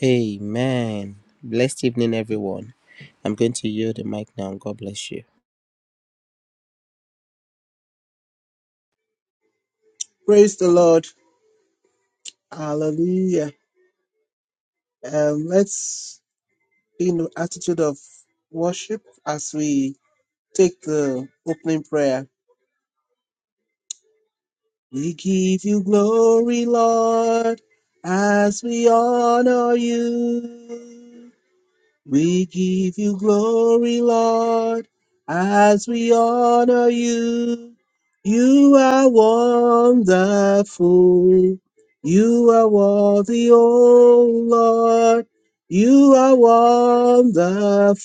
Amen. Blessed evening, everyone. I'm going to yield the mic now. God bless you. Praise the Lord. Hallelujah. Um, let's be in the attitude of worship as we take the opening prayer. We give you glory, Lord, as we honor you. We give you glory, Lord, as we honor you. You are wonderful. You are worthy, O Lord. You are wonderful.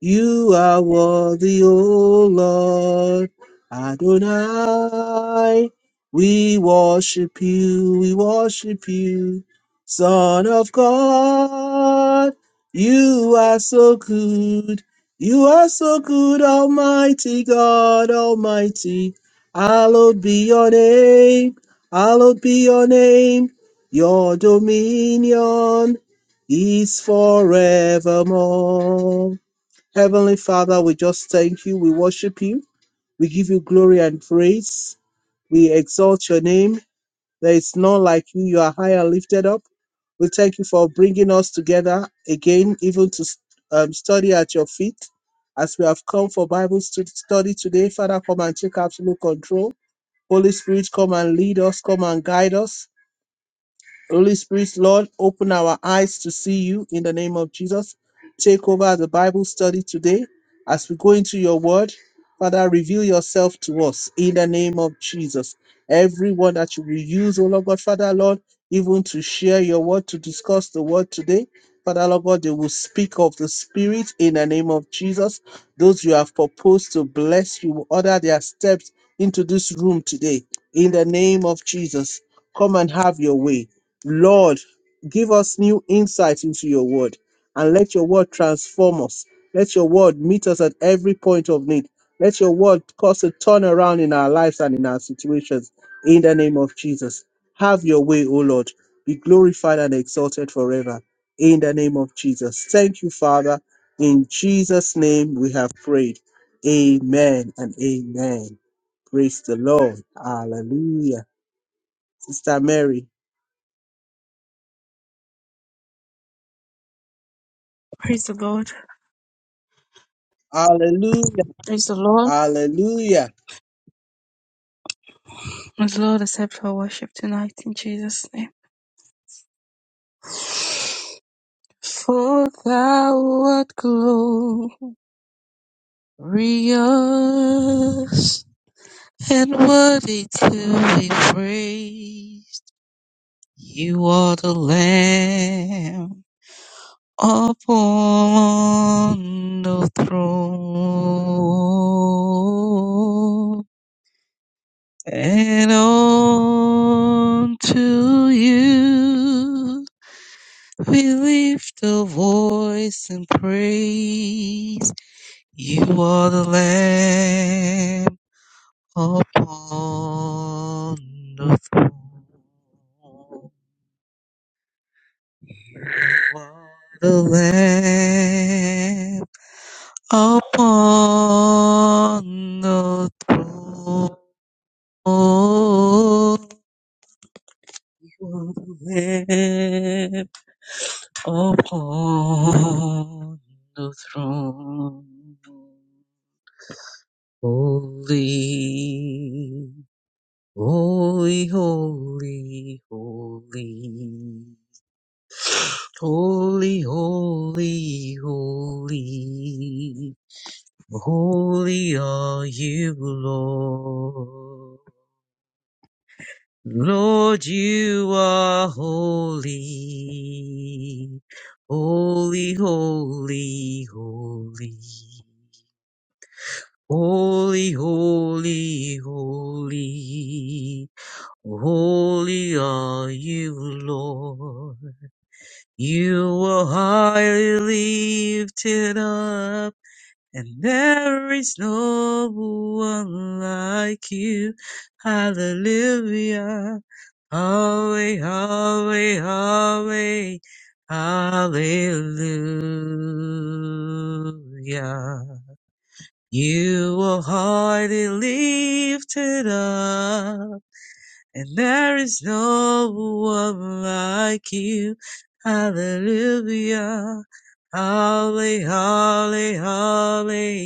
You are worthy, O Lord. Adonai, we worship you, we worship you, Son of God. You are so good. You are so good, Almighty God, Almighty. Hallowed be your name. Hallowed be your name. Your dominion is forevermore. Heavenly Father, we just thank you. We worship you. We give you glory and praise. We exalt your name. There is none like you. You are high and lifted up. We thank you for bringing us together again, even to um, study at your feet. As we have come for Bible stu- study today, Father, come and take absolute control. Holy Spirit, come and lead us, come and guide us. Holy Spirit, Lord, open our eyes to see you in the name of Jesus. Take over the Bible study today as we go into your word. Father, reveal yourself to us in the name of Jesus. Everyone that you will use, oh Lord God, Father, Lord, even to share your word, to discuss the word today. Father, Lord God, they will speak of the Spirit in the name of Jesus. Those you have proposed to bless, you will order their steps into this room today in the name of Jesus. Come and have your way Lord, give us new insight into your word and let your word transform us. Let your word meet us at every point of need. Let your word cause a turnaround in our lives and in our situations. In the name of Jesus, have your way, O Lord. Be glorified and exalted forever. In the name of Jesus. Thank you, Father. In Jesus' name we have prayed. Amen and amen. Praise the Lord. Hallelujah. Sister Mary. Praise the Lord. Hallelujah. Praise the Lord. Hallelujah. May the Lord accept our worship tonight in Jesus' name. For thou art glorious and worthy to be praised. You are the Lamb upon the throne. and on to you we lift a voice and praise. You are the Lamb upon the throne. You are the Lamb upon the throne. Weep upon the throne. Holy, holy, holy, holy. Holy, holy, holy. Holy are you, Lord. Lord, you are holy. Holy, holy, holy. Holy, holy, holy. Holy are you, Lord. You are highly lifted up. And there is no one like you. Hallelujah. Holy, holy, holy. Hallelujah. You are highly lifted up. And there is no one like you. Hallelujah. Holy, holy, holy.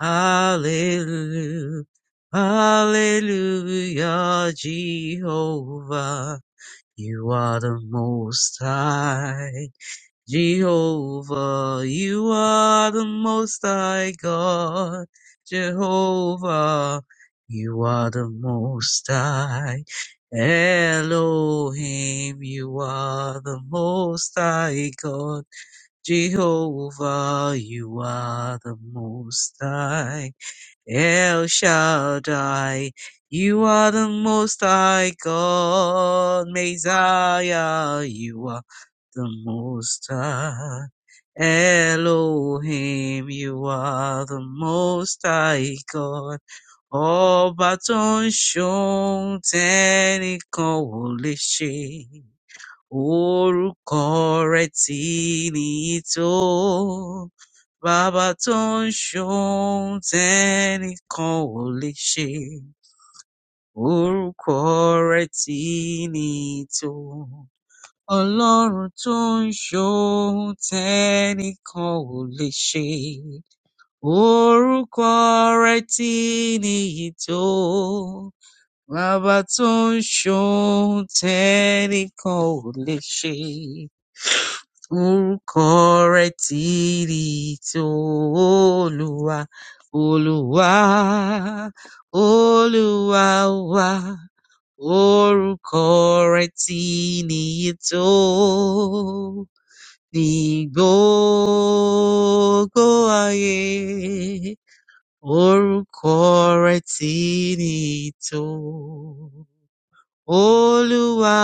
Hallelujah. Hallelujah, Jehovah. You are the most high. Jehovah, you are the most high God. Jehovah, you are the most high. Elohim, you are the most high God. Jehovah, you are the most high. El Shaddai, you are the most high God, Messiah, you are the most high. Elohim, you are the most high God. Ọba tó ń ṣohun tẹ́nìkan ò lè ṣe. Orúkọ rẹ̀ tì ní tó, Bàbá tó ń ṣohun tẹ́nìkan ò lè ṣe. Orúkọ rẹ̀ tì ní tó, Ọlọ́run tó ń ṣohun tẹ́nìkan ò lè ṣe. Orúkọ rẹ̀ tì ní tó, Bàbá tó ń ṣohun tẹ́nìkan ò lè ṣe. Orúkọ rẹ̀ tìrì tó Olúwa, Olúwa, Olúwa wa. Orúkọ rẹ̀ tìrì tó ní gbogbo ayé. Orúkọ rẹ̀ tìrì tó Olúwa,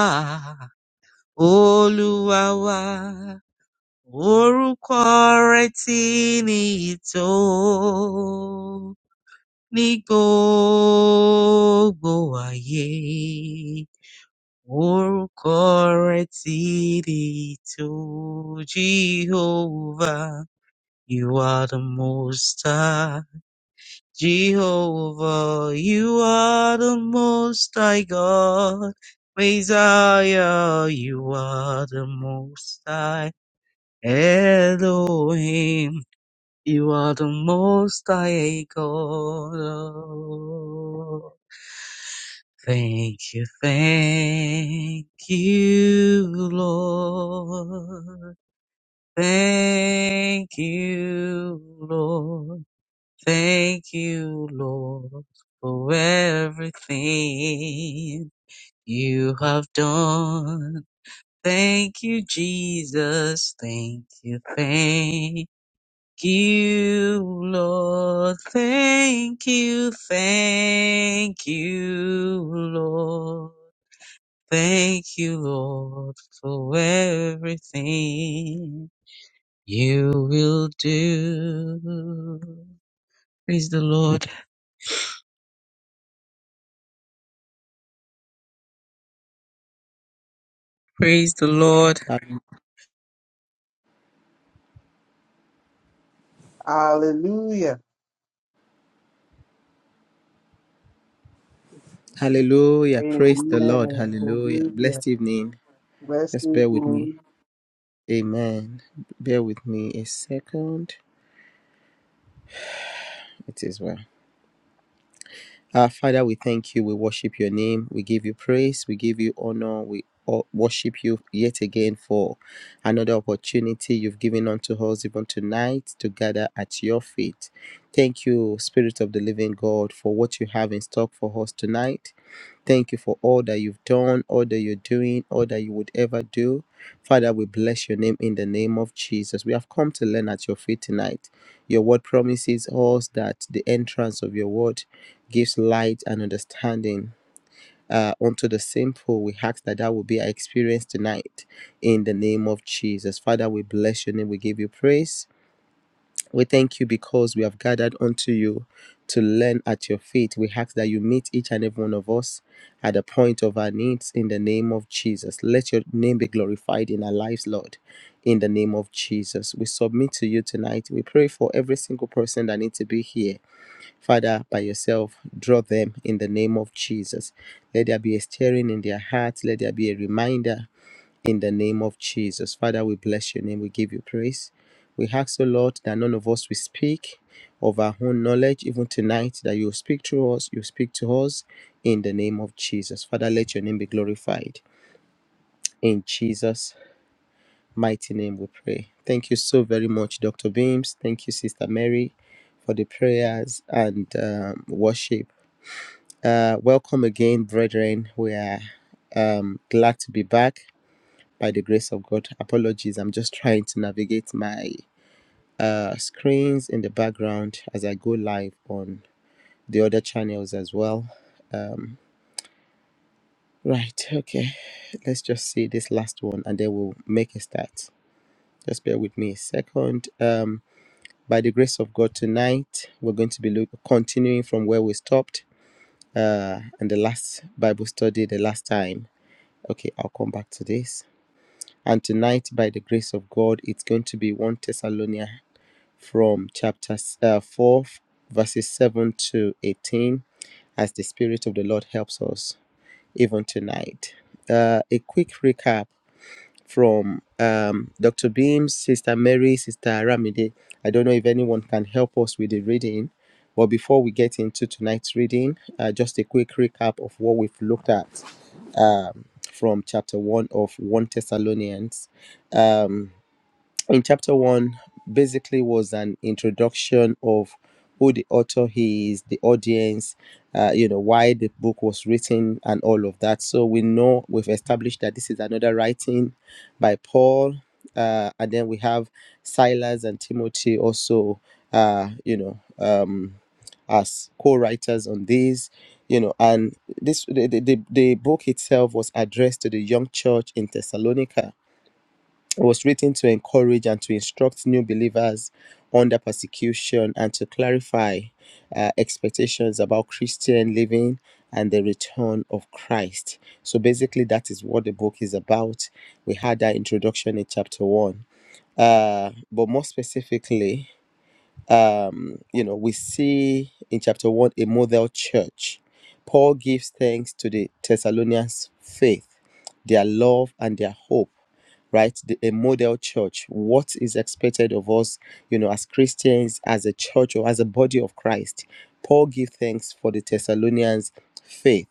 Olúwa wa. Orúkọ Rẹ̀ ti ní ìtò ní gbogbo ayé. Orúkọ Rẹ̀ ti ní ìtò Jehovah. You are the most high. Jehovah, you are the most high God. Messiah, you are the most high. Elohim. You are the most high God. Thank you, thank you, Lord. Thank you, Lord. Thank you, Lord, for everything you have done. Thank you, Jesus. Thank you, thank you, Lord. Thank you, thank you, Lord. Thank you, Lord, for everything you will do. Praise the Lord. Praise the Lord. Um, Hallelujah. Hallelujah. Praise the Lord. Amen. Hallelujah. Hallelujah. Blessed evening. Blessed Just bear with me. glory. Amen. Bear with me a second. It is well. Uh, Father, we thank you. We worship your name. We give you praise. We give you honor. We o- worship you yet again for another opportunity you've given unto us, even tonight, to gather at your feet. Thank you, Spirit of the Living God, for what you have in stock for us tonight. Thank you for all that you've done, all that you're doing, all that you would ever do. Father, we bless your name in the name of Jesus. We have come to learn at your feet tonight. Your word promises us that the entrance of your word gives light and understanding. Uh, unto the simple, we ask that that will be our experience tonight in the name of Jesus. Father, we bless your name. We give you praise. We thank you because we have gathered unto you to learn at your feet. We ask that you meet each and every one of us at the point of our needs in the name of Jesus. Let your name be glorified in our lives, Lord, in the name of Jesus. We submit to you tonight. We pray for every single person that needs to be here. Father, by yourself, draw them in the name of Jesus. Let there be a stirring in their hearts. Let there be a reminder in the name of Jesus. Father, we bless your name. We give you praise. We ask, the Lord, that none of us will speak of our own knowledge, even tonight, that you speak through us, you speak to us in the name of Jesus. Father, let your name be glorified. In Jesus' mighty name we pray. Thank you so very much, Dr. Beams. Thank you, Sister Mary, for the prayers and um, worship. Uh, welcome again, brethren. We are um, glad to be back by the grace of God. Apologies, I'm just trying to navigate my uh, screens in the background as I go live on the other channels as well. Um, right, okay, let's just see this last one and then we'll make a start. Just bear with me a second. Um, by the grace of God, tonight we're going to be look- continuing from where we stopped uh, in the last Bible study the last time. Okay, I'll come back to this. And tonight, by the grace of God, it's going to be 1 Thessalonians from chapter uh, 4, verses 7 to 18, as the Spirit of the Lord helps us even tonight. Uh, a quick recap from um, Dr. Beam, Sister Mary, Sister Ramide. I don't know if anyone can help us with the reading, but before we get into tonight's reading, uh, just a quick recap of what we've looked at um, from chapter 1 of 1 Thessalonians. Um, in chapter one basically was an introduction of who the author is, the audience, uh, you know, why the book was written, and all of that. So we know we've established that this is another writing by Paul, uh, and then we have Silas and Timothy also, uh, you know, um, as co-writers on this, you know, and this the, the the the book itself was addressed to the young church in Thessalonica was written to encourage and to instruct new believers under persecution and to clarify uh, expectations about Christian living and the return of Christ. So basically, that is what the book is about. We had that introduction in chapter one. Uh, but more specifically, um, you know, we see in chapter one a model church. Paul gives thanks to the Thessalonians' faith, their love, and their hope. Right, the, a model church. What is expected of us, you know, as Christians, as a church, or as a body of Christ? Paul gives thanks for the Thessalonians' faith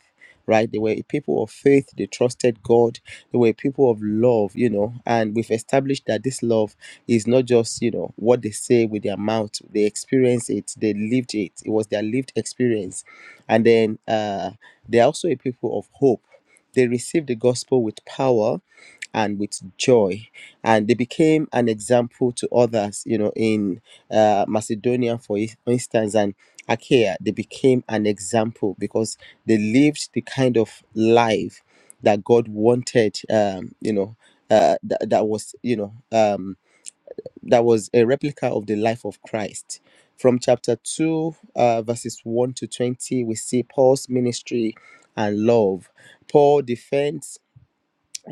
right? They were a people of faith, they trusted God, they were a people of love, you know, and we've established that this love is not just, you know, what they say with their mouth, they experience it, they lived it, it was their lived experience. And then uh, they're also a people of hope. They received the gospel with power and with joy and they became an example to others you know in uh, macedonia for ins- instance and achaia they became an example because they lived the kind of life that God wanted, um, you know, uh, that, that was, you know, um, that was a replica of the life of Christ. From chapter 2, uh, verses 1 to 20, we see Paul's ministry and love. Paul defends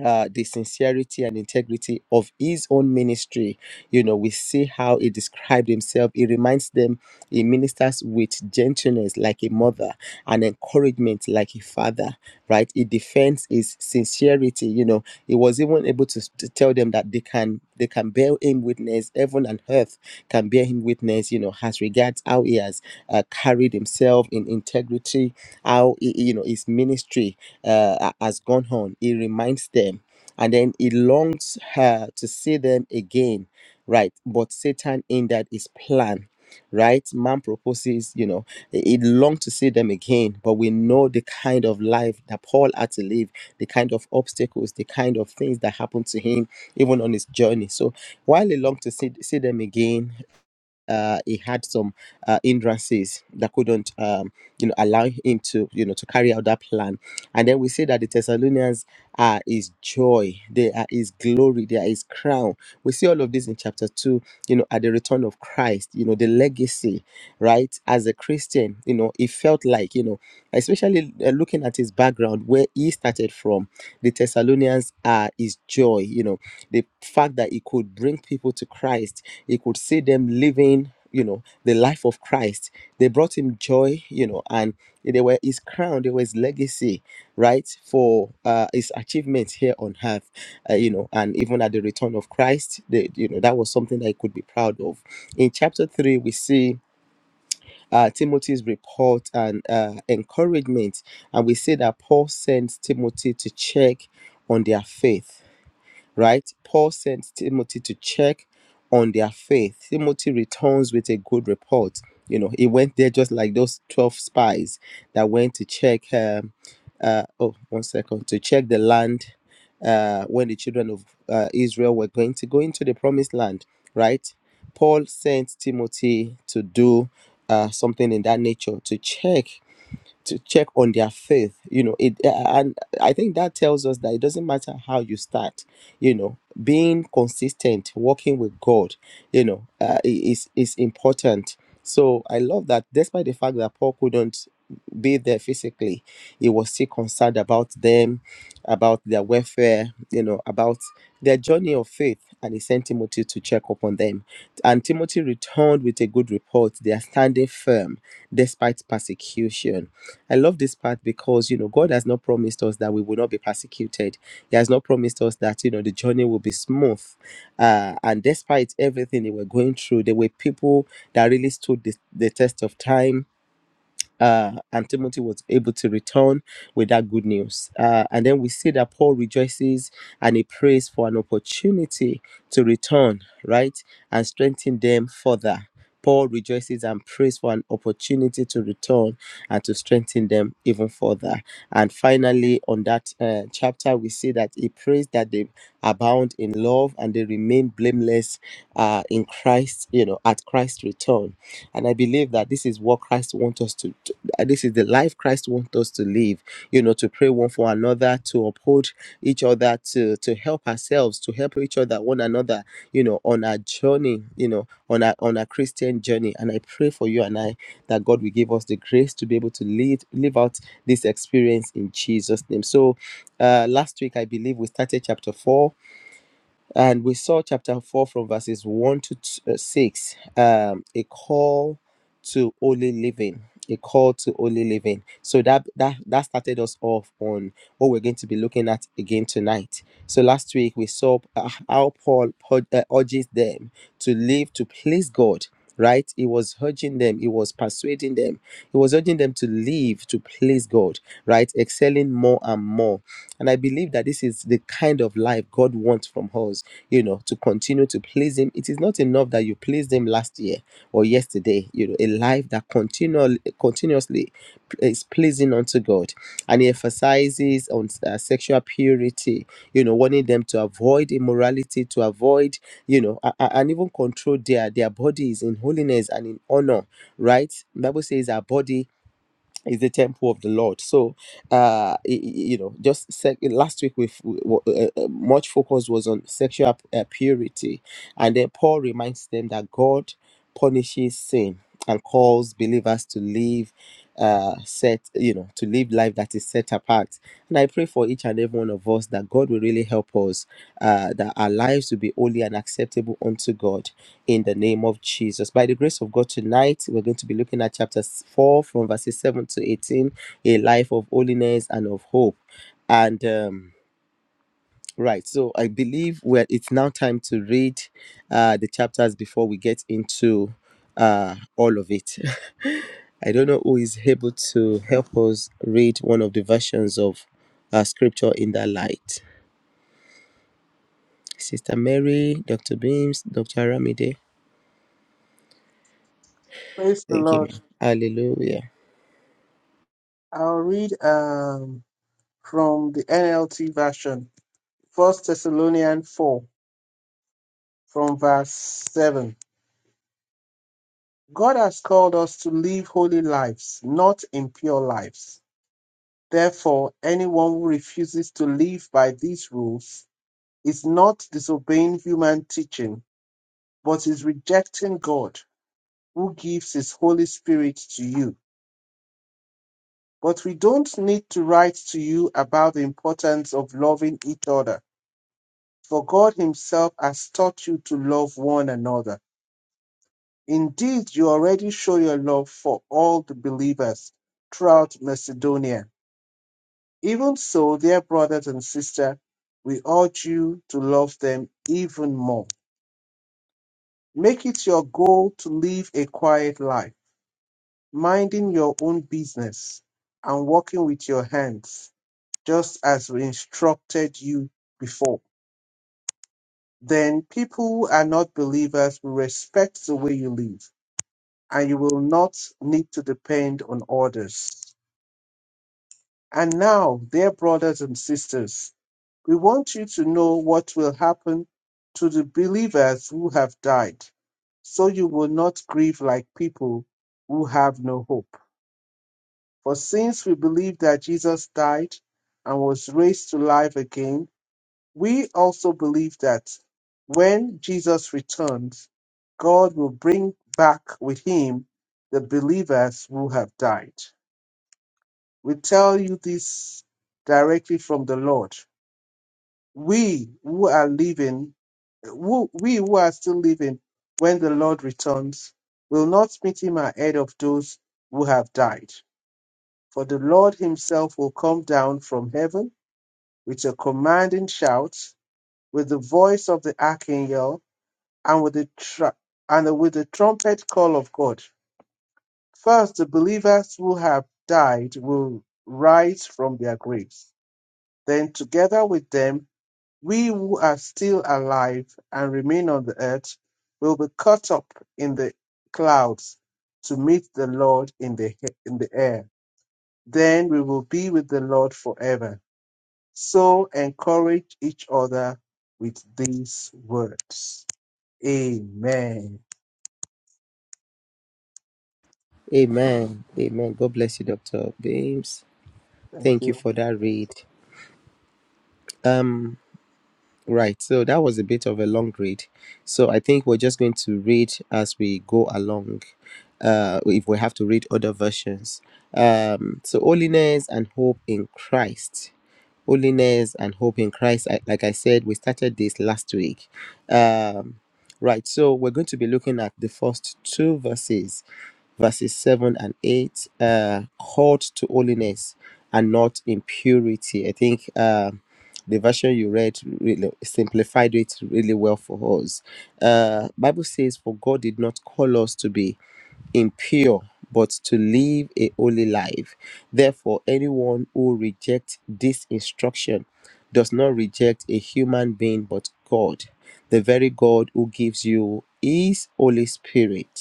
uh, the sincerity and integrity of his own ministry. You know, we see how he described himself. He reminds them he ministers with gentleness like a mother and encouragement like a father, right? He defends his sincerity. You know, he was even able to, to tell them that they can they can bear him witness, heaven and earth can bear him witness, you know, as regards how he has uh, carried himself in integrity, how, he, you know, his ministry uh, has gone on. He reminds them, and then he longs her to see them again, right? But Satan hindered his plan. Right, man proposes, you know, he longed to see them again, but we know the kind of life that Paul had to live, the kind of obstacles, the kind of things that happened to him, even on his journey. So while he longed to see, see them again, uh, he had some uh, hindrances that couldn't, um, you know, allow him to, you know, to carry out that plan. And then we see that the Thessalonians are his joy, they are his glory, they are his crown. We see all of this in chapter two, you know, at the return of Christ, you know, the legacy, right? As a Christian, you know, he felt like, you know, especially uh, looking at his background, where he started from, the Thessalonians are his joy, you know, the fact that he could bring people to Christ he could see them living you know the life of christ they brought him joy you know and they were his crown they were his legacy right for uh, his achievements here on earth uh, you know and even at the return of christ they, you know that was something that he could be proud of in chapter 3 we see uh, timothy's report and uh, encouragement and we see that paul sends timothy to check on their faith right? Paul sent Timothy to check on their faith. Timothy returns with a good report. You know, he went there just like those 12 spies that went to check, um, uh, oh, one second, to check the land uh, when the children of uh, Israel were going to go into the promised land, right? Paul sent Timothy to do uh, something in that nature to check to check on their faith you know it and i think that tells us that it doesn't matter how you start you know being consistent working with god you know uh, i- is is important so i love that despite the fact that paul couldn't be there physically he was still concerned about them about their welfare you know about their journey of faith and he sent timothy to check up on them and timothy returned with a good report they are standing firm despite persecution I love this part because, you know, God has not promised us that we will not be persecuted. He has not promised us that, you know, the journey will be smooth. Uh, and despite everything they were going through, there were people that really stood the, the test of time uh, and Timothy was able to return with that good news. Uh, and then we see that Paul rejoices and he prays for an opportunity to return, right, and strengthen them further. Paul rejoices and prays for an opportunity to return and to strengthen them even further. And finally, on that uh, chapter, we see that he prays that they abound in love and they remain blameless uh, in Christ, you know, at Christ's return. And I believe that this is what Christ wants us to uh, this is the life Christ wants us to live, you know, to pray one for another, to uphold each other, to, to help ourselves, to help each other, one another, you know, on our journey, you know, on our on our Christian journey. And I pray for you and I that God will give us the grace to be able to live live out this experience in Jesus' name. So uh last week I believe we started chapter four and we saw chapter 4 from verses 1 to t- uh, 6 um a call to holy living a call to holy living so that that that started us off on what we're going to be looking at again tonight so last week we saw uh, how paul pu- uh, urges them to live to please god right he was urging them he was persuading them he was urging them to live to please god right excelling more and more and i believe that this is the kind of life god wants from us you know, to continue to please Him. It is not enough that you pleased Him last year or yesterday. You know, a life that continually, continuously is pleasing unto God. And He emphasizes on uh, sexual purity, you know, wanting them to avoid immorality, to avoid, you know, a- a- and even control their, their bodies in holiness and in honor, right? Bible says our body is the temple of the Lord. So, uh, y- y- you know, just sec- last week we've, we f- w- w- uh, uh, uh, much focus was on sexual uh, purity, and then Paul reminds them that God punishes sin and calls believers to live uh set you know to live life that is set apart and i pray for each and every one of us that god will really help us uh that our lives will be holy and acceptable unto god in the name of Jesus. By the grace of God, tonight we're going to be looking at chapter 4 from verses 7 to 18 a life of holiness and of hope. And um, right, so I believe we're, it's now time to read uh, the chapters before we get into uh, all of it. I don't know who is able to help us read one of the versions of uh, scripture in that light. Sister Mary, Dr. Beams, Dr. Aramide. Praise the Thank you, Lord. ma'am. Hallelujah. I'll read um, from the NLT version, First Thessalonians 4, from verse 7. God has called us to live holy lives, not impure lives. Therefore, anyone who refuses to live by these rules is not disobeying human teaching, but is rejecting God who gives his Holy Spirit to you. But we don't need to write to you about the importance of loving each other, for God Himself has taught you to love one another. Indeed, you already show your love for all the believers throughout Macedonia. Even so, dear brothers and sisters, we urge you to love them even more. Make it your goal to live a quiet life, minding your own business and working with your hands just as we instructed you before. Then people who are not believers will respect the way you live, and you will not need to depend on others. And now, dear brothers and sisters, we want you to know what will happen to the believers who have died, so you will not grieve like people who have no hope. For since we believe that Jesus died and was raised to life again, We also believe that when Jesus returns, God will bring back with him the believers who have died. We tell you this directly from the Lord. We who are living, who, we who are still living when the Lord returns, will not meet him ahead of those who have died. For the Lord himself will come down from heaven with a commanding shout, with the voice of the archangel and with the tr- and with the trumpet call of God. First, the believers who have died will rise from their graves. Then, together with them, we who are still alive and remain on the earth will be caught up in the clouds to meet the Lord in the he- in the air. Then we will be with the Lord forever. So encourage each other with these words. Amen. Amen. Amen. God bless you, Dr. Beams. Thank Thank you you. for that read. Um, right. So that was a bit of a long read. So I think we're just going to read as we go along. Uh, if we have to read other versions. Um, so holiness and hope in Christ. Holiness and hope in Christ. I, like I said, we started this last week. Um, right. So we're going to be looking at the first two verses verses 7 and 8 uh called to holiness and not impurity i think uh, the version you read really simplified it really well for us uh bible says for god did not call us to be impure but to live a holy life therefore anyone who rejects this instruction does not reject a human being but god the very god who gives you his holy spirit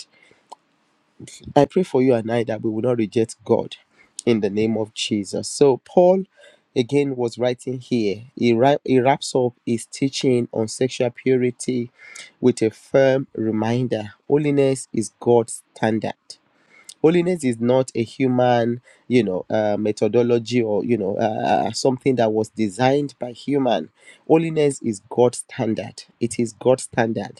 I pray for you and I that we will not reject God in the name of Jesus. So, Paul again was writing here. He, wri- he wraps up his teaching on sexual purity with a firm reminder holiness is God's standard. Holiness is not a human, you know, uh, methodology or you know uh, uh, something that was designed by human. Holiness is God's standard. It is God's standard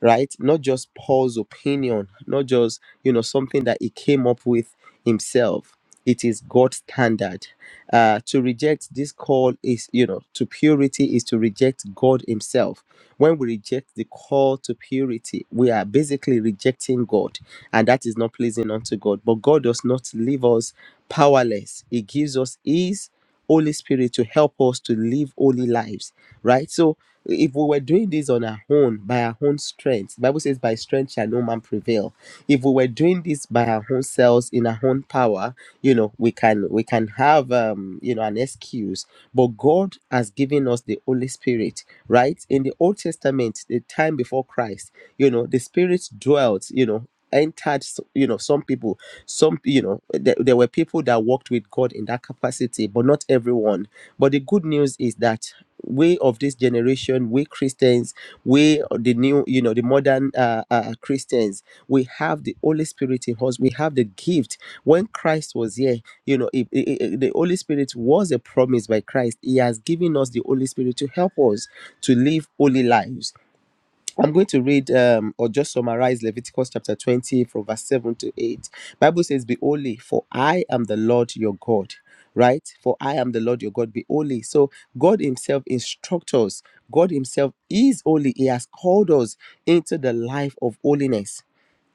right? Not just Paul's opinion, not just, you know, something that he came up with himself. It is God's standard. Uh, to reject this call is, you know, to purity is to reject God Himself. When we reject the call to purity, we are basically rejecting God, and that is not pleasing unto God. But God does not leave us powerless, He gives us His Holy Spirit to help us to live holy lives, right? So, if we were doing this on our own by our own strength the bible says by strength shall no man prevail if we were doing this by our own selves in our own power you know we can we can have um you know an excuse but god has given us the holy spirit right in the old testament the time before christ you know the spirit dwelt you know entered s- you know some people some you know there, there were people that walked with god in that capacity but not everyone but the good news is that we of this generation we christians we the new you know the modern uh, uh christians we have the holy spirit in us we have the gift when christ was here you know it, it- it- the holy spirit was a promise by christ he has given us the holy spirit to help us to live holy lives I'm going to read um, or just summarize Leviticus chapter 20 from verse 7 to 8. Bible says, Be holy, for I am the Lord your God. Right? For I am the Lord your God, be holy. So God Himself instructs us. God Himself is holy. He has called us into the life of holiness.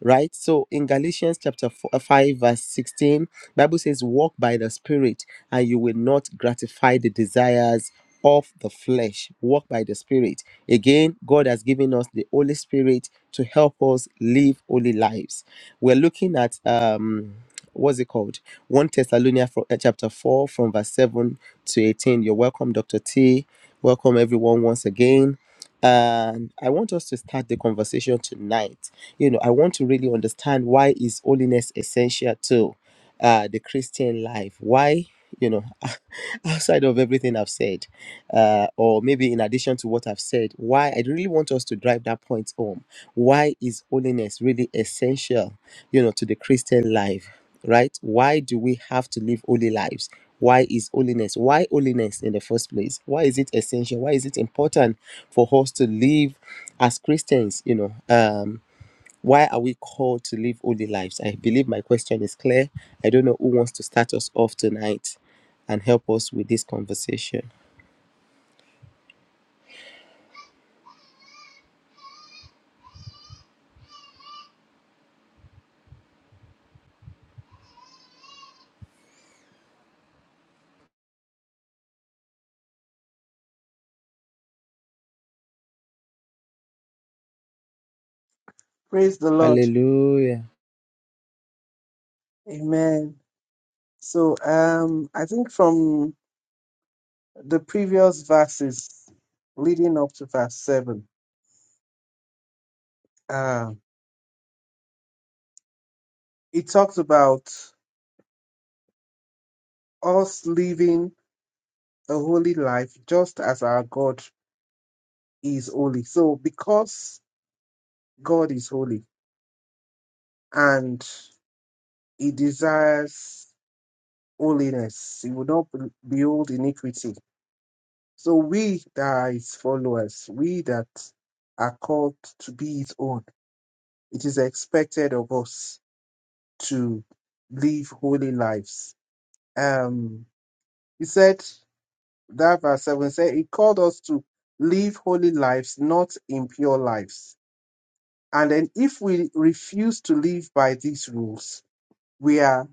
Right? So in Galatians chapter 4, 5, verse 16, Bible says, walk by the Spirit and you will not gratify the desires of the flesh. Walk by the Spirit. Again, God has given us the Holy Spirit to help us live holy lives. We're looking at um what's it called? 1 Thessalonians fro- uh, chapter 4 from verse 7 to 18. You're welcome, Dr. T. Welcome everyone once again. And I want us to start the conversation tonight. You know, I want to really understand why is holiness essential too uh, the Christian life. Why, you know, outside of everything I've said, uh, or maybe in addition to what I've said, why I really want us to drive that point home. Why is holiness really essential, you know, to the Christian life, right? Why do we have to live holy lives? Why is holiness? Why holiness in the first place? Why is it essential? Why is it important for us to live as Christians, you know? Um, why are we called to live holy lives? I believe my question is clear. I don't know who wants to start us off tonight and help us with this conversation. Praise the Lord. Hallelujah. Amen. So um I think from the previous verses leading up to verse seven, uh, it talks about us living a holy life just as our God is holy. So because God is holy and he desires holiness, he will not be- behold iniquity. So we that are his followers, we that are called to be his own It is expected of us to live holy lives. Um, he said, that verse 7 said, He called us to live holy lives, not impure lives. And then if we refuse to live by these rules, we are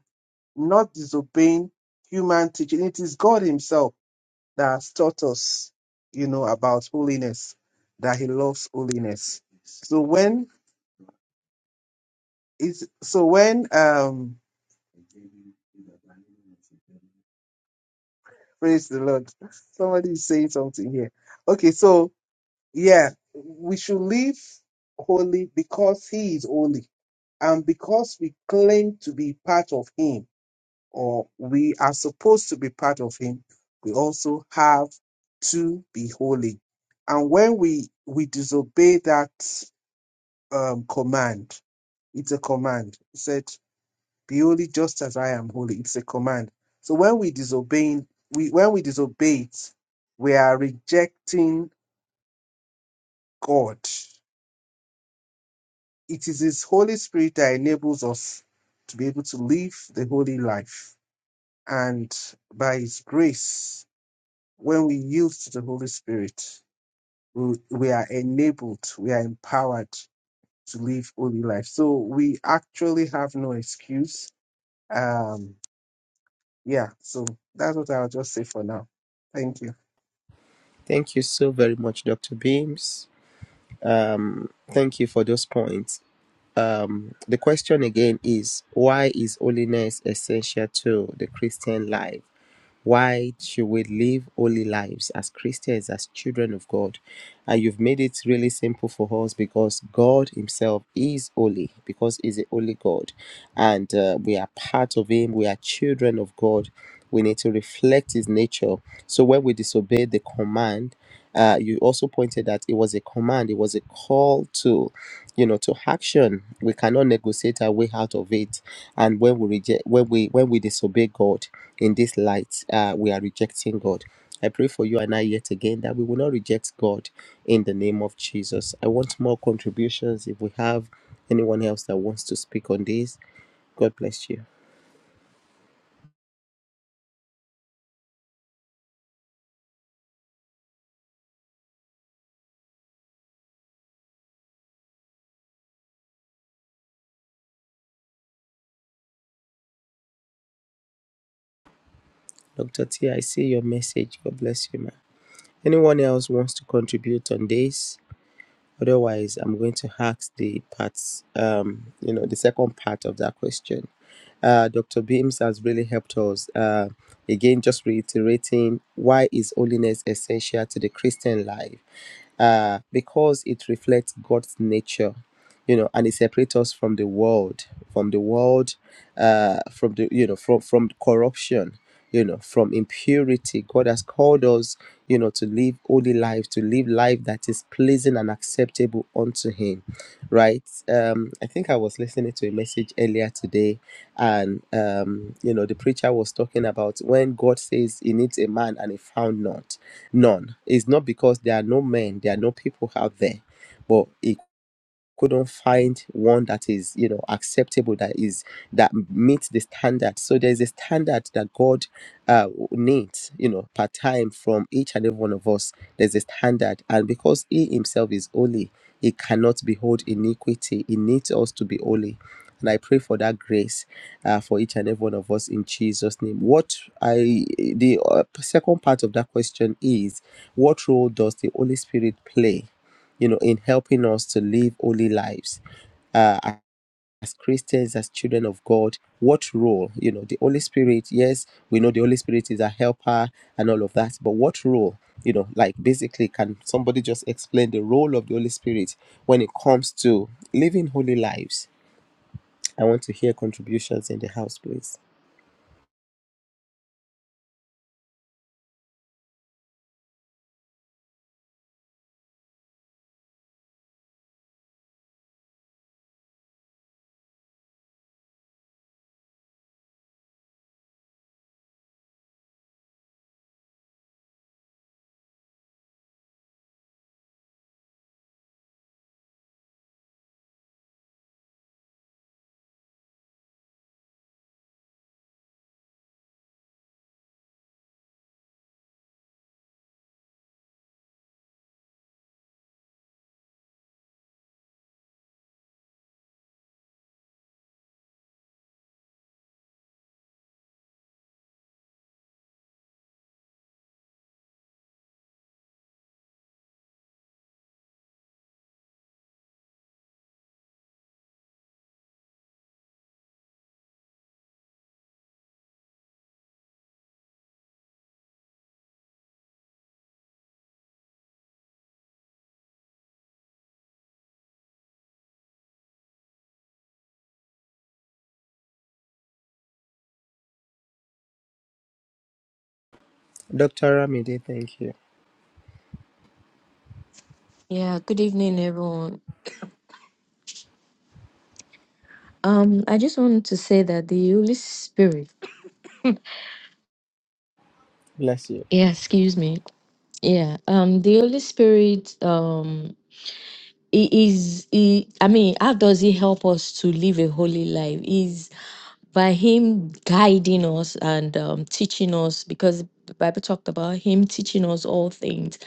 not disobeying human teaching. It is God Himself that has taught us, you know, about holiness, that He loves holiness. So when it's so when um Praise the Lord. Somebody is saying something here. Okay, so yeah, we should live holy because He is holy. And because we claim to be part of Him, or we are supposed to be part of Him, we also have to be holy. And when we we disobey that um, command, it's a command. It Said. be holy just as I am holy. It's a command. So when we disobeying, we when we disobey it, we are rejecting God. It is His Holy Spirit that enables us to be able to live the holy life. And by His grace, when we yield to the Holy Spirit, we, we are enabled, we are empowered to live holy life. So we actually have no excuse. Um, yeah, so that's what I'll just say for now. Thank you. Thank you so very much, Dr. Beams. Um, thank you for those points. Um, the question again is why is holiness essential to the Christian life? Why should we live holy lives as Christians, as children of God? And you've made it really simple for us because God Himself is holy, because He's a holy God. And uh, we are part of Him, we are children of God. We need to reflect His nature. So when we disobey the command, uh, you also pointed that it was a command, it was a call to you know to action we cannot negotiate our way out of it and when we reject when we when we disobey god in this light uh, we are rejecting god i pray for you and i yet again that we will not reject god in the name of jesus i want more contributions if we have anyone else that wants to speak on this god bless you dr t i see your message god bless you man anyone else wants to contribute on this otherwise i'm going to ask the parts um you know the second part of that question uh, Dr. Beams has really helped us. Uh, again, just reiterating why is holiness essential to the Christian life? uh, because it reflects God's nature, you know, and it separates us from the world, from the world, uh, from the you know, from from corruption, you know, from impurity. God has called us, you know, to live holy life, to live life that is pleasing and acceptable unto Him, right? Um, I think I was listening to a message earlier today, and um, you know, the preacher was talking about when God says He needs a man and He found not None. It's not because there are no men, there are no people out there, but it couldn't find one that is you know acceptable that is that meets the standard so there's a standard that god uh, needs you know per time from each and every one of us there's a standard and because he himself is holy he cannot behold iniquity he needs us to be holy and i pray for that grace uh, for each and every one of us in jesus name what i the uh, second part of that question is what role does the holy spirit play you know, in helping us to live holy lives. Uh, as Christians, as children of God, what role, you know, the Holy Spirit, yes, we know the Holy Spirit is a helper and all of that, but what role, you know, like basically, can somebody just explain the role of the Holy Spirit when it comes to living holy lives? I want to hear contributions in the house, please. Dr. Ramide, thank you. Yeah, good evening, everyone. Um, I just wanted to say that the Holy Spirit, Bless you. yeah, excuse me. Yeah, um, the Holy Spirit, um, It is he i mean how does he help us to live a holy life is by him guiding us and um, teaching us because the bible talked about him teaching us all things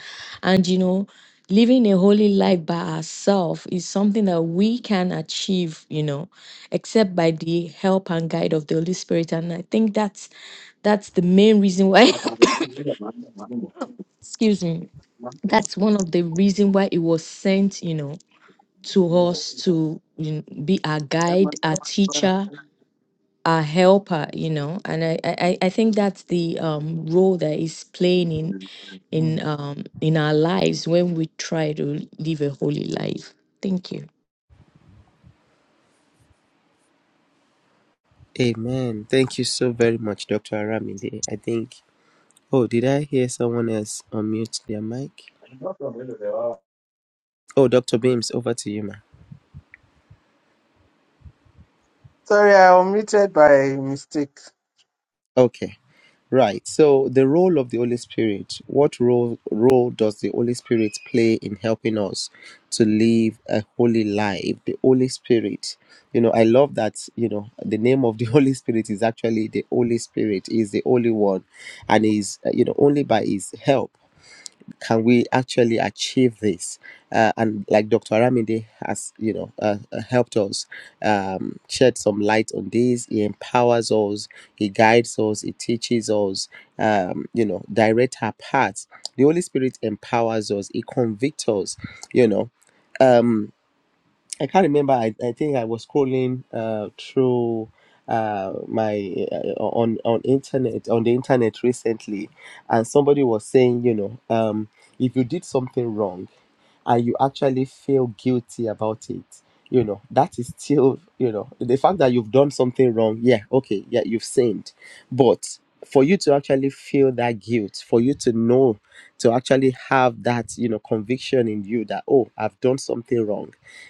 and you know living a holy life by ourselves is something that we can achieve you know except by the help and guide of the holy spirit and i think that's that's the main reason why excuse me that's one of the reason why it was sent you know to us to you kn- be our guide, our teacher, our helper, you know. And I, I, I I think that's the um, role that is playing in in um, in our lives when we try to live a holy life. Thank you. Amen. Thank you so very much, Dr. Aramide. I think Oh, did I hear someone else unmute their mic? Oh, Dr. Beams, over to you, ma. Sorry, I omitted by mistake. Okay, right. So, the role of the Holy Spirit, what role, role does the Holy Spirit play in helping us to live a holy life? The Holy Spirit, you know, I love that, you know, the name of the Holy Spirit is actually the Holy Spirit, He is the Holy One, and is, uh, you know, only by His help. can we actually achieve this? Uh, and like Dr. Aramide has, you know, uh, uh, helped us um, shed some light on this. He empowers us, he guides us, he teaches us, um, you know, direct our paths. The Holy Spirit empowers us, he convicts us, you know. Um, I can't remember. I, I think I was scrolling uh, through uh, my uh, on on internet on the internet recently, and somebody was saying, you know, um, if you did something wrong, and you actually feel guilty about it, you know, that is still, you know, the fact that you've done something wrong. Yeah, okay, yeah, you've sinned, but for you to actually feel that guilt, for you to know, to actually have that, you know, conviction in you that oh, I've done something wrong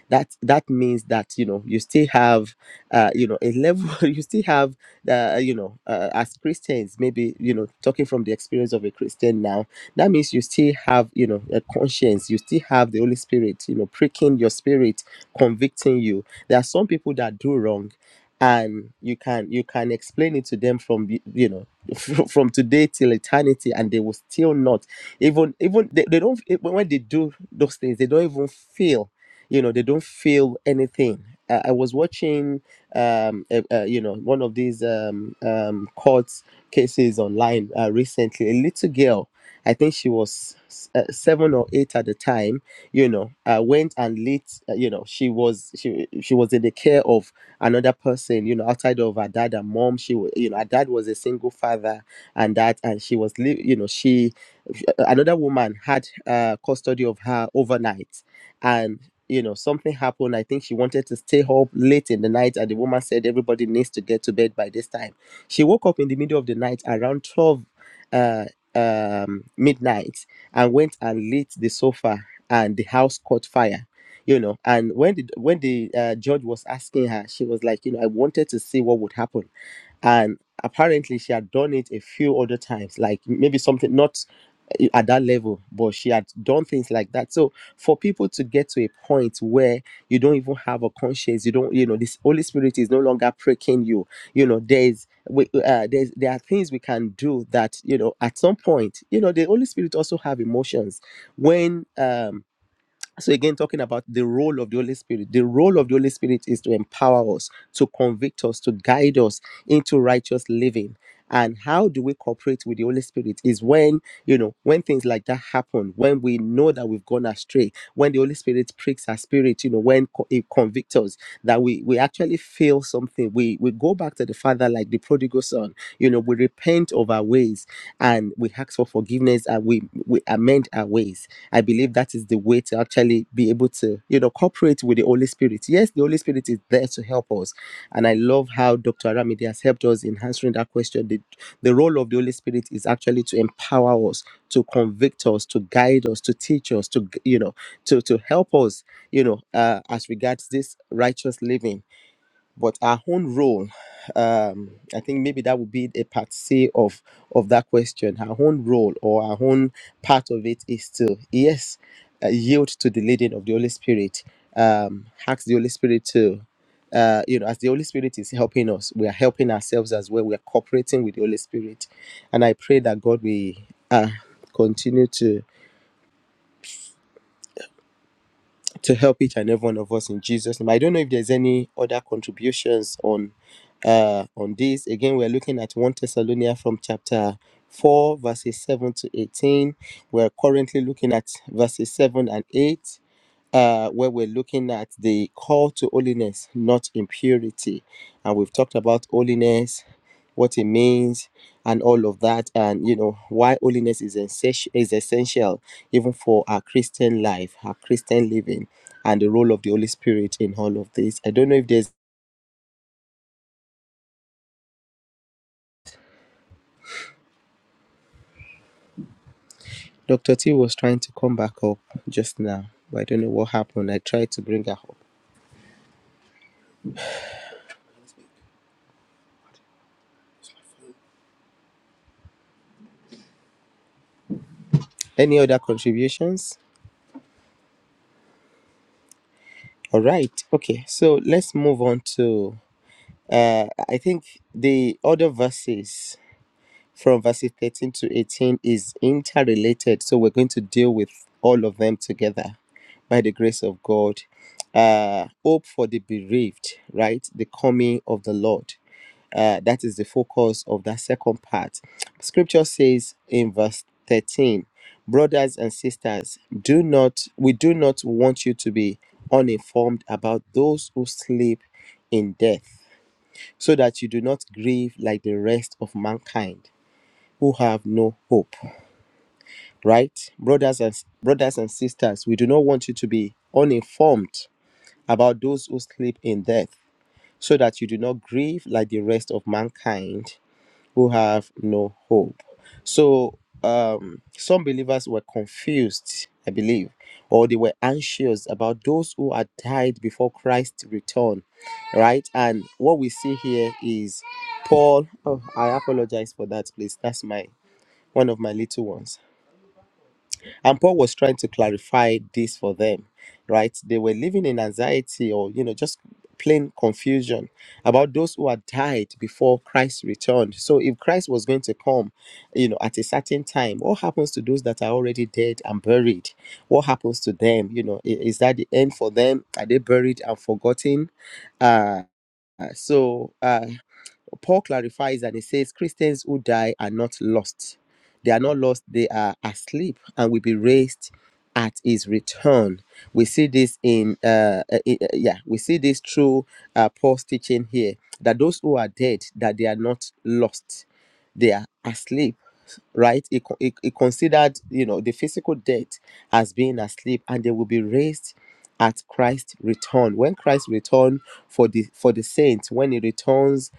that that means that you know you still have uh, you know a level you still have uh, you know uh, as christians maybe you know talking from the experience of a christian now that means you still have you know a conscience you still have the holy spirit you know pricking your spirit convicting you there are some people that do wrong and you can you can explain it to them from the- you know fr- from today till eternity and they will still not even even they, they don't when they do those things they don't even feel you know they don't feel anything i, I was watching um uh, uh, you know one of these um um court cases online uh, recently a little girl i think she was s- uh, seven or eight at the time you know uh, went and lit uh, you know she was she she was in the care of another person you know outside of her dad and mom she was you know her dad was a single father and that and she was li- you know she another woman had uh, custody of her overnight and you know, something happened. I think she wanted to stay up late in the night, and the woman said everybody needs to get to bed by this time. She woke up in the middle of the night around 12 uh, um, midnight and went and lit the sofa, and the house caught fire. You know, and when the when the uh, judge was asking her, she was like, you know, I wanted to see what would happen and apparently she had done it a few other times like maybe something not eh, at that level but she had done things like that so for people to get to a point where you don't even have a conscience you don't you know this holy spirit is no longer pricking you you know there's we, uh, there's there are things we can do that you know at some point you know the holy spirit also have emotions when um so again talking about the role of the holy spirit the role of the holy spirit is to empower us to convict us to guide us into righteous living and how do we cooperate with the holy spirit is when you know when things like that happen when we know that we've gone astray when the holy spirit pricks our spirit you know when co- it convicts us that we we actually feel something we we go back to the father like the prodigal son you know we repent of our ways and we ask for forgiveness and we we amend our ways I believe that is the way to actually be able to, you know, cooperate with the Holy Spirit. Yes, the Holy Spirit is there to help us. And I love how Dr. Aramide has helped us in answering that question. The, the role of the Holy Spirit is actually to empower us, to convict us, to guide us, to teach us, to, you know, to, to help us, you know, uh, as regards this righteous living but our own role um i think maybe that would be a part say of of that question our own role or our own part of it is to yes uh, yield to the leading of the holy spirit um ask the holy spirit to uh, you know, as the Holy Spirit is helping us, we are helping ourselves as well. We are cooperating with the Holy Spirit, and I pray that God will uh, continue to to help each and every one of us in Jesus' name. I don't know if there's any other contributions on uh on this. Again, we're looking at 1 Thessalonians from chapter 4, verses 7 to 18. We're currently looking at verses 7 and 8 uh, where we're looking at the call to holiness, not impurity. And we've talked about holiness, what it means, and all of that, and you know, why holiness is, essen- is essential even for our Christian life, our Christian living, and the role of the Holy Spirit in all of this. I don't know if there's Dr. T was trying to come back up just now, but I don't know what happened. I tried to bring her up. Any other contributions? All right. Okay. So let's move on to uh, I think the other verses from verses 13 to 18 is interrelated. So we're going to deal with all of them together by the grace of God. Uh, hope for the bereaved, right? The coming of the Lord. Uh, that is the focus of that second part. Scripture says in verse 13, brothers and sisters, do not we do not want you to be uninformed about those who sleep in death so that you do not grieve like the rest of mankind who have no hope right brothers and brothers and sisters we do not want you to be uninformed about those who sleep in death so that you do not grieve like the rest of mankind who have no hope. So um, some believers were confused, I believe, or they were anxious about those who had died before Christ's return, right? And what we see here is Paul. Oh, I apologize for that, please. That's my one of my little ones. And Paul was trying to clarify this for them, right? They were living in anxiety or, you know, just plain confusion about those who had died before Christ returned. So if Christ was going to come, you know, at a certain time, what happens to those that are already dead and buried? What happens to them? You know, i- is that the end for them? Are they buried and forgotten? Uh, uh, so, uh, Paul clarifies and he says, Christians who die are not lost. They are not lost, they are asleep and will be raised at his return. We see this in, uh, uh, uh, yeah, we see this through uh, Paul's teaching here that those who are dead, that they are not lost, they are asleep, right? He, con- he, he considered, you know, the physical death as being asleep and they will be raised at Christ's return. When Christ return for the for the saints, when he returns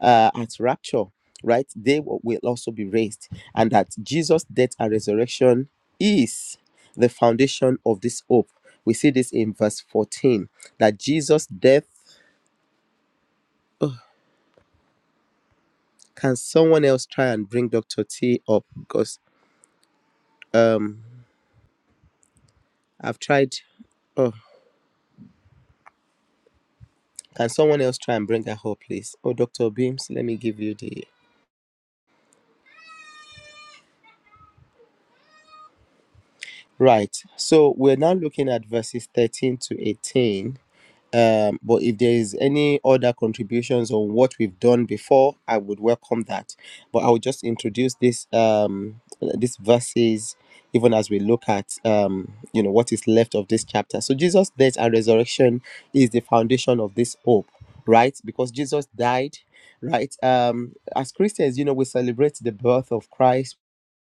uh, at rapture, right? They wi- will also be raised, and that Jesus' death and resurrection is the foundation of this hope. We see this in verse 14 that Jesus' death. Ugh, can someone else try and bring Dr. T up? Because um, I've tried. Oh, can someone else try and bring her up, please? Oh, Dr. Beams, let me give you the. Right. So we're now looking at verses 13 to 18 Um, but if there is any other contributions on what we've done before, I would welcome that. But I will just introduce this um these verses even as we look at um you know what is left of this chapter. So Jesus' death and resurrection is the foundation of this hope, right? Because Jesus died, right? Um, as Christians, you know, we celebrate the birth of Christ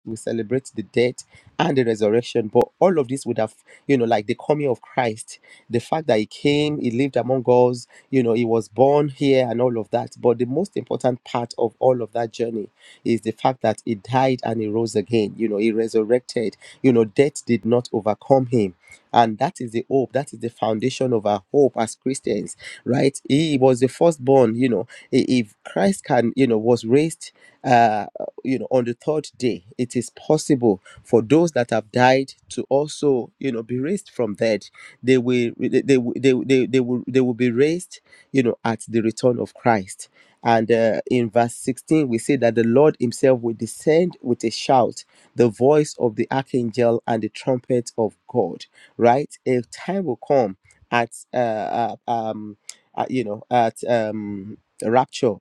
we celebrate the death and the resurrection but all of this would have you know like the coming of christ the fact that he came he lived among us you know he was born here and all of that but the most important part of all of that journey is the fact that he died and he rose again you know he resurrected you know death did not overcome him and that is the hope that is the foundation of our hope as christians right he was the firstborn you know I- if christ can you know was raised uh you know on the third day it is possible for those that have died to also you know be raised from dead they will they they, will- they, they, they will they will be raised you know at the return of christ and uh, in verse 16 we say that the lord himself will descend with a shout the voice of the archangel and the trumpet of god right a time will come at uh, uh, um uh, you know at um rapture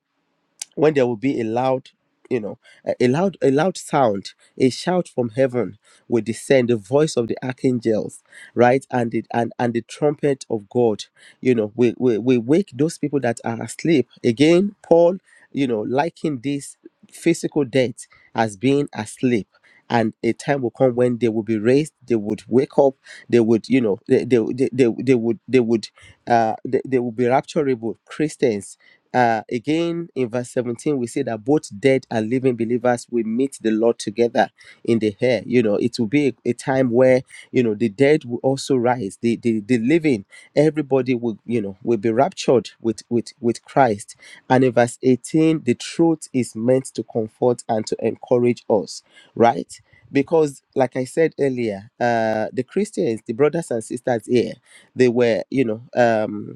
when there will be a loud you know a a loud a loud sound a shout from heaven will descend the voice of the archangels right and the and, and the trumpet of god you know we, we we wake those people that are asleep again paul you know liking this physical death as being asleep and a time will come when they will be raised they would wake up they would you know they they, they, they, they would they would uh they, they will be rapturable christians uh, again in verse 17 we see that both dead and living believers will meet the lord together in the air you know it will be a, a time where you know the dead will also rise the, the the living everybody will you know will be raptured with with with christ and in verse 18 the truth is meant to comfort and to encourage us right because like i said earlier uh the christians the brothers and sisters here they were you know um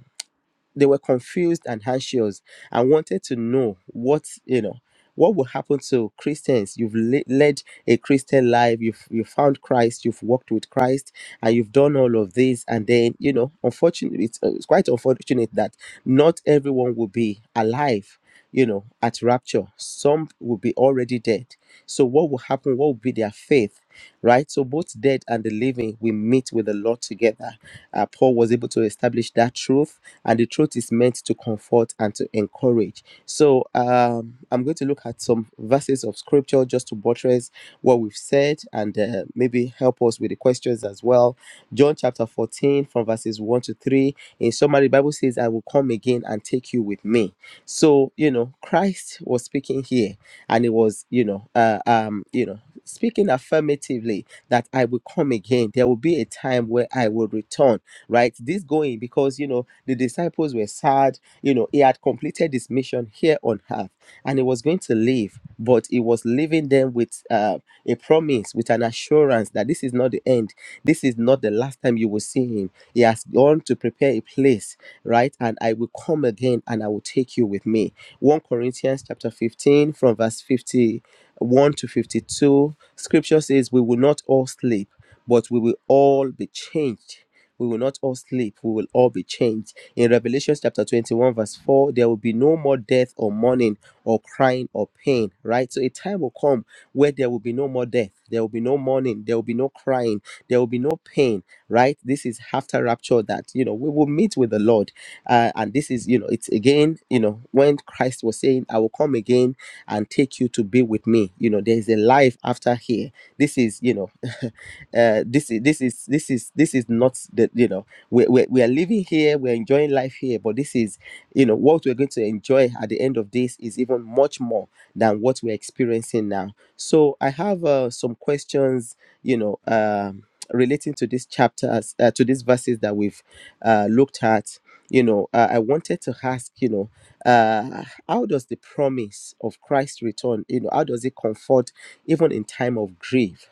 they were confused and anxious and wanted to know what you know what will happen to christians you've le- led a christian life you've you found christ you've walked with christ and you've done all of this and then you know unfortunately it's, uh, it's quite unfortunate that not everyone will be alive you know at rapture some will be already dead so what will happen what will be their faith right so both dead and the living will meet with the lord together uh, Paul was able to establish that truth, and the truth is meant to comfort and to encourage. So um, I'm going to look at some verses of scripture just to buttress what we've said and uh, maybe help us with the questions as well. John chapter 14, from verses 1 to 3. In summary, the Bible says, I will come again and take you with me. So, you know, Christ was speaking here, and it was, you know, uh, um, you know, speaking affirmatively that I will come again. There will be a time where I will return right? This going because, you know, the disciples were sad. You know, he had completed his mission here on earth and he was going to leave, but he was leaving them with uh, a promise, with an assurance that this is not the end. This is not the last time you will see him. He has gone to prepare a place, right? And I will come again and I will take you with me. 1 Corinthians chapter 15 from verse 51 to 52. Scripture says, We will not all sleep, but we will all be changed we will not all sleep, we will all be changed. In Revelation chapter 21, verse 4, there will be no more death or mourning or crying or pain, right? So a time will come where there will be no more death, there will be no mourning, there will be no crying, there will be no pain, right? This is after rapture that, you know, we will meet with the Lord. Uh, and this is, you know, it's again, you know, when Christ was saying, I will come again and take you to be with me, you know, there is a life after here. This is, you know, uh, this is this is this is this is not the you know we we we are living here we're enjoying life here but this is you know what we're going to enjoy at the end of this is even much more than what we're experiencing now so i have uh, some questions you know um relating to this chapter as uh, to these verses that we've uh, looked at you know uh, i wanted to ask you know uh, how does the promise of christ's return you know how does it comfort even in time of grief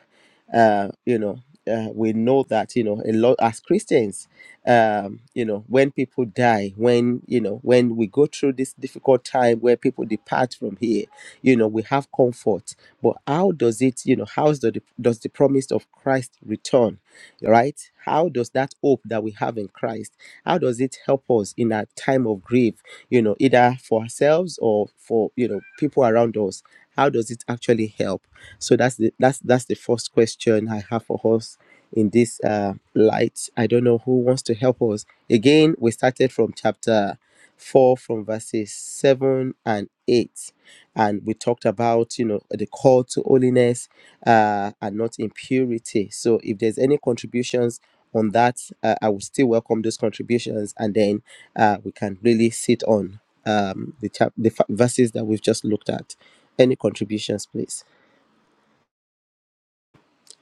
uh, you know, uh, we know that you know a lot as Christians, um, you know, when people die, when you know, when we go through this difficult time where people depart from here, you know, we have comfort. But how does it, you know, how does the does the promise of Christ return, right? How does that hope that we have in Christ, how does it help us in our time of grief, you know, either for ourselves or for you know people around us? How does it actually help? So that's the that's that's the first question I have for us in this uh, light. I don't know who wants to help us. Again, we started from chapter four, from verses seven and eight, and we talked about you know the call to holiness uh, and not impurity. So if there's any contributions on that, uh, I would still welcome those contributions, and then uh, we can really sit on um, the chap- the fa- verses that we've just looked at. Any contributions, please?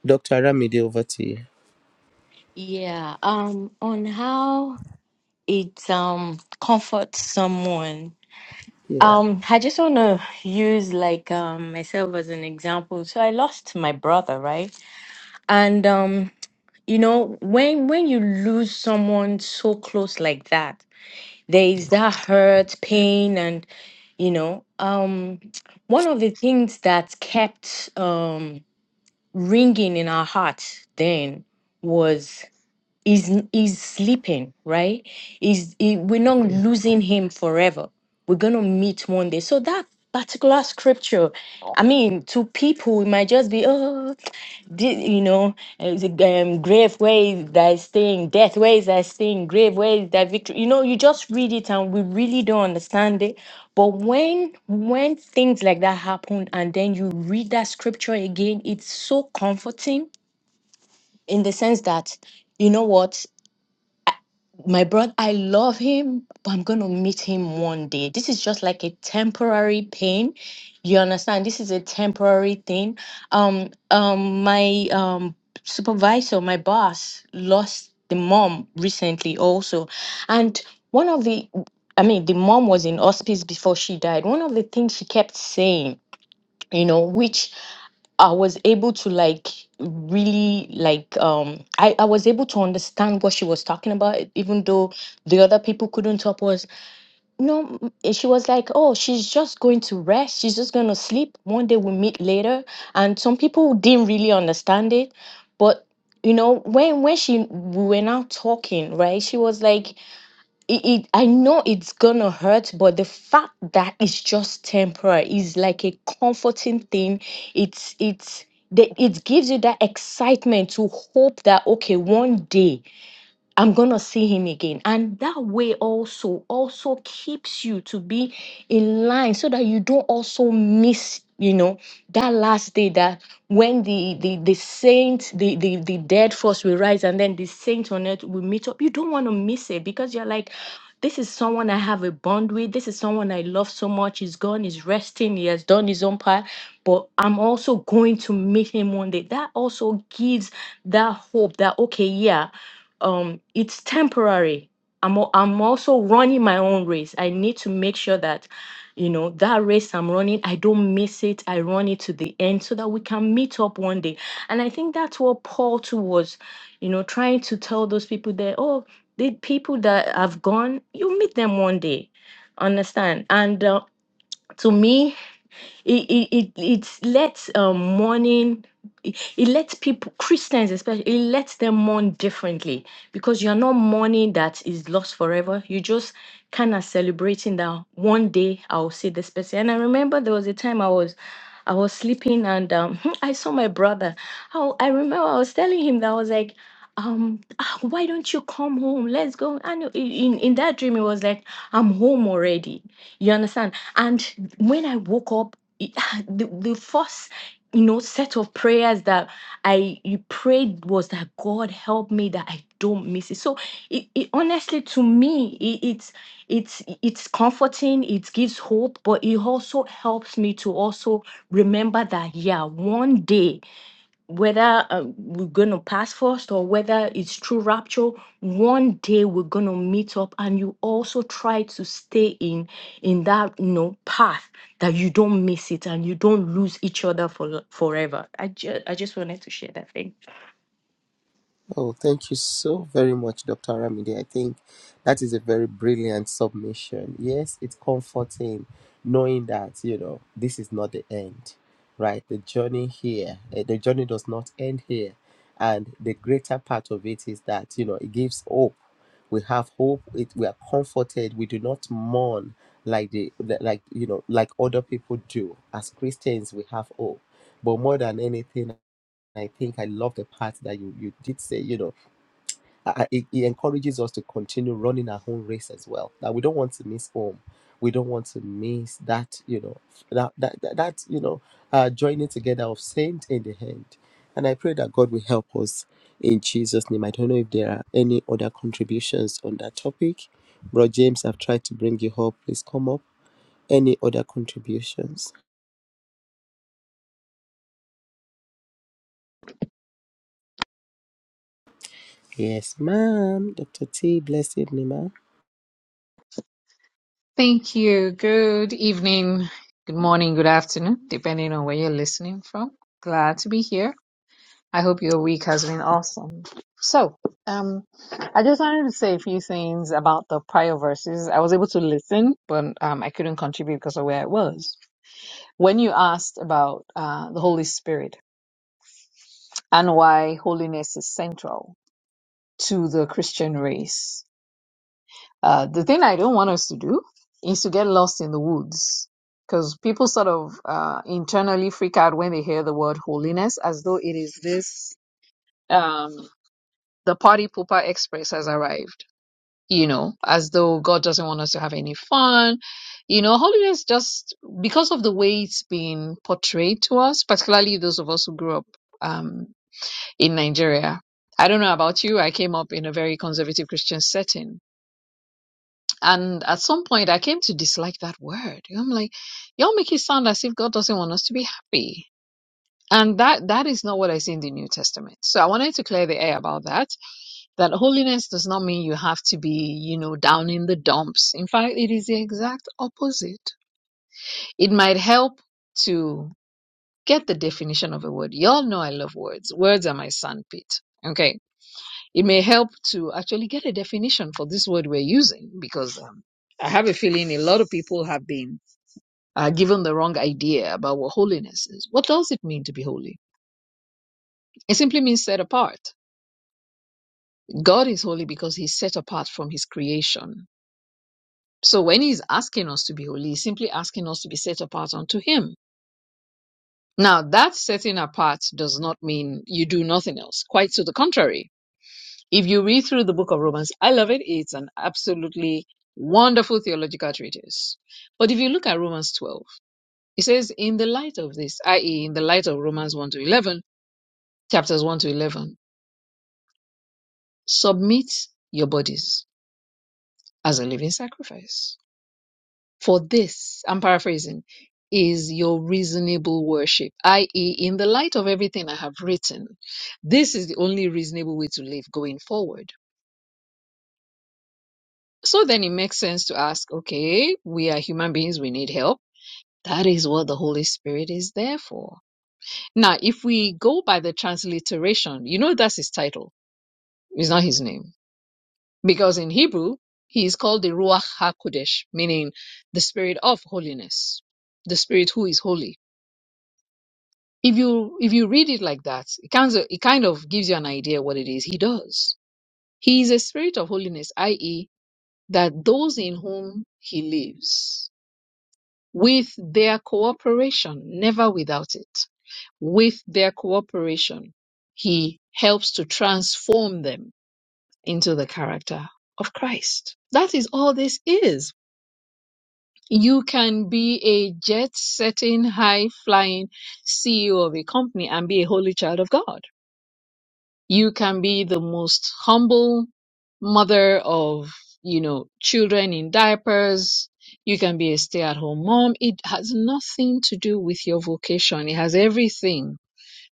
Dr. Ramide, over to you. Yeah, um, on how it um comforts someone. Yeah. Um, I just want to use like um myself as an example. So I lost my brother, right? And um you know when when you lose someone so close like that there is that hurt pain and you know um one of the things that kept um ringing in our hearts then was is is sleeping right is he- we're not losing him forever we're gonna meet one day so that particular scripture i mean to people it might just be oh di- you know uh, the um, grave where is thy sting death where is thy sting grave where is thy victory you know you just read it and we really don't understand it but when when things like that happen and then you read that scripture again it's so comforting in the sense that you know what my brother, I love him, but I'm going to meet him one day. This is just like a temporary pain. You understand? This is a temporary thing. Um, um, my um supervisor, my boss, lost the mom recently also, and one of the, I mean, the mom was in hospice before she died. One of the things she kept saying, you know, which I was able to like really like um I, I was able to understand what she was talking about e- even though the other people couldn't help was no m- and she was like oh she's just going to rest she's just going to sleep one day we'll meet later and some people didn't really understand it but you know when when she we were now talking right she was like it, it i know it's gonna hurt but the fact that it's just temporary is like a comforting thing it's it's that it gives you that excitement to hope that okay one day I'm going to see him again. And that way also also keeps you to be in line so that you don't also miss, you know, that last day that when the the the saint, the the, the dead first will rise and then the saint on earth will meet up. You don't want to miss it because you're like this is someone I have a bond with. This is someone I love so much. He's gone, he's resting, he has done his own part, but I'm also going to meet him one day. That also gives that hope that, okay, yeah, um it's temporary i'm al- i'm also running my own race i need to make sure that you know that race i'm running i don't miss it i run it to the end so that we can meet up one day and i think that's what paul too was you know trying to tell those people there oh the people that have gone you meet them one day understand and uh, to me it it it, it lets um, mourning. It, it lets people, Christians especially, it lets them mourn differently because you're not mourning that is lost forever. You just kind of celebrating that one day I'll see this person. And I remember there was a time I was I was sleeping and um, I saw my brother. Oh, I remember I was telling him that I was like, um, "Ah, why don't you come home? Let's go. And i- in, in that dream, it was like, I'm home already. You understand? And when I woke up, it- the, the first you know set of prayers that i you prayed was that god help me that i don't miss it so it, it honestly to me it, it's it's it's comforting it gives hope but it also helps me to also remember that yeah one day whether uh, we're going to pass first or whether it's true rapture one day we're going to meet up and you also try to stay in in that you know path that you don't miss it and you don't lose each other for forever i just i just wanted to share that thing Oh, thank you so very much, Dr. Ramide. I think that is a very brilliant submission. Yes, it's comforting knowing that, you know, this is not the end, right? The journey here, eh, the journey does not end here. And the greater part of it is that, you know, it gives hope. We have hope. It, we are comforted. We do not mourn like the like you know like other people do. As Christians, we have hope. But more than anything I think I love the part that you, you did say, you know, I, I- it, it encourages us to continue running our own race as well. That we don't want to miss home. We don't want to miss that, you know, that, that, that, that you know, uh, joining together of saint in the hand. And I pray that God will help us in Jesus' name. I don't know if there are any other contributions on that topic. Bro James, I've tried to bring you up. Please come up. Any other contributions? Yes, ma'am. Dr. T, blessed name. ma'am. Thank you. Good evening, good morning, good afternoon, depending on where you're listening from. Glad to be here. I hope your week has been awesome. So, um, I just wanted to say a few things about the prior verses. I was able to listen, but um, I couldn't contribute because of where I was. When you asked about uh, the Holy Spirit and why holiness is central to the Christian race, Uh, the thing I don't want us to do is to get lost in the woods because people sort of uh, internally freak out when they hear the word holiness as though it is this um, the party pooper express has arrived, you know, as though God doesn't want us to have any fun. You know, holiness just because of the way it's been portrayed to us, particularly those of us who grew up um, in Nigeria. I don't know about you, I came up in a very conservative Christian setting And at some point, I came to dislike that word. I'm like, y'all make it sound as if God doesn't want us to be happy. And that, that is not what I see in the New Testament. So I wanted to clear the air about that, that holiness does not mean you have to be, you know, down in the dumps. In fact, it is the exact opposite. It might help to get the definition of a word. Y'all know I love words. Words are my sandpit. Okay. It may help to actually get a definition for this word we're using because um, I have a feeling a lot of people have been uh, given the wrong idea about what holiness is. What does it mean to be holy? It simply means set apart. God is holy because he's set apart from his creation. So when he's asking us to be holy, he's simply asking us to be set apart unto him. Now, that setting apart does not mean you do nothing else. Quite to the contrary If you read through the book of Romans, I love it. It's an absolutely wonderful theological treatise. But if you look at Romans 12, it says, in the light of this, i.e., in the light of Romans 1 to 11, chapters 1 to 11, submit your bodies as a living sacrifice. For this, I'm paraphrasing, is your reasonable worship, i.e., in the light of everything I have written, this is the only reasonable way to live going forward So then it makes sense to ask, okay, we are human beings, we need help. That is what the Holy Spirit is there for. Now, if we go by the transliteration, you know that's his title, it's not his name. Because in Hebrew, he is called the Ruach HaKodesh, meaning the spirit of holiness, the spirit who is holy. If you if you read it like that, it kind of, it kind of gives you an idea what it is he does. He is a spirit of holiness, i.e., that those in whom he lives with their cooperation, never without it. With their cooperation, he helps to transform them into the character of Christ. That is all this is. You can be a jet setting, high flying CEO of a company and be a holy child of God you can be the most humble mother of you know children in diapers you can be a stay-at-home mom it has nothing to do with your vocation it has everything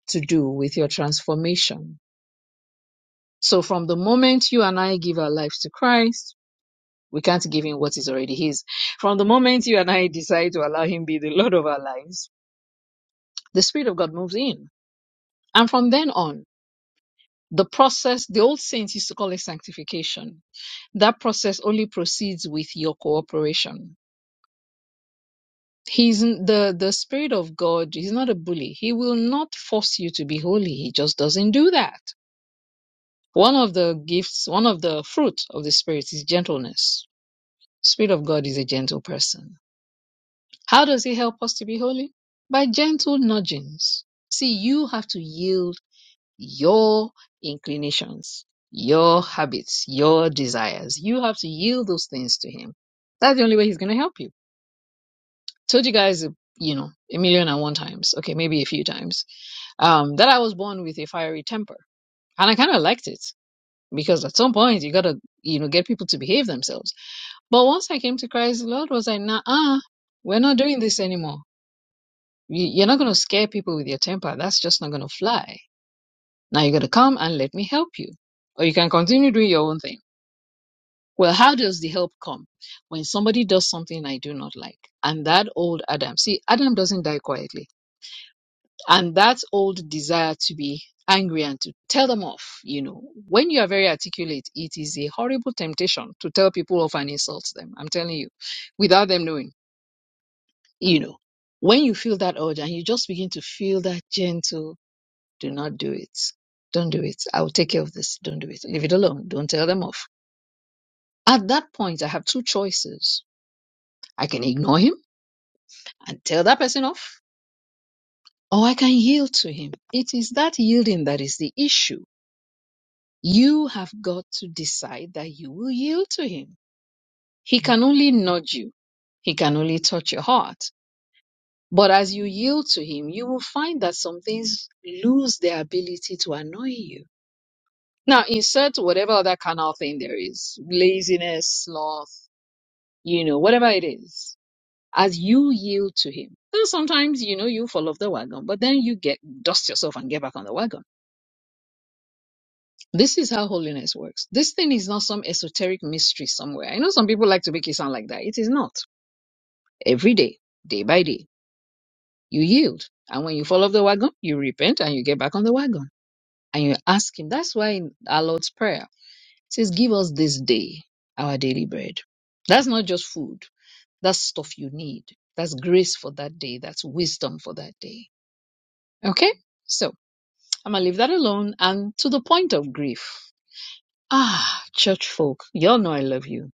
to do with your transformation so from the moment you and i give our lives to christ we can't give him what is already his from the moment you and i decide to allow him be the lord of our lives the spirit of god moves in and from then on The process, the old saints used to call it sanctification. That process only proceeds with your cooperation. He's n- the, the Spirit of God is not a bully. He will not force you to be holy. He just doesn't do that. One of the gifts, one of the fruit of the Spirit is gentleness. Spirit of God is a gentle person. How does he help us to be holy? By gentle nudgings. See, you have to yield your inclinations, your habits, your desires. You have to yield those things to Him. That's the only way He's going to help you. Told you guys, you know, a million and one times, okay, maybe a few times, um, that I was born with a fiery temper, and I kind of liked it because at some point you gotta, you know, get people to behave themselves. But once I came to Christ, the Lord was like, nah, uh, we're not doing this anymore. You- You're not going to scare people with your temper. That's just not going to fly Now you got to come and let me help you. Or you can continue doing your own thing. Well, how does the help come? When somebody does something I do not like. And that old Adam, see, Adam doesn't die quietly. And that old desire to be angry and to tell them off, you know, when you are very articulate, it is a horrible temptation to tell people off and insult them. I'm telling you, without them knowing, you know. When you feel that urge and you just begin to feel that gentle do not do it. Don't do it. I will take care of this. Don't do it. Leave it alone. Don't tell them off. At that point, I have two choices. I can ignore him and tell that person off, or I can yield to him. It is that yielding that is the issue. You have got to decide that you will yield to him. He can only nudge you. He can only touch your heart. But as you yield to him, you will find that some things lose their ability to annoy you Now insert whatever other carnal thing there is, laziness, sloth, you know, whatever it is, as you yield to him. Then sometimes, you know, you fall off the wagon, but then you get dust yourself and get back on the wagon. This is how holiness works. This thing is not some esoteric mystery somewhere. I know some people like to make it sound like that. It is not. Every day, day by day, you yield. And when you fall off the wagon, you repent and you get back on the wagon. And you ask him. That's why in our Lord's Prayer, says, Give us this day our daily bread. That's not just food, that's stuff you need. That's grace for that day, that's wisdom for that day. Okay? So I'm gonna leave that alone and to the point of grief. Ah, church folk, y'all know I love you.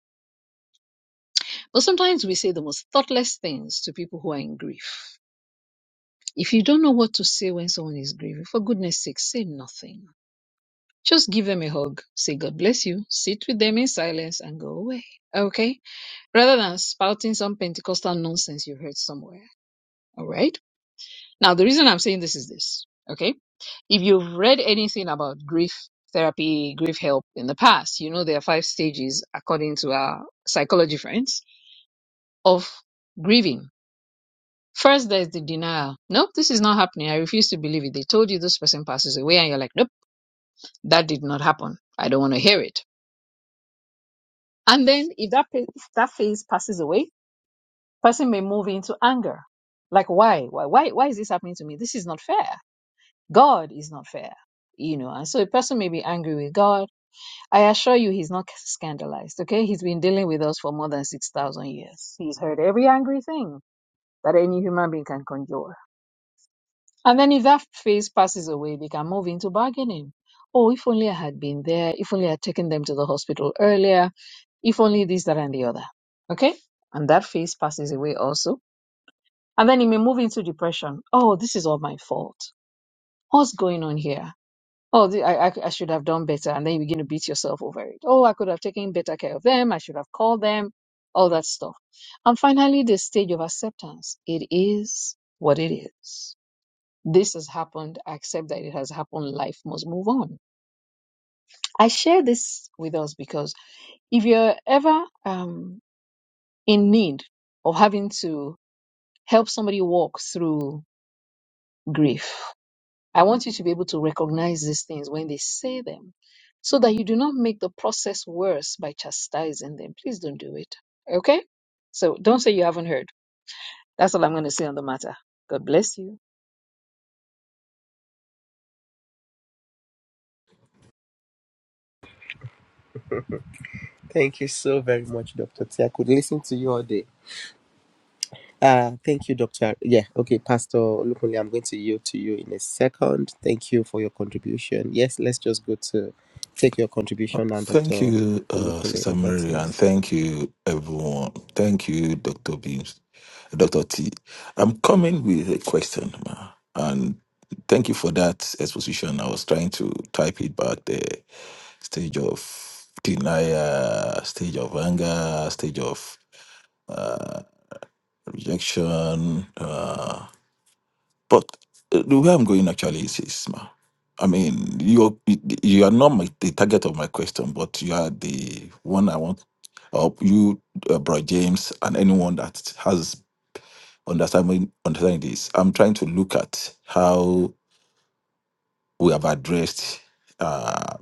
But sometimes we say the most thoughtless things to people who are in grief. If you don't know what to say when someone is grieving, for goodness sake, say nothing. Just give them a hug, say God bless you, sit with them in silence and go away. Okay? rather than spouting some Pentecostal nonsense you heard somewhere. All right. Now, the reason I'm saying this is this. Okay. If you've read anything about grief therapy, grief help in the past, you know there are five stages, according to our psychology friends, of grieving. First, there's the denial. Nope, this is not happening. I refuse to believe it. They told you this person passes away, and you're like, nope, that did not happen. I don't want to hear it. And then, if that pa- that phase passes away, person may move into anger like why why why why is this happening to me this is not fair god is not fair you know and so a person may be angry with god i assure you he's not scandalized okay he's been dealing with us for more than 6000 years he's heard every angry thing that any human being can conjure and then if that phase passes away they can move into bargaining oh if only i had been there if only i had taken them to the hospital earlier if only this that and the other okay and that phase passes away also And then he may move into depression. Oh, this is all my fault. What's going on here? Oh, the- I, I, I should have done better. And then you begin to beat yourself over it. Oh, I could have taken better care of them. I should have called them. All that stuff. And finally, the stage of acceptance. It is what it is. This has happened. I accept that it has happened. Life must move on. I share this with us because if you're ever um, in need of having to help somebody walk through grief, I want you to be able to recognize these things when they say them so that you do not make the process worse by chastising them. Please don't do it. Okay? So don't say you haven't heard. That's all I'm going to say on the matter. God bless you. Thank you so very much, Dr. T. I could listen to you all day. Uh, thank you, Dr. Yeah, okay, Pastor Lukunle, I'm going to yield to you in a second. Thank you for your contribution. Yes, let's just go to take your Oh, contribution now, Thank Dr. you, uh, Olukunle, Sister over to Mary, you. and thank you, everyone. Thank you, Dr. Beams, Dr. T. I'm coming with a question, ma, and thank you for that exposition. I was trying to type it back the stage of denial, stage of anger, stage of uh, rejection. Uh, but uh, the way I'm going actually is, is ma, I mean, you you are not my, the target of my question, but you are the one I want. Uh, you, uh, Bro James, and anyone that has understanding understanding this. I'm trying to look at how we have addressed uh,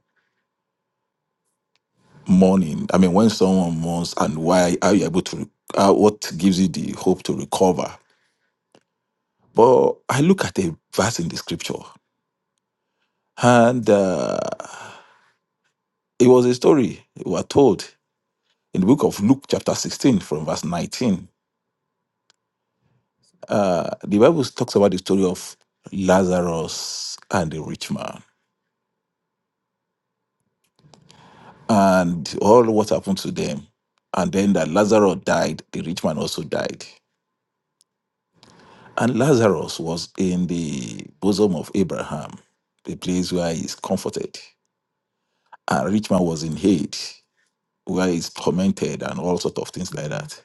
mourning. I mean, when someone mourns and why are you able to? Uh, what gives you the hope to recover? But I look at a verse in the scripture, and. Uh, It was a story we were told in the book of Luke, chapter 16, from verse 19. Uh, the Bible talks about the story of Lazarus and the rich man and all what happened to them. And then that Lazarus died, the rich man also died. And Lazarus was in the bosom of Abraham, the place where he is comforted. And rich man was in Hades, where he's tormented and all sort of things like that.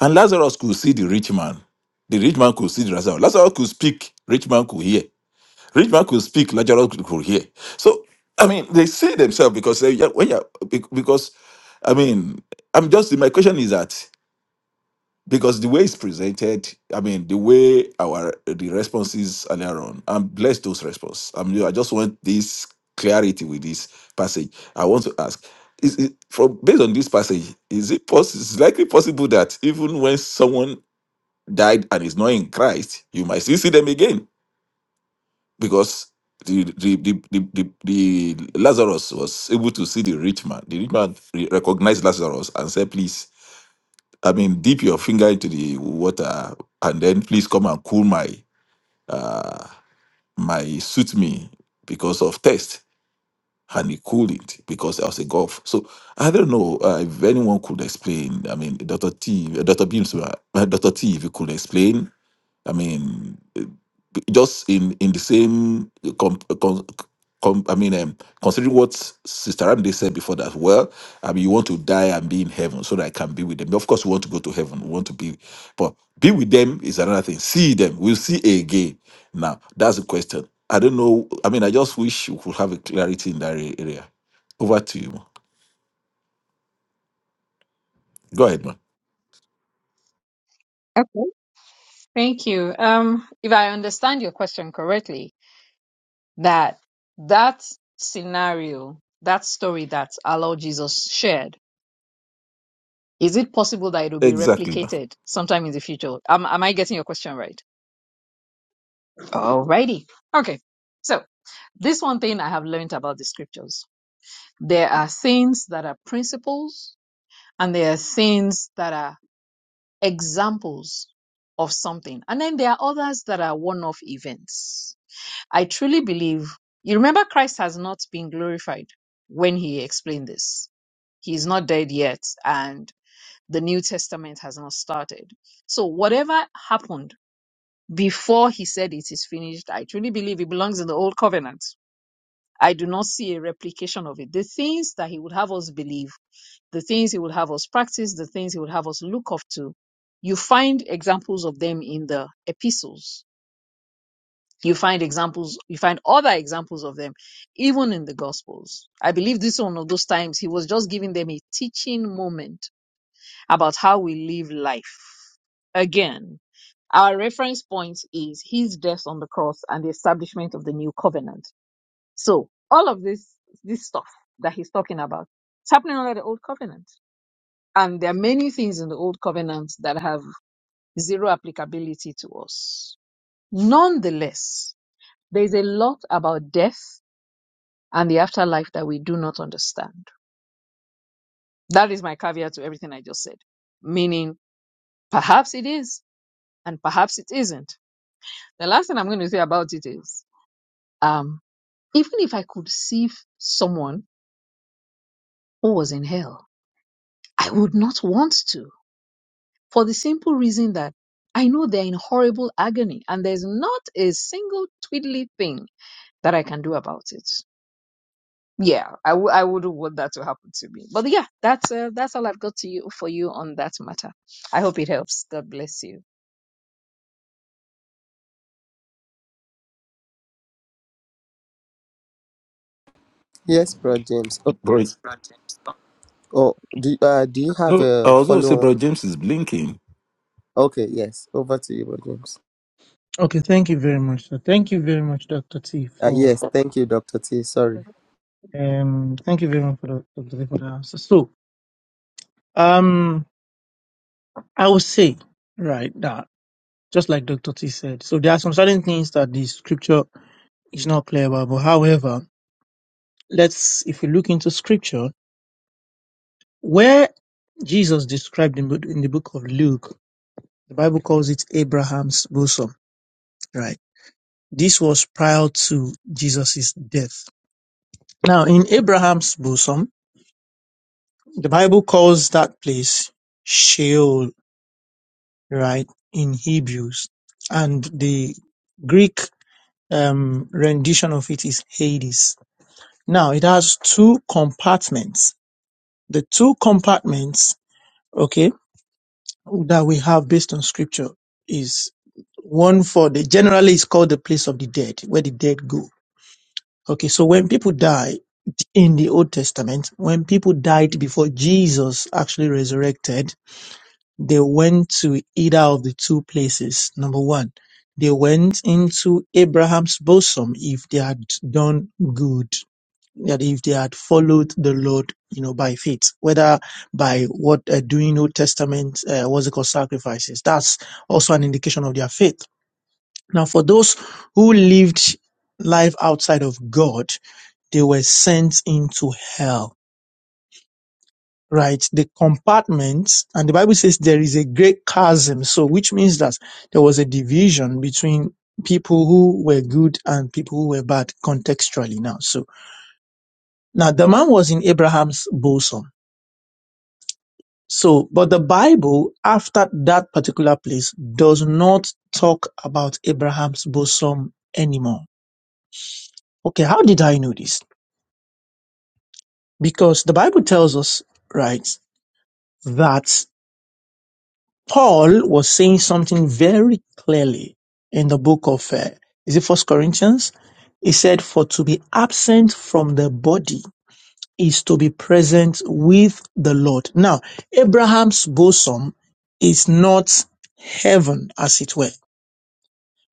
And Lazarus could see the rich man. The rich man could see the Lazarus. Lazarus could speak. Rich man could hear. Rich man could speak. Lazarus could could hear. So I mean, they say themselves because they, yeah, when you're, be- because I mean, I'm just my question is that because the way it's presented, I mean, the way our the responses earlier on, I'm blessed those responses. I'm I just want this clarity with this passage. I want to ask is it from based on this passage is it possible it's likely possible that even when someone died and is not in Christ, you might still see them again because the the, the, the, the the Lazarus was able to see the rich man. The rich man re- recognized Lazarus and said, "Please, I mean, dip your finger into the water and then please come and cool my uh my suit me because of thirst." And he cooled it because there was a gulf. So I don't know uh, if anyone could explain. I mean, Doctor T, Doctor Beams, uh, Doctor T, if you could explain I mean, eh, just in in the same com, com, com, I mean, um, considering what Sister Ramde said before that, well, I mean, you want to die and be in heaven so that I can be with them. Of course, we want to go to heaven. We want to be, but be with them is another thing. See them, we'll see again. Now, that's the question. I don't know. I mean, I just wish we could have a clarity in that area. Over to you. Ma. Go ahead, man. Okay, thank you. Um, if I understand your question correctly, that that scenario, that story that our Lord Jesus shared. Is it possible that it will be Exactly, man. replicated sometime in the future? Am, am I getting your question right? Alrighty. Okay. So this one thing I have learned about the scriptures. There are things that are principles and there are things that are examples of something. And then there are others that are one-off events. I truly believe you remember Christ has not been glorified when he explained this. He is not dead yet. And the New Testament has not started. So whatever happened before he said it is finished, I truly believe it belongs in the old covenant. I do not see a replication of it. The things that he would have us believe, the things he would have us practice, the things he would have us look up to, you find examples of them in the epistles. You find examples, you find other examples of them, even in the gospels. I believe this one of those times he was just giving them a teaching moment about how we live life Again, our reference point is his death on the cross and the establishment of the new covenant. So all of this, this stuff that he's talking about, it's happening under the old covenant. And there are many things in the old covenant that have zero applicability to us. Nonetheless, there's a lot about death and the afterlife that we do not understand. That is my caveat to everything I just said. Meaning, perhaps it is and perhaps it isn't. The last thing I'm going to say about it is Um, even if I could see f- someone who was in hell, I would not want to for the simple reason that I know they're in horrible agony and there's not a single twiddly thing that I can do about it. Yeah, I w- I wouldn't want that to happen to me. But yeah, that's uh, that's all I've got to you for you on that matter. I hope it helps. God bless you. Yes, Bro James. Oh, Bro, oh do, uh, do you have no, I a was going say, follow on? bro, James is blinking. Okay, yes, over to you, Bro James. Okay, thank you very much. sir. Thank you very much, Dr. T, Uh, for yes, thank you, Dr. T. Sorry. um thank you very much for the Dr. T for the answer. So um I would say right that just like Dr. T said, so there are some certain things that the scripture is not clear about. But however, let's if we look into scripture, where Jesus described in, in the book of Luke, the Bible calls it Abraham's bosom, right? This was prior to Jesus' death. Now in Abraham's bosom The Bible calls that place Sheol, right, in Hebrews. And the Greek um, rendition of it is Hades. Now, it has two compartments. The two compartments, okay, that we have based on scripture is one for the, generally it's called the place of the dead, where the dead go. Okay, so when people die in the Old Testament, when people died before Jesus actually resurrected, They went to either of the two places. Number one, they went into Abraham's bosom if they had done good, that if they had followed the Lord, you know, by faith, whether by what uh, doing Old Testament, uh, what's it called, sacrifices. That's also an indication of their faith. Now, for those who lived life outside of God, they were sent into hell right? The compartments, and the Bible says there is a great chasm. So, which means that there was a division between people who were good and people who were bad contextually now. So, now the man was in Abraham's bosom. So, but the Bible after that particular place does not talk about Abraham's bosom anymore. Okay. How did I know this? Because the Bible tells us, right? that. Paul was saying something very clearly in the book of, uh, is it First Corinthians? He said, "For to be absent from the body is to be present with the Lord." Now, Abraham's bosom is not heaven, as it were,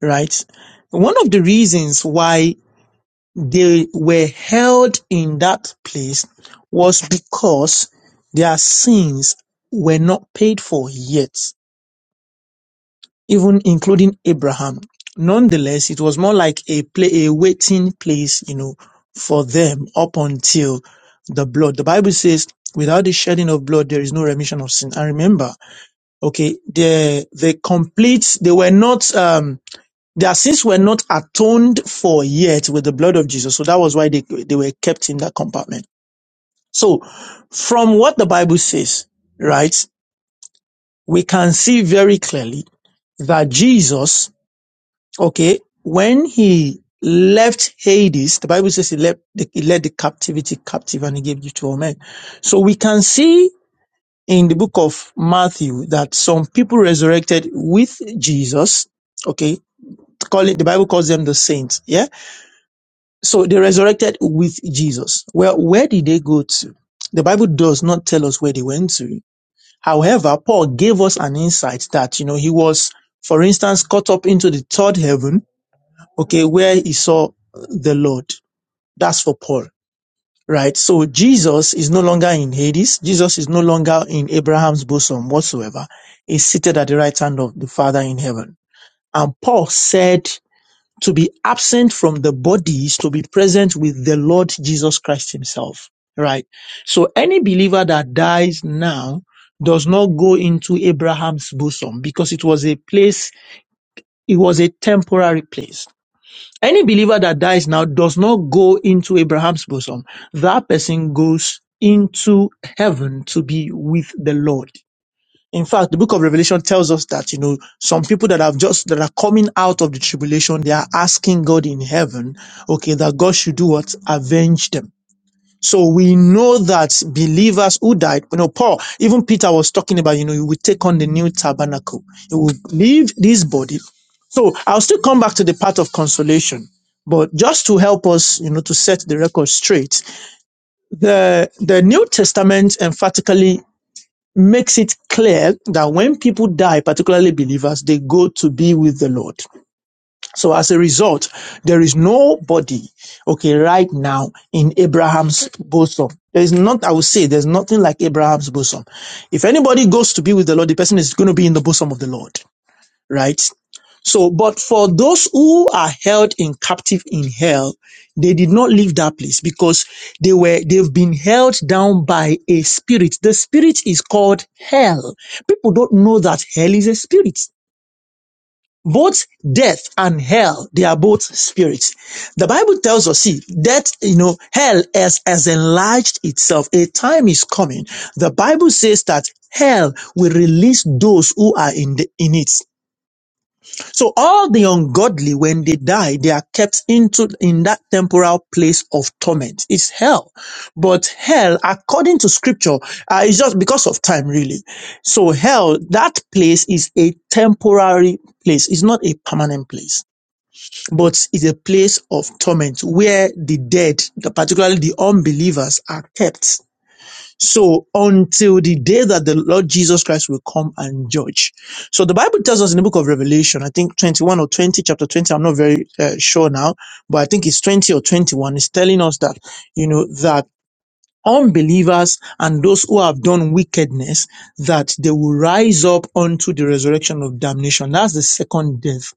right? One of the reasons why they were held in that place was because their sins were not paid for yet even including Abraham. Nonetheless, it was more like a play, a waiting place, you know, for them up until the blood. The Bible says, without the shedding of blood, there is no remission of sin. And remember, okay, the the complete, they were not, um, their sins were not atoned for yet with the blood of Jesus. So that was why they, they were kept in that compartment. So from what the Bible says, right, we can see very clearly that Jesus Okay. When he left Hades, the Bible says he left the, he led the captivity captive and he gave you to all men. So we can see in the book of Matthew that some people resurrected with Jesus. Okay. Call it, the Bible calls them the saints. Yeah. So they resurrected with Jesus. Well, where did they go to? The Bible does not tell us where they went to. However, Paul gave us an insight that, you know, he was, for instance, caught up into the third heaven okay, where he saw the Lord. That's for Paul, right? So Jesus is no longer in Hades. Jesus is no longer in Abraham's bosom whatsoever. He's seated at the right hand of the Father in heaven. And Paul said to be absent from the body is to be present with the Lord Jesus Christ himself, right? So any believer that dies now does not go into Abraham's bosom because it was a place, it was a temporary place any believer that dies now does not go into Abraham's bosom. That person goes into heaven to be with the Lord. In fact, the book of Revelation tells us that, you know, some people that have just, that are coming out of the tribulation, they are asking God in heaven, okay, that God should do what? Avenge them. So we know that believers who died, you know, Paul, even Peter was talking about, you know, you will take on the new tabernacle. You will leave this body. So I'll still come back to the part of consolation. But just to help us, you know, to set the record straight, the the New Testament emphatically makes it clear that when people die, particularly believers, they go to be with the Lord. So as a result, there is nobody, okay, right now in Abraham's bosom. There is not, I would say, there's nothing like Abraham's bosom. If anybody goes to be with the Lord, the person is going to be in the bosom of the Lord, right? So, but for those who are held in captive in hell, they did not leave that place because they were, they've been held down by a spirit. The spirit is called hell. People don't know that hell is a spirit both death and hell they are both spirits the bible tells us see that you know hell has, has enlarged itself a time is coming the bible says that hell will release those who are in the in it so all the ungodly, when they die, they are kept into in that temporal place of torment. It's hell. But hell, according to scripture, uh, is just because of time, really. So hell, that place is a temporary place. It's not a permanent place, but it's a place of torment where the dead, the- particularly the unbelievers, are kept. So until the day that the Lord Jesus Christ will come and judge. So the Bible tells us in the book of Revelation, I think 21 or 20, chapter 20, I'm not very uh, sure now, but I think it's 20 or 21. It's telling us that, you know, that unbelievers and those who have done wickedness, that they will rise up unto the resurrection of damnation. That's the second death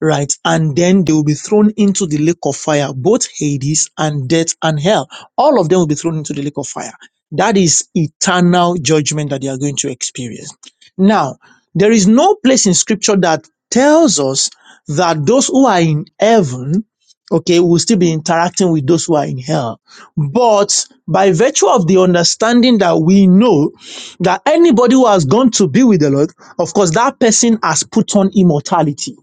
right? And then they will be thrown into the lake of fire, both Hades and death and hell. All of them will be thrown into the lake of fire. That is eternal judgment that they are going to experience. Now, there is no place in scripture that tells us that those who are in heaven, okay, will still be interacting with those who are in hell. But by virtue of the understanding that we know that anybody who has gone to be with the Lord, of course, that person has put on immortality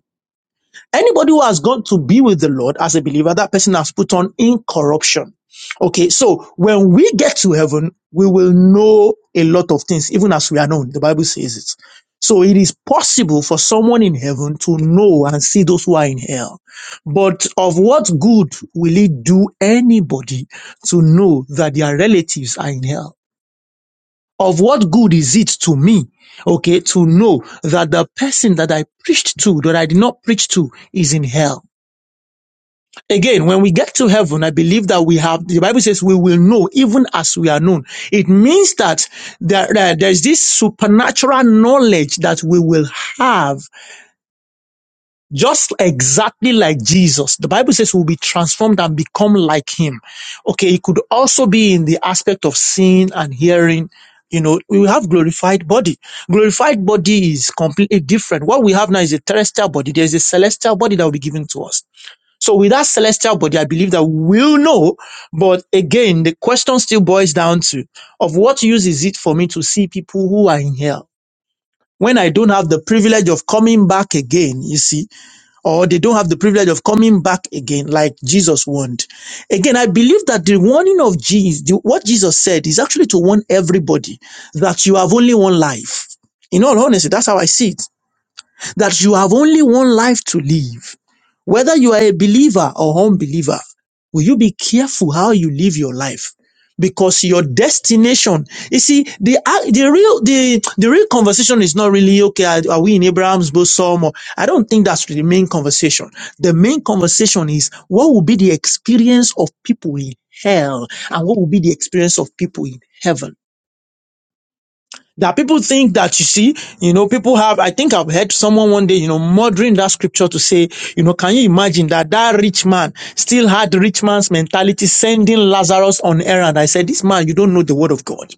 Anybody who has gone to be with the Lord as a believer, that person has put on incorruption. Okay, so when we get to heaven, we will know a lot of things, even as we are known. The Bible says it. So it is possible for someone in heaven to know and see those who are in hell. But of what good will it do anybody to know that their relatives are in hell? Of what good is it to me, okay, to know that the person that I preached to, that I did not preach to, is in hell? Again, when we get to heaven, I believe that we have, the Bible says we will know even as we are known. It means that there, there- there's this supernatural knowledge that we will have just exactly like Jesus. The Bible says we'll be transformed and become like him. Okay. It could also be in the aspect of seeing and hearing. You know, we will have glorified body. Glorified body is completely different. What we have now is a terrestrial body. There's a celestial body that will be given to us. So with that celestial body, I believe that we'll know. But again, the question still boils down to of what use is it for me to see people who are in hell? When I don't have the privilege of coming back again, you see, or they don't have the privilege of coming back again, like Jesus warned. Again, I believe that the warning of Jesus, the, what Jesus said, is actually to warn everybody that you have only one life. In all honesty, that's how I see it that you have only one life to live. Whether you are a believer or unbeliever, will you be careful how you live your life? Because your destination, you see, the ac- the real the the real conversation is not really okay. Are, are we in Abraham's bosom? Or I don't think that's the main conversation. The main conversation is what will be the experience of people in hell, and what will be the experience of people in heaven that people think that you see, you know, people have, I think I've heard someone one day, you know, murdering that scripture to say, you know, can you imagine that that rich man still had rich man's mentality sending Lazarus on errand? I said, this man, you don't know the word of God.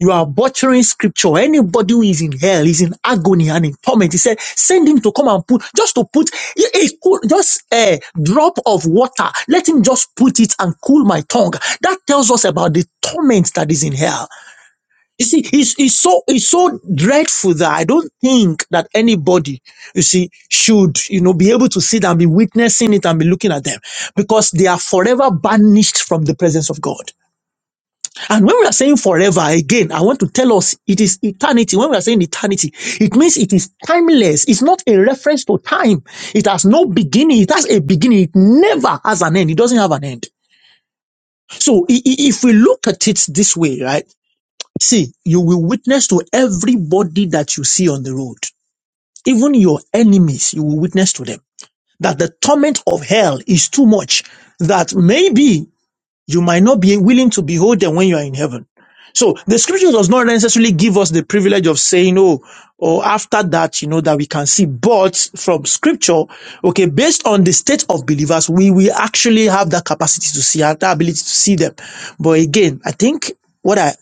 You are butchering scripture. Anybody who is in hell is in agony and in torment. He said, send him to come and put, just to put a, a cool- just a drop of water. Let him just put it and cool my tongue. That tells us about the torment that is in hell. You see, it's, it's so it's so dreadful that I don't think that anybody, you see, should you know be able to sit and be witnessing it and be looking at them because they are forever banished from the presence of God. And when we are saying forever, again, I want to tell us it is eternity. When we are saying eternity, it means it is timeless. It's not a reference to time. It has no beginning. It has a beginning. It never has an end. It doesn't have an end. So i- i- if we look at it this way, right? See, you will witness to everybody that you see on the road. Even your enemies, you will witness to them that the torment of hell is too much. That maybe you might not be willing to behold them when you are in heaven. So the scripture does not necessarily give us the privilege of saying, oh, or after that, you know, that we can see. But from scripture, okay, based on the state of believers, we will actually have that capacity to see, that ability to see them. But again, I think what I,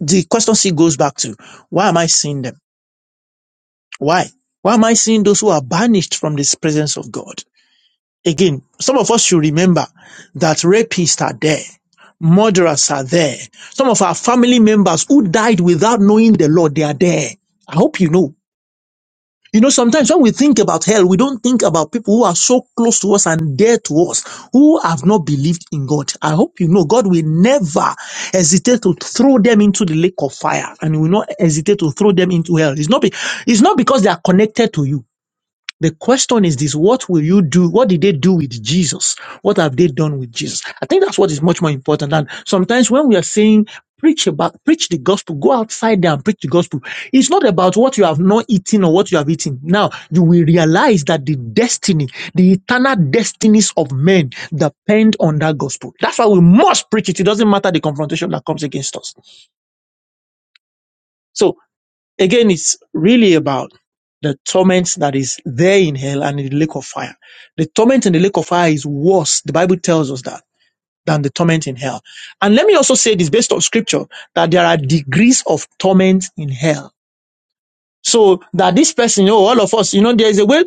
the question still goes back to, why am I seeing them? Why? Why am I seeing those who are banished from this presence of God? Again, some of us should remember that rapists are there, murderers are there. Some of our family members who died without knowing the Lord, they are there. I hope you know. You know, sometimes when we think about hell, we don't think about people who are so close to us and dear to us, who have not believed in God. I hope you know God will never hesitate to throw them into the lake of fire and he will not hesitate to throw them into hell. It's not, be, it's not because they are connected to you. The question is this, what will you do? What did they do with Jesus? What have they done with Jesus? I think that's what is much more important. And sometimes when we are saying preach about, preach the gospel, go outside there and preach the gospel. It's not about what you have not eaten or what you have eaten. Now you will realize that the destiny, the eternal destinies of men depend on that gospel. That's why we must preach it. It doesn't matter the confrontation that comes against us. So Again, it's really about the torment that is there in hell and in the lake of fire. The torment in the lake of fire is worse. The Bible tells us that than the torment in hell. And let me also say this based on scripture that there are degrees of torment in hell. So that this person, you know, all of us, you know, there is a way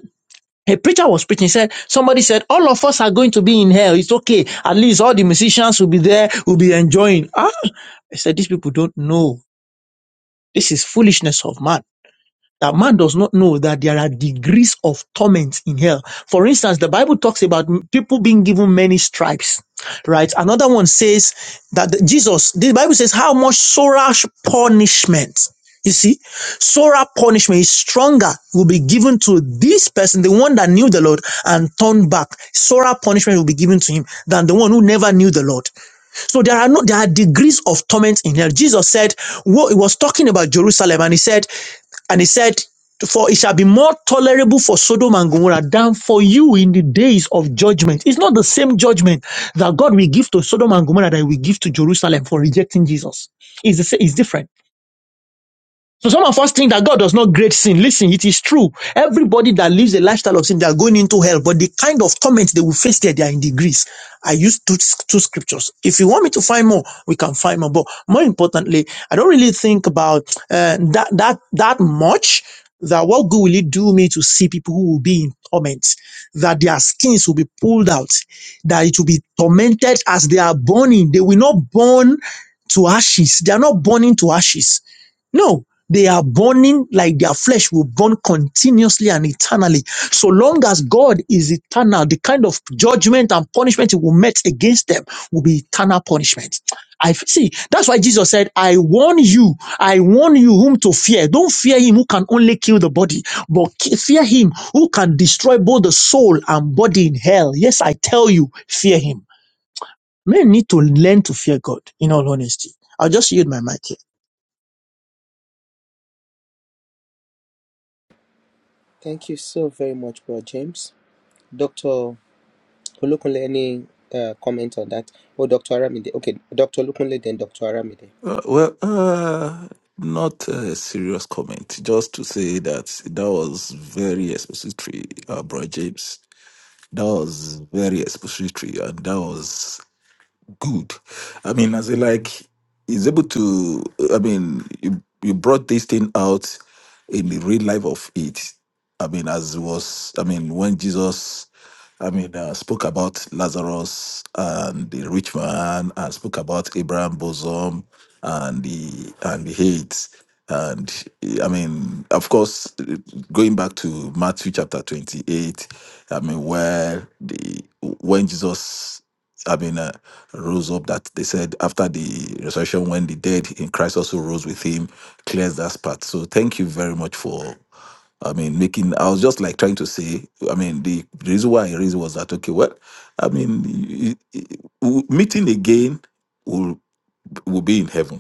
a preacher was preaching, he said, somebody said, all of us are going to be in hell. It's okay. At least all the musicians will be there, will be enjoying. Ah, I said, these people don't know. This is foolishness of man. That man does not know that there are degrees of torment in hell. For instance, the Bible talks about people being given many stripes, right? Another one says that the- Jesus, the Bible says, how much sorrow punishment. You see, sorrow punishment is stronger, will be given to this person, the one that knew the Lord and turned back. Sorrow punishment will be given to him than the one who never knew the Lord. So there are no there are degrees of torment in hell. Jesus said, "Well, he was talking about Jerusalem, and he said, and he said, For it shall be more tolerable for Sodom and Gomorrah than for you in the days of judgment. It's not the same judgment that God will give to Sodom and Gomorrah that He will give to Jerusalem for rejecting Jesus. It's, the, it's different. So some of us think that God does not grade sin. Listen, it is true. Everybody that lives a lifestyle of sin, they are going into hell. But the kind of torment they will face there, they are in degrees. I used two, two scriptures. If you want me to find more, we can find more. But more importantly, I don't really think about uh, that that that much. That what good will it do me to see people who will be in torment? That their skins will be pulled out, that it will be tormented as they are burning. They will not burn to ashes. They are not burning to ashes no, they are burning like their flesh will burn continuously and eternally. So long as God is eternal, the kind of judgment and punishment he will met against them will be eternal punishment. I see. That's why Jesus said, I warn you, I warn you whom to fear. Don't fear him who can only kill the body, but fear him who can destroy both the soul and body in hell. Yes, I tell you, fear him. Men need to learn to fear God, in all honesty. I'll just yield my mic here. Thank you so very much, Bro James. Dr. Olukunle, any uh, comment on that? Oh, Dr. Aramide. Okay, Dr. Olukunle, then Dr. Aramide. Uh, well, uh, not a serious comment, just to say that that was very expository, uh, Bro James. That was very expository, and that was good. I mean, as in like he's able to. I mean, you you brought this thing out in the real life of it. I mean, as was. I mean, when Jesus. I mean, uh, spoke about Lazarus and the rich man, and spoke about Abraham bosom and the and the hate, and I mean, of course, going back to Matthew chapter twenty-eight, I mean, where the when Jesus I mean, uh, rose up that they said after the resurrection, when the dead in Christ also rose with him, clears that part. So thank you very much for, I mean, making, I was just like trying to say, I mean, the, the reason why I raised was that, okay, well, I mean, y- y- y- w- meeting again will, will be in heaven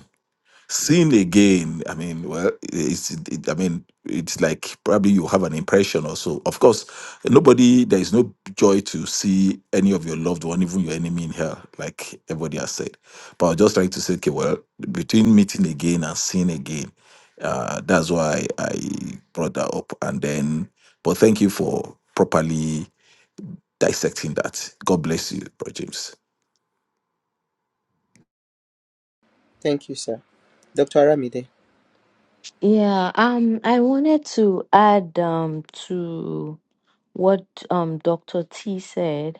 Sin again. I mean, well, it's. It, I mean, it's like probably you have an impression or so. Of course, nobody. There is no joy to see any of your loved one, even your enemy, in hell, like everybody has said. But I was just trying to say, okay, well, between meeting again and seeing again, uh, that's why I brought that up. And then, but thank you for properly dissecting that. God bless you, Bro James. Thank you, sir. Dr. Aramide. Yeah, um, I wanted to add um to what um Dr. T said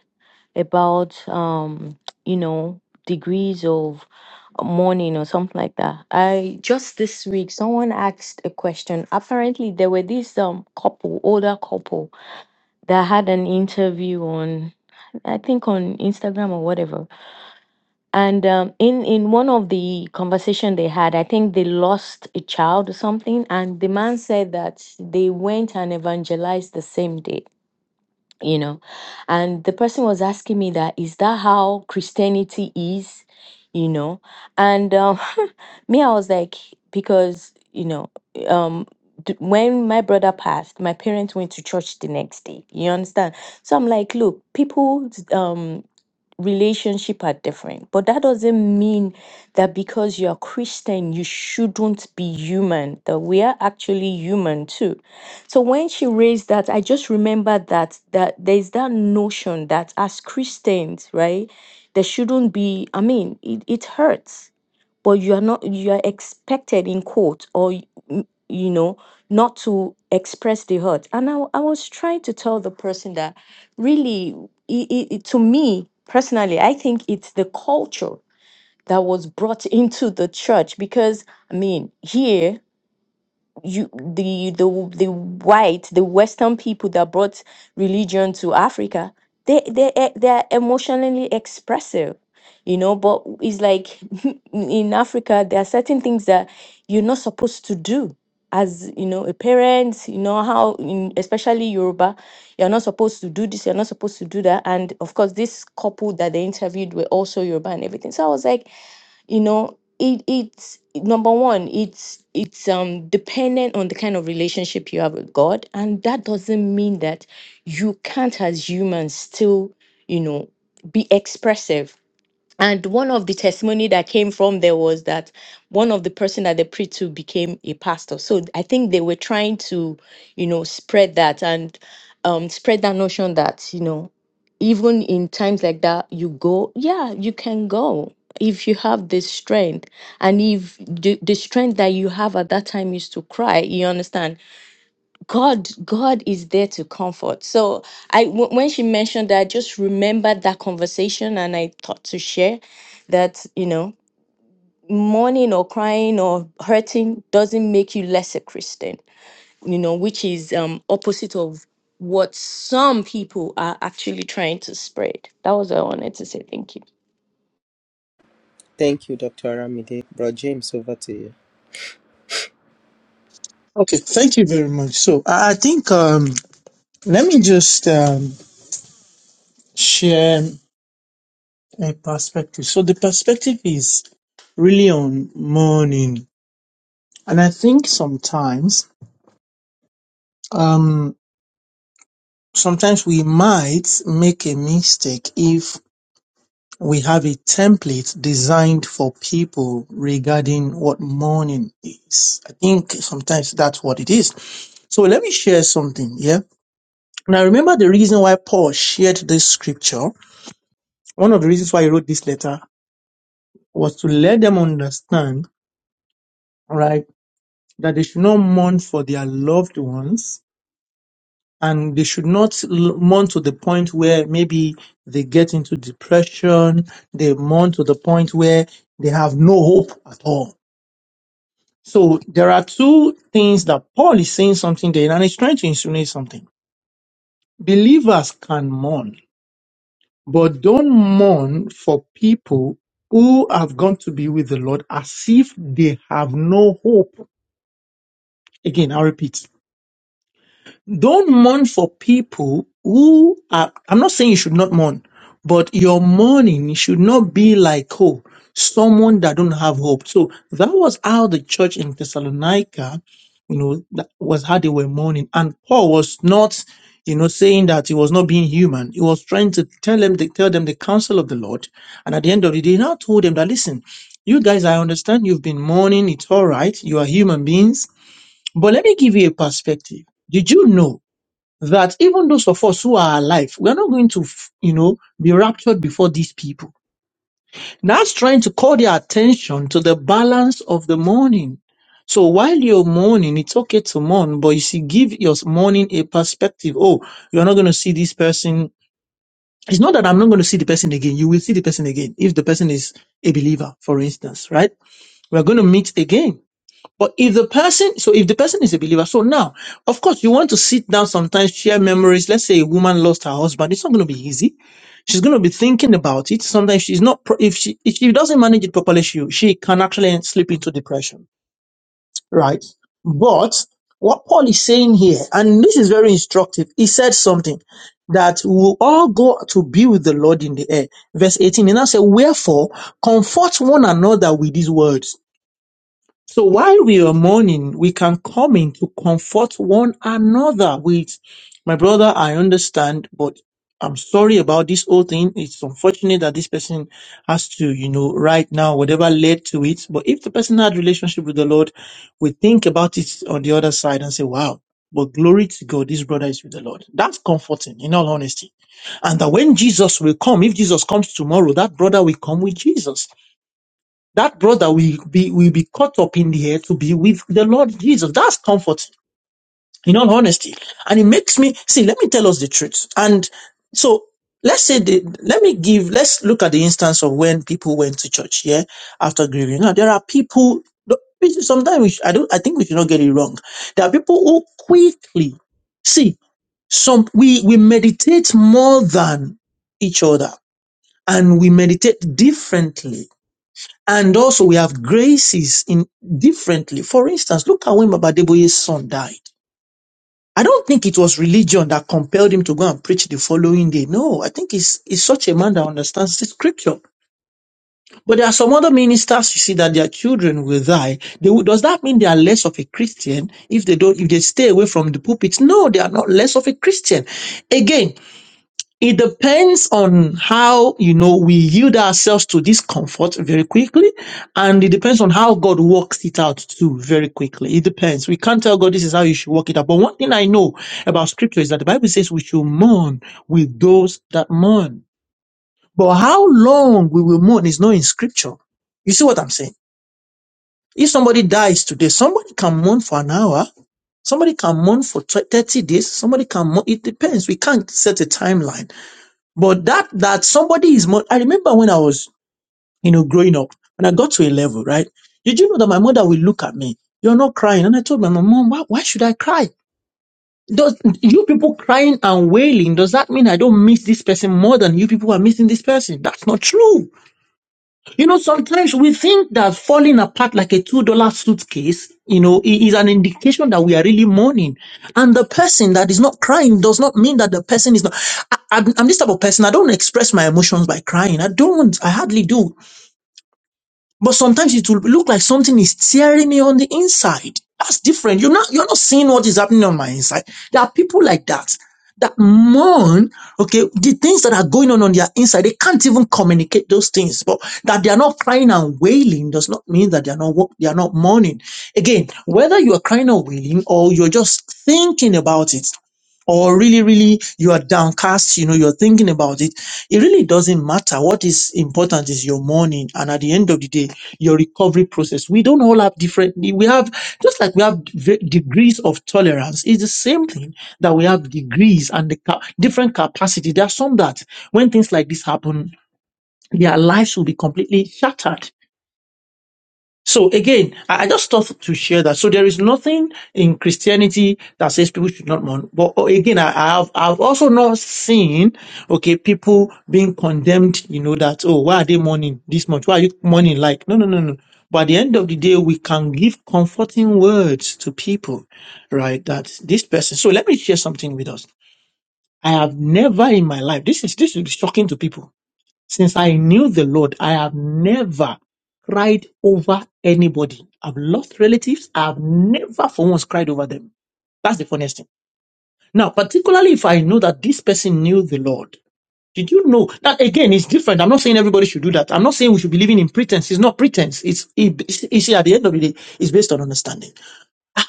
about um, you know, degrees of mourning or something like that. I just this week someone asked a question. Apparently there were this um couple, older couple that had an interview on I think on Instagram or whatever and um, in in one of the conversation they had i think they lost a child or something and the man said that they went and evangelized the same day you know and the person was asking me that is that how christianity is you know and um, me i was like because you know um d- when my brother passed my parents went to church the next day you understand so i'm like look people um, relationship are different but that doesn't mean that because you're christian you shouldn't be human that we are actually human too so when she raised that i just remember that that there's that notion that as christians right there shouldn't be i mean it, it hurts but you are not you are expected in court or y- m- you know not to express the hurt and i, w- I was trying to tell the person that really i i i- to me personally i think it's the culture that was brought into the church because i mean here you the the the white the western people that brought religion to africa they they e- they are emotionally expressive you know but it's like in africa there are certain things that you're not supposed to do as you know a parent you know how in especially yoruba you're not supposed to do this you're not supposed to do that and of course this couple that they interviewed were also yoruba and everything so i was like you know it it's number one it's it's um dependent on the kind of relationship you have with god and that doesn't mean that you can't as humans still you know be expressive and one of the testimony that came from there was that one of the person that they preached to became a pastor so i think they were trying to you know spread that and um spread that notion that you know even in times like that you go yeah you can go if you have the strength and if the, the strength that you have at that time is to cry you understand God, God is there to comfort. So I, w- when she mentioned that, I just remembered that conversation, and I thought to share that you know, mourning or crying or hurting doesn't make you less a Christian. You know, which is um opposite of what some people are actually trying to spread. That was what I wanted to say. Thank you. Thank you, Dr. Aramide. Bro James, over to you. Okay, thank you very much. So I I think um, let me just um, share a perspective. So the perspective is really on mourning, and I think sometimes, um, sometimes we might make a mistake if we have a template designed for people regarding what mourning is. I think sometimes that's what it is. So let me share something. Yeah. Now remember the reason why Paul shared this scripture One of the reasons why I wrote this letter was to let them understand, right, that they should not mourn for their loved ones and they should not l- mourn to the point where maybe they get into depression, they mourn to the point where they have no hope at all. So there are two things that Paul is saying something there and he's trying to insinuate something. Believers can mourn But don't mourn for people who have gone to be with the Lord as if they have no hope. Again, I repeat, don't mourn for people who are, I'm not saying you should not mourn, but your mourning should not be like, oh, someone that don't have hope. So that was how the church in Thessalonica, you know, that was how they were mourning. And Paul was not, you know, saying that he was not being human. He was trying to tell them, to tell them the counsel of the Lord. And at the end of the day, he now told them that, listen, you guys, I understand you've been mourning. It's all right. You are human beings. But let me give you a perspective. Did you know that even those of us who are alive, we are not going to, you know, be raptured before these people. That's trying to call their attention to the balance of the morning. So while you're mourning, it's okay to mourn, but you see, give your mourning a perspective. Oh, you're not going to see this person. It's not that I'm not going to see the person again. You will see the person again if the person is a believer, for instance, right? We're going to meet again. But if the person, so if the person is a believer, so now, of course, you want to sit down sometimes, share memories. Let's say a woman lost her husband. It's not going to be easy. She's going to be thinking about it. Sometimes she's not, pro- if she, if she doesn't manage it properly, she, she can actually slip into depression, right? But what Paul is saying here, and this is very instructive, he said something that we'll all go to be with the Lord in the air. Verse 18, and I said, wherefore comfort one another with these words so while we are mourning, we can come in to comfort one another with, my brother, I understand, but I'm sorry about this whole thing. It's unfortunate that this person has to, you know, right now, whatever led to it. But if the person had relationship with the Lord, we think about it on the other side and say, wow, but glory to God, this brother is with the Lord. That's comforting in all honesty. And that when Jesus will come, if Jesus comes tomorrow, that brother will come with Jesus that brother will be will be caught up in the air to be with the Lord Jesus. That's comfort, in all honesty. And it makes me see. Let me tell us the truth. And so let's say the let me give let's look at the instance of when people went to church. Yeah, after grieving. Now there are people. Sometimes we should, I don't. I think we should not get it wrong. There are people who quickly see some. We we meditate more than each other, and we meditate differently and also we have graces in differently. For instance, look at when Baba Deboye's son died. I don't think it was religion that compelled him to go and preach the following day. No, I think he's, he's such a man that understands the scripture. But there are some other ministers you see that their children will die. They will, does that mean they are less of a Christian if they don't, if they stay away from the pulpit? No, they are not less of a Christian. Again, it depends on how, you know, we yield ourselves to this comfort very quickly. And it depends on how God works it out too very quickly. It depends. We can't tell God this is how you should work it out. But one thing I know about scripture is that the Bible says we should mourn with those that mourn. But how long we will mourn is not in scripture. You see what I'm saying? If somebody dies today, somebody can mourn for an hour. Somebody can mourn for tw- 30 days. Somebody can mourn. It depends. We can't set a timeline. But that that somebody is more I remember when I was, you know, growing up, when I got to a level, right? Did you know that my mother will look at me? You're not crying. And I told my mom, Mom, why, why should I cry? Does you people crying and wailing, does that mean I don't miss this person more than you people are missing this person? That's not true. You know, sometimes we think that falling apart like a $2 suitcase, you know, i- is an indication that we are really mourning. And the person that is not crying does not mean that the person is not. I, I'm, I'm this type of person. I don't express my emotions by crying. I don't. I hardly do. But sometimes it will look like something is tearing me on the inside. That's different. You're not you're not seeing what is happening on my inside. There are people like that that mourn, okay, the things that are going on on their inside. They can't even communicate those things. But that they are not crying and wailing does not mean that they are not wo- they are not mourning. Again, whether you are crying or wailing or you're just thinking about it, or really, really you are downcast, you know, you're thinking about it. It really doesn't matter. What is important is your morning and at the end of the day, your recovery process. We don't all have different, we have, just like we have v- degrees of tolerance, it's the same thing that we have degrees and the ca- different capacity. There are some that when things like this happen, their lives will be completely shattered so again, I I just thought to share that. So there is nothing in Christianity that says people should not mourn. But uh, again, I I have I've also not seen okay people being condemned. You know that oh why are they mourning this much? Why are you mourning like no no no no. But at the end of the day, we can give comforting words to people, right? That this person. So let me share something with us. I have never in my life. This is this is shocking to people. Since I knew the Lord, I have never cried over anybody. I've lost relatives. I've never for once cried over them. That's the funniest thing. Now, particularly if I know that this person knew the Lord. Did you know that again? It's different. I'm not saying everybody should do that. I'm not saying we should be living in pretense. It's not pretense. It's it, it's, it's at the end of the day, it's based on understanding.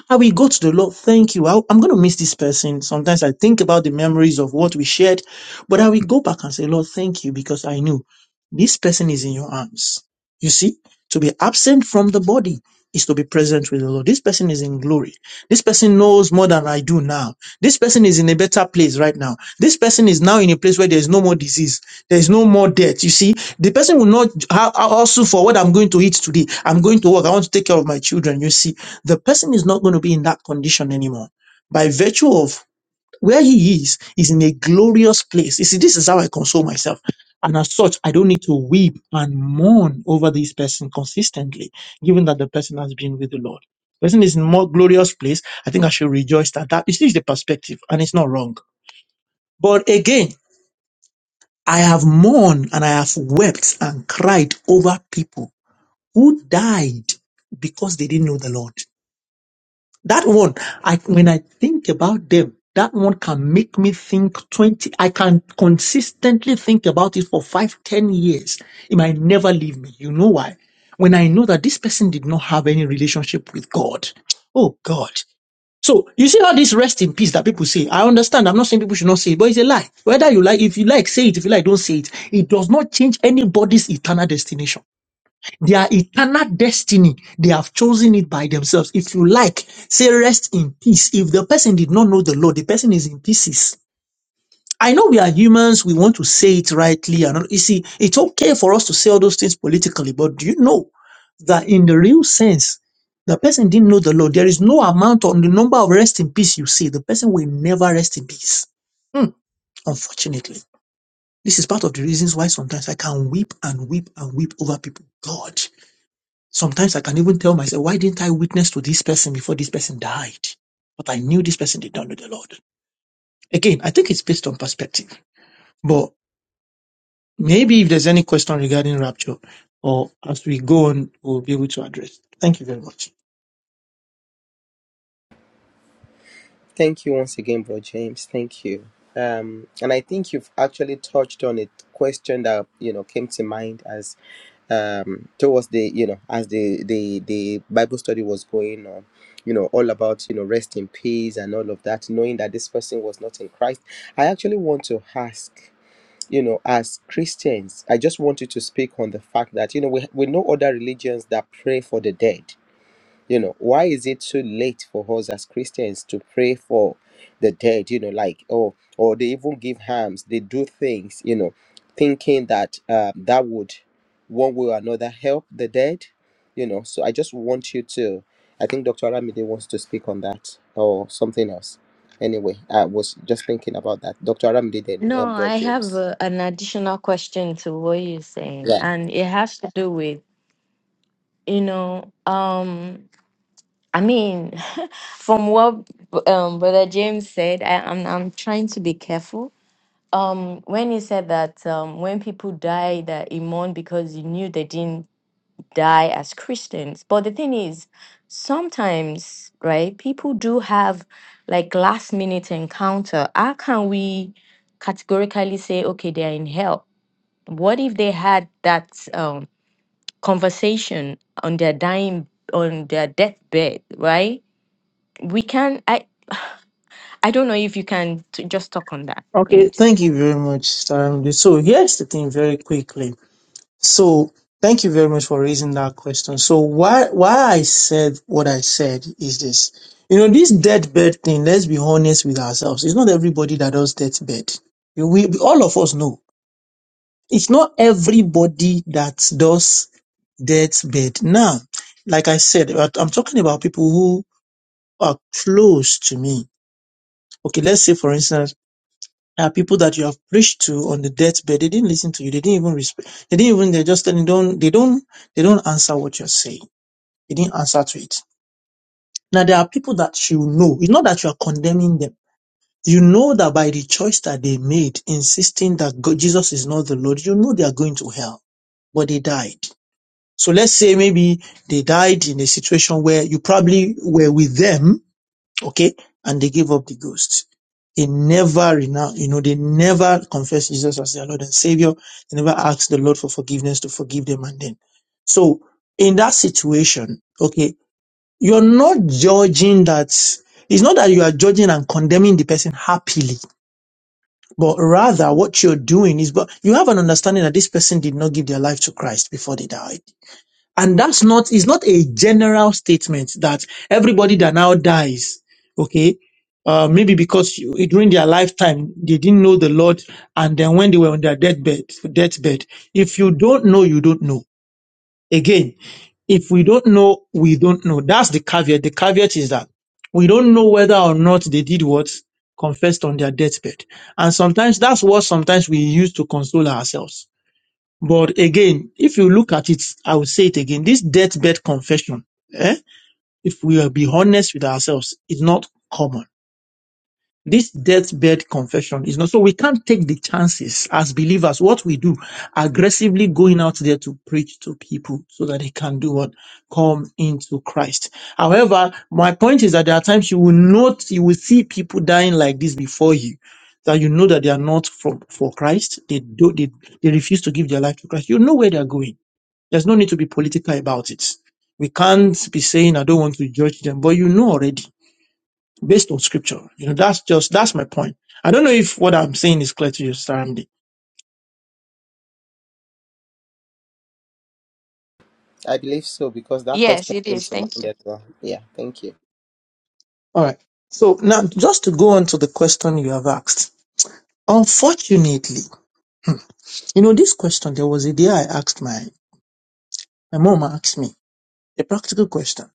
I will go to the Lord. Thank you. I, am going to miss this person. Sometimes I think about the memories of what we shared, but I will go back and say, Lord, thank you because I knew this person is in your arms. You see, to be absent from the body is to be present with the Lord. This person is in glory. This person knows more than I do now. This person is in a better place right now. This person is now in a place where there is no more disease. There is no more death. You see, the person will not ha- ha- hustle for what I'm going to eat today. I'm going to work. I want to take care of my children. You see, the person is not going to be in that condition anymore. By virtue of where he is, is in a glorious place. You see, this is how I console myself. And as such, I don't need to weep and mourn over this person consistently, given that the person has been with the Lord. Person is in more glorious place. I think I should rejoice that that is the perspective, and it's not wrong. But again, I have mourned and I have wept and cried over people who died because they didn't know the Lord. That one, I, when I think about them, that one can make me think 20, I can consistently think about it for five, ten years. It might never leave me. You know why? When I know that this person did not have any relationship with God. Oh God. So you see all this rest in peace that people say. I understand. I'm not saying people should not say it, but it's a lie. Whether you like, if you like, say it. If you like, don't say it. It does not change anybody's eternal destination. Their eternal destiny, they have chosen it by themselves. If you like, say rest in peace. If the person did not know the Lord, the person is in pieces. I know we are humans, we want to say it rightly. And all- you see, it's okay for us to say all those things politically, but do you know that in the real sense, the person didn't know the Lord? There is no amount on the number of rest in peace you see. The person will never rest in peace. Hmm, unfortunately. This is part of the reasons why sometimes I can weep and weep and weep over people. God. Sometimes I can even tell myself, why didn't I witness to this person before this person died? But I knew this person did not know the Lord. Again, I think it's based on perspective. But maybe if there's any question regarding rapture, or as we go on, we'll be able to address. Thank you very much. Thank you once again, Bro James. Thank you. Um, and I think you've actually touched on a question that you know came to mind as um towards the you know as the the the bible study was going on you know all about you know rest in peace and all of that knowing that this person was not in christ i actually want to ask you know, as Christians, I just wanted to speak on the fact that, you know, we, we know other religions that pray for the dead. You know, why is it too late for us as Christians to pray for the dead? You know, like, oh, or they even give hams, they do things, you know, thinking that um, that would one way or another help the dead. You know, so I just want you to, I think Dr. Aramide wants to speak on that or something else. Anyway, I was just thinking about that. Dr. Aramide then uh, No, brought I have James. uh, an additional question to what you're saying, Yeah. and it has to do with you know, um I mean, from what um, Brother James said, I, I'm I'm trying to be careful. Um, when he said that um, when people die, they you mourn because you knew they didn't die as Christians. But the thing is, sometimes, right? People do have like last minute encounter. How can we categorically say, okay, they are in hell? What if they had that um, conversation on their dying on their deathbed, right? we can i i don't know if you can t- just talk on that Okay, thanks thank you very much, Sister Ramide. So here's the thing very quickly. So thank you very much for raising that question. So why why I said what I said is this. You know, this deathbed thing, let's be honest with ourselves. It's not everybody that does deathbed. You- We, all of us know. It's not everybody that does deathbed. Now, like I said, I- I'm talking about people who are close to me. Okay, let's say for instance there are people that you have preached to on the deathbed. They didn't listen to you. They didn't even respect. They didn't even. They just they don't. They don't. They don't answer what you're saying. They didn't answer to it. Now there are people that you know. It's not that you are condemning them. You know that by the choice that they made, insisting that God, Jesus is not the Lord, you know they are going to hell, but they died. So let's say maybe they died in a situation where you probably were with them Okay? And they gave up the ghost. They never renounce, you know, they never confess Jesus as their Lord and Savior. They never ask the Lord for forgiveness to forgive them and then. So in that situation, okay, you're not judging that it's not that you are judging and condemning the person happily, but rather what you're doing is but you have an understanding that this person did not give their life to Christ before they died and that's not, it's not a general statement that everybody that now dies, okay, uh, maybe because you, during their lifetime they didn't know the Lord, and then when they were on their deathbed, deathbed, if you don't know, you don't know. Again, if we don't know, we don't know. That's the caveat. The caveat is that we don't know whether or not they did what confessed on their deathbed, and sometimes that's what sometimes we use to console ourselves but again, if you look at it, I will say it again, this deathbed confession, eh, if we will be honest with ourselves, is not common. This deathbed confession is not, so we can't take the chances as believers. What we do, aggressively going out there to preach to people so that they can do what? Come into Christ. However, my point is that there are times you will not, you will see people dying like this before you that you know that they are not from for Christ, they do they, they refuse to give their life to Christ. You know where they are going. There's no need to be political about it. We can't be saying, I don't want to judge them, but you know already based on scripture. You know, that's just, that's my point. I don't know if what I'm saying is clear to you, Saramdi. I believe so because that Yes, question it came is. to Thank mind you. as well. Yeah, thank you. All right. So now just to go on to the question you have asked. Unfortunately, you know, this question, there was a day I asked my, my mom asked me a practical question.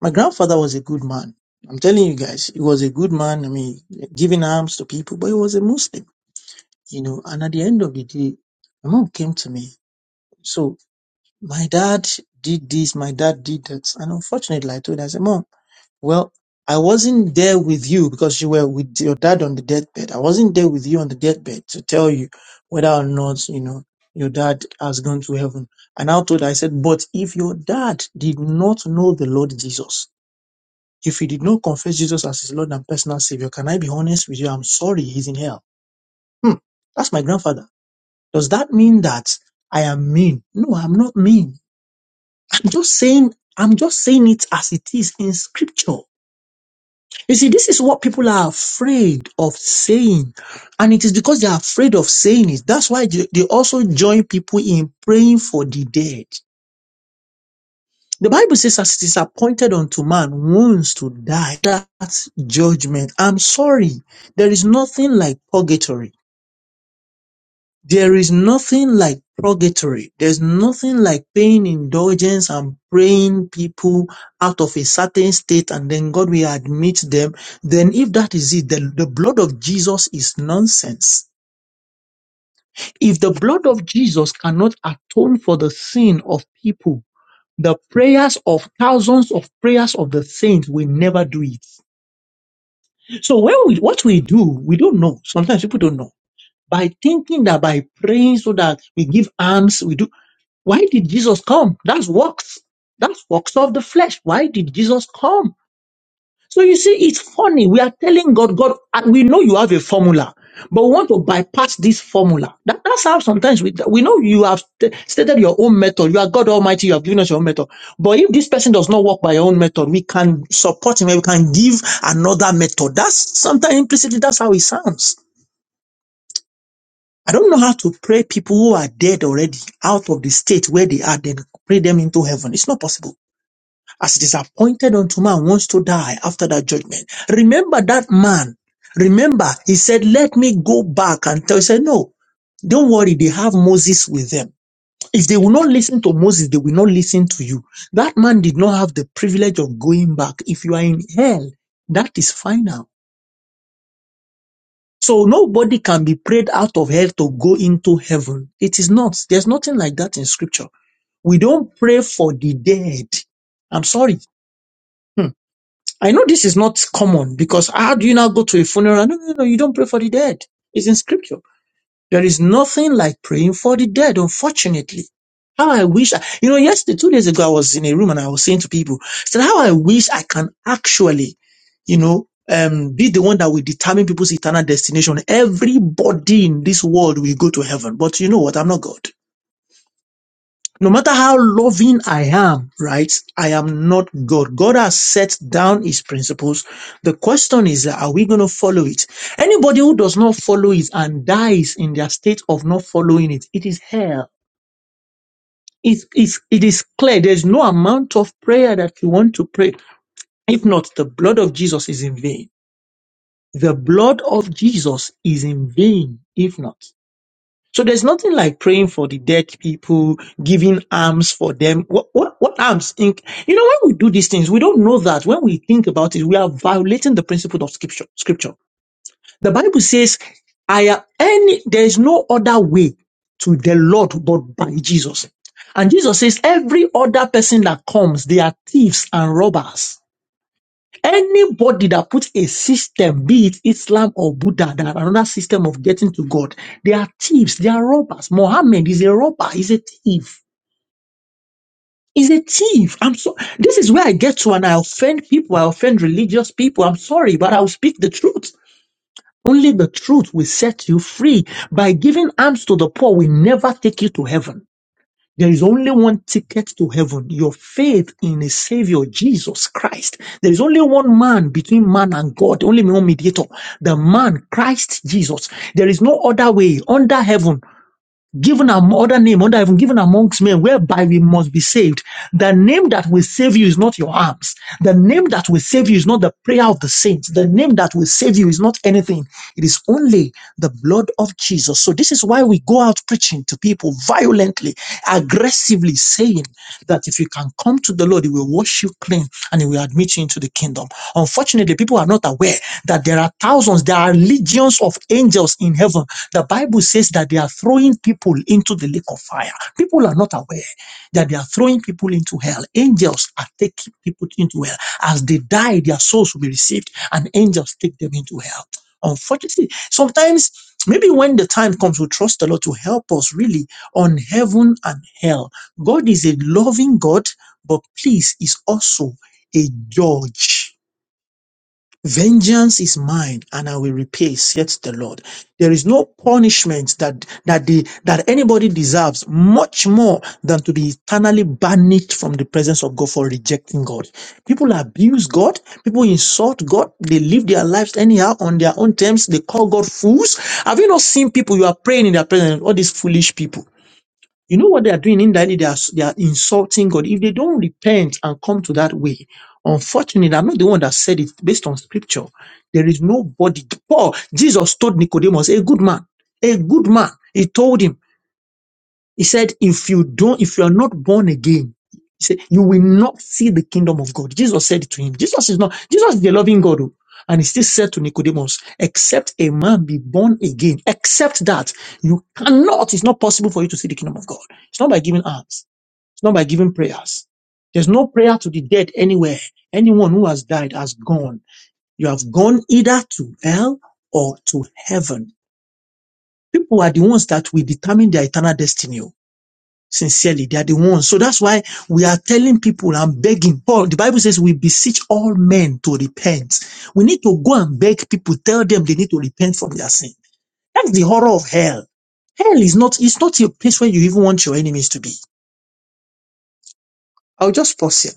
My grandfather was a good man. I'm telling you guys, he was a good man. I mean, giving alms to people, but he was a Muslim, you know, and at the end of the day, my mom came to me So my dad did this, my dad did that. And unfortunately, I told her, I said, Mom, well, I wasn't there with you because you were with your dad on the deathbed. I wasn't there with you on the deathbed to tell you whether or not, you know, your dad has gone to heaven. And I told her, I said, but if your dad did not know the Lord Jesus, if he did not confess Jesus as his Lord and personal Savior, can I be honest with you? I'm sorry, he's in hell. Hmm, that's my grandfather. Does that mean that I am mean? No, I'm not mean. just saying i'm just saying it as it is in scripture you see this is what people are afraid of saying and it is because they are afraid of saying it that's why they, they also join people in praying for the dead the bible says as it is appointed unto man once to die that's judgment i'm sorry there is nothing like purgatory There is nothing like purgatory. There's nothing like paying indulgence and praying people out of a certain state and then God will admit them. Then if that is it, then the blood of Jesus is nonsense. If the blood of Jesus cannot atone for the sin of people, the prayers of thousands of prayers of the saints will never do it. So when we, what we do, we don't know. Sometimes people don't know by thinking that by praying so that we give alms, we do. Why did Jesus come? That's works. That's works of the flesh. Why did Jesus come? So you see, it's funny. We are telling God, God, and we know you have a formula, but we want to bypass this formula. That, that's how sometimes we, we know you have st- stated your own method. You are God Almighty. You have given us your own method. But if this person does not work by your own method, we can support him and we can give another method. That's sometimes implicitly, that's how it sounds. I don't know how to pray people who are dead already out of the state where they are, then pray them into heaven. It's not possible. As it is appointed unto man wants to die after that judgment. Remember that man. Remember, he said, Let me go back and tell. He said, No, don't worry, they have Moses with them. If they will not listen to Moses, they will not listen to you. That man did not have the privilege of going back. If you are in hell, that is final. So nobody can be prayed out of hell to go into heaven. It is not. There's nothing like that in scripture. We don't pray for the dead. I'm sorry. Hmm. I know this is not common because how do you now go to a funeral? No, no, no, you don't pray for the dead. It's in scripture. There is nothing like praying for the dead, unfortunately. How I wish, I, you know, yesterday, two days ago, I was in a room and I was saying to people, I said, how I wish I can actually, you know, um, be the one that will determine people's eternal destination. Everybody in this world will go to heaven. But you know what? I'm not God no matter how loving I am, right? I am not God. God has set down his principles. The question is, are we going to follow it? Anybody who does not follow it and dies in their state of not following it, it is hell. It, it, it is clear. There's no amount of prayer that you want to pray. If not, the blood of Jesus is in vain. The blood of Jesus is in vain, if not. So there's nothing like praying for the dead people, giving alms for them. What, what, what alms? Think, you know, when we do these things, we don't know that when we think about it, we are violating the principle of scripture. Scripture. The Bible says, I am any, there is no other way to the Lord but by Jesus. And Jesus says, every other person that comes, they are thieves and robbers. Anybody that puts a system, be it Islam or Buddha, that are another system of getting to God, they are thieves, they are robbers. Mohammed is a robber, he's a thief. He's a thief. I'm so this is where I get to and I offend people, I offend religious people. I'm sorry, but I'll speak the truth. Only the truth will set you free. By giving alms to the poor will never take you to heaven. There is only one ticket to heaven, your faith in a savior, Jesus Christ. There is only one man between man and God, only one mediator, the man, Christ Jesus. There is no other way under heaven given am- other name under heaven given amongst men whereby we must be saved. The name that will save you is not your arms. The name that will save you is not the prayer of the saints. The name that will save you is not anything. It is only the blood of Jesus. So this is why we go out preaching to people violently, aggressively saying that if you can come to the Lord, he will wash you clean and he will admit you into the kingdom. Unfortunately, people are not aware that there are thousands, there are legions of angels in heaven. The Bible says that they are throwing people into the lake of fire. People are not aware that they are throwing people into hell. Angels are taking people into hell. As they die, their souls will be received, and angels take them into hell. Unfortunately, sometimes maybe when the time comes, we trust the Lord to help us really on heaven and hell. God is a loving God. But please is also a judge. Vengeance is mine and I will repay, saith the Lord. There is no punishment that, that the, that anybody deserves much more than to be eternally banished from the presence of God for rejecting God. People abuse God. People insult God. They live their lives anyhow on their own terms. They call God fools. Have you not seen people you are praying in their presence? All these foolish people. You know what they are doing indirectly? They are, they are insulting God. If they don't repent and come to that way, unfortunately, I'm not the one that said it based on scripture. There is nobody. Paul, Jesus told Nicodemus, a good man, a good man. He told him, he said, if you don't, if you are not born again, he said, you will not see the kingdom of God. Jesus said it to him. Jesus is not, Jesus is a loving God. oh. And he still said to Nicodemus, except a man be born again, except that you cannot, it's not possible for you to see the kingdom of God. It's not by giving alms. It's not by giving prayers. There's no prayer to the dead anywhere. Anyone who has died has gone. You have gone either to hell or to heaven. People are the ones that will determine their eternal destiny. oh. Sincerely, they are the ones. So that's why we are telling people and begging. Paul, the Bible says we beseech all men to repent. We need to go and beg people, tell them they need to repent from their sin. That's the horror of hell. Hell is not, it's not a place where you even want your enemies to be. I'll just pause here.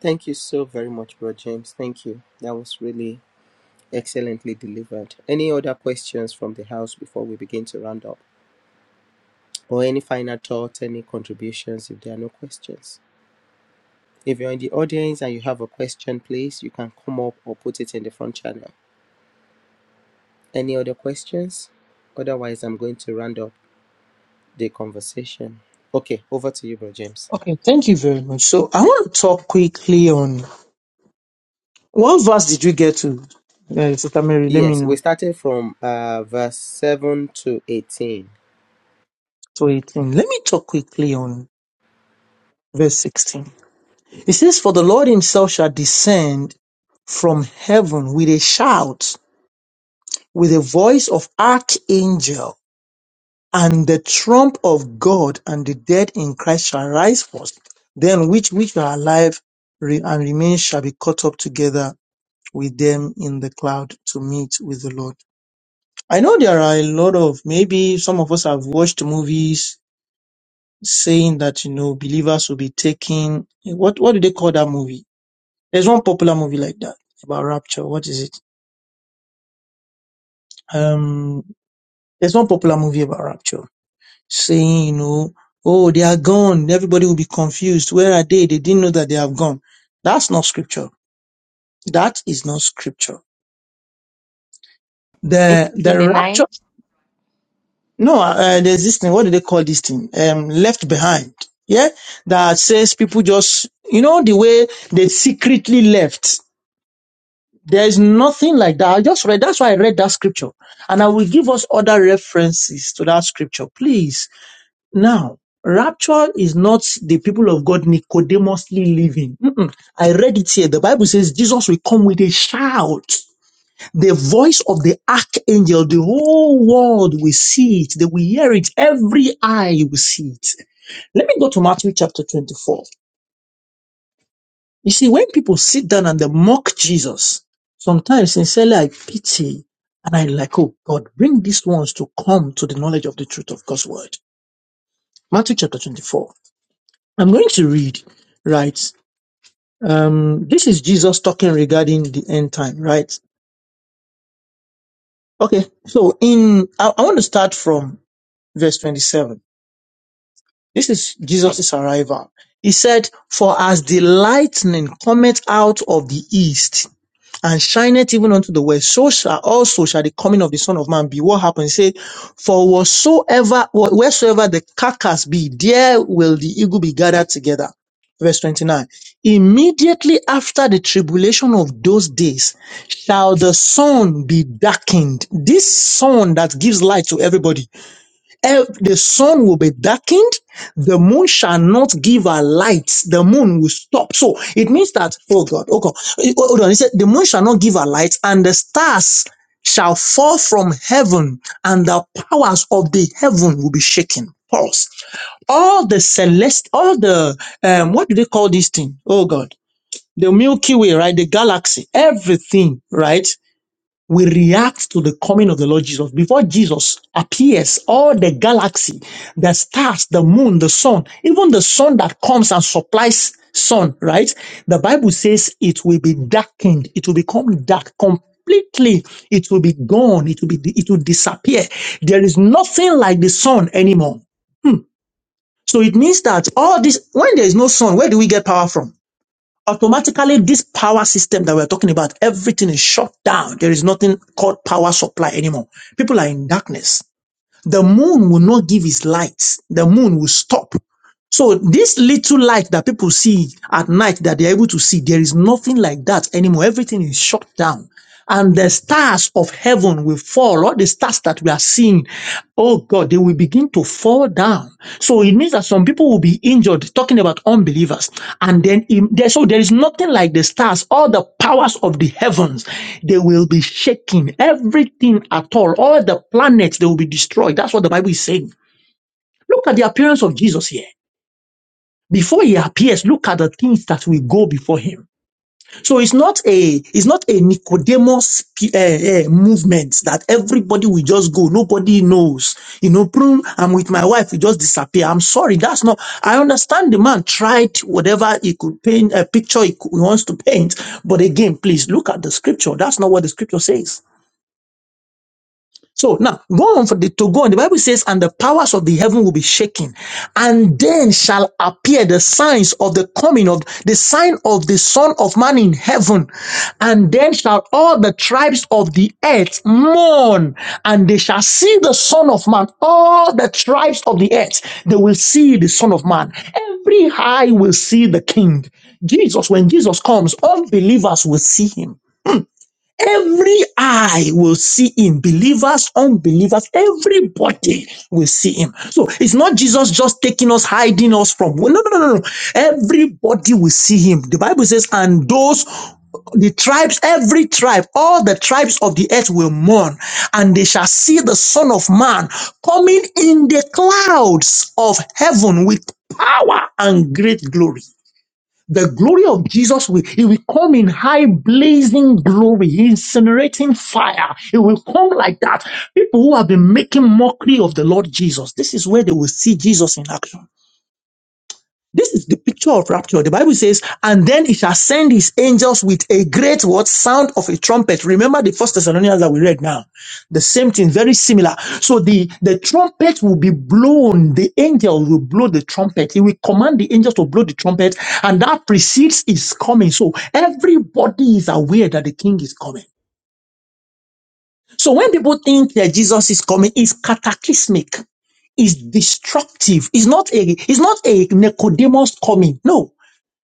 Thank you so very much, Bro James. Thank you. That was really excellently delivered. Any other questions from the house before we begin to round up? Or any final thoughts, any contributions if there are no questions? If you're in the audience and you have a question, please, you can come up or put it in the front channel. Any other questions? Otherwise, I'm going to round up the conversation. Okay, over to you, Bro James. Okay, thank you very much. So I want to talk quickly on what verse did we get to, uh, Sister Mary? Let me Yes, we know. started from uh, verse 7 to 18. To 18. Let me talk quickly on verse 16 It says, For the Lord himself shall descend from heaven with a shout, with a voice of archangel, and the trump of God, and the dead in Christ shall rise first. Then which which are alive re- and remain shall be caught up together with them in the cloud to meet with the Lord. I know there are a lot of maybe some of us have watched movies saying that you know believers will be taken what what do they call that movie? There's one popular movie like that about rapture. What is it? Um, there's one popular movie about rapture saying, you know, oh, they are gone. Everybody will be confused. Where are they? They didn't know that they have gone. That's not scripture. That is not scripture. it The, In the the rapture. night. No, uh, uh, there's this thing. What do they call this thing? Um, left behind. Yeah. That says people just, you know, the way they secretly left There is nothing like that. I just read, that's why I read that scripture. And I will give us other references to that scripture, please. Now, rapture is not the people of God Nicodemously living. Mm-mm. I read it here. The Bible says Jesus will come with a shout. The voice of the archangel, the whole world will see it. They will hear it. Every eye will see it. Let me go to Matthew chapter 24. You see, when people sit down and they mock Jesus, sometimes sincerely I pity and I like, oh God, bring these ones to come to the knowledge of the truth of God's word. Matthew chapter 24. I'm going to read, right? Um, this is Jesus talking regarding the end time, right? Okay. So in, I, I want to start from verse 27. This is Jesus' arrival. He said, for as the lightning cometh out of the east and shineth even unto the west, so shall also shall the coming of the Son of Man be. What happens? Say, for whatsoever, wheresoever the carcass be, there will the eagle be gathered together. Verse 29. Immediately after the tribulation of those days shall the sun be darkened. This sun that gives light to everybody ev- the sun will be darkened, the moon shall not give her light, the moon will stop. So it means that, oh God, oh God, eh, oh, hold on, he said, the moon shall not give her light, and the stars shall fall from heaven, and the powers of the heaven will be shaken. Pause. All the celeste, all the, um, what do they call this thing? Oh God. The Milky Way, right? The galaxy, everything, right? we react to the coming of the Lord Jesus. Before Jesus appears, all the galaxy, the stars, the moon, the sun, even the sun that comes and supplies sun, right? The Bible says it will be darkened. It will become dark completely. It will be gone. It will be, it will disappear. There is nothing like the sun anymore. So it means that all this, when there is no sun, where do we get power from? automatically this power system that we're talking about, everything is shut down. There is nothing called power supply anymore. People are in darkness. The moon will not give its light. The moon will stop. So this little light that people see at night that they're able to see, there is nothing like that anymore. Everything is shut down. And the stars of heaven will fall. All the stars that we are seeing, oh God, they will begin to fall down. So it means that some people will be injured, talking about unbelievers. And then im- there, so there is nothing like the stars, all the powers of the heavens, they will be shaking. Everything at all, all the planets, they will be destroyed. That's what the Bible is saying. Look at the appearance of Jesus here before he appears, look at the things that will go before him. So it's not a it's not a Nicodemus uh, uh, movement that everybody will just go. Nobody knows. You know, "Prune, I'm with my wife. We just disappear. I'm sorry. That's not. I understand the man tried whatever he could paint a picture he, could, he wants to paint, but again, please look at the scripture. That's not what the scripture says. So now go on for the to go on. The Bible says, and the powers of the heaven will be shaken, and then shall appear the signs of the coming of the sign of the Son of Man in heaven, and then shall all the tribes of the earth mourn, and they shall see the Son of Man. All the tribes of the earth they will see the Son of Man. Every eye will see the King. Jesus, when Jesus comes, unbelievers will see him. Every eye will see him, believers, unbelievers, everybody will see him. So it's not Jesus just taking us, hiding us from. No, no, no, no, no. Everybody will see him. The Bible says, and those, the tribes, every tribe, all the tribes of the earth will mourn, and they shall see the Son of Man coming in the clouds of heaven with power and great glory. The glory of Jesus will, he will come in high blazing glory, incinerating fire. It will come like that. People who have been making mockery of the Lord Jesus, this is where they will see Jesus in action. This is the picture of rapture. The Bible says, and then he shall send his angels with a great what sound of a trumpet. Remember the first Thessalonians that we read now. The same thing, very similar. So the, the trumpet will be blown. The angel will blow the trumpet. He will command the angels to blow the trumpet and that precedes his coming. So everybody is aware that the king is coming. So when people think that Jesus is coming, it's cataclysmic is destructive. It's not a it's not a Nicodemus coming. No.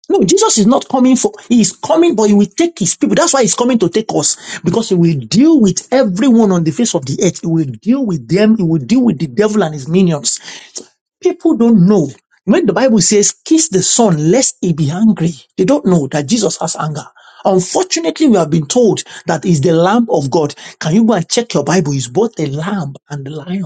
No, Jesus is not coming for, he is coming, but he will take his people. That's why he's coming to take us, because he will deal with everyone on the face of the earth. He will deal with them. He will deal with the devil and his minions. People don't know. When the Bible says, kiss the son, lest he be angry, they don't know that Jesus has anger. Unfortunately, we have been told that is the Lamb of God. Can you go and check your Bible? It's both a lamb and a lion.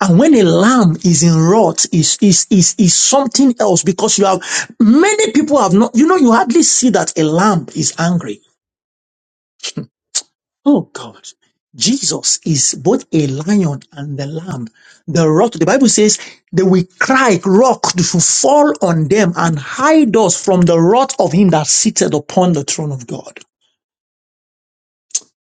And when a lamb is in rot, is, is, is, is something else because you have, many people have not, you know, you hardly see that a lamb is angry. Oh God. Jesus is both a lion and the lamb. The rot, the Bible says they will cry, rock to fall on them and hide us from the wrath of him that sitteth upon the throne of God.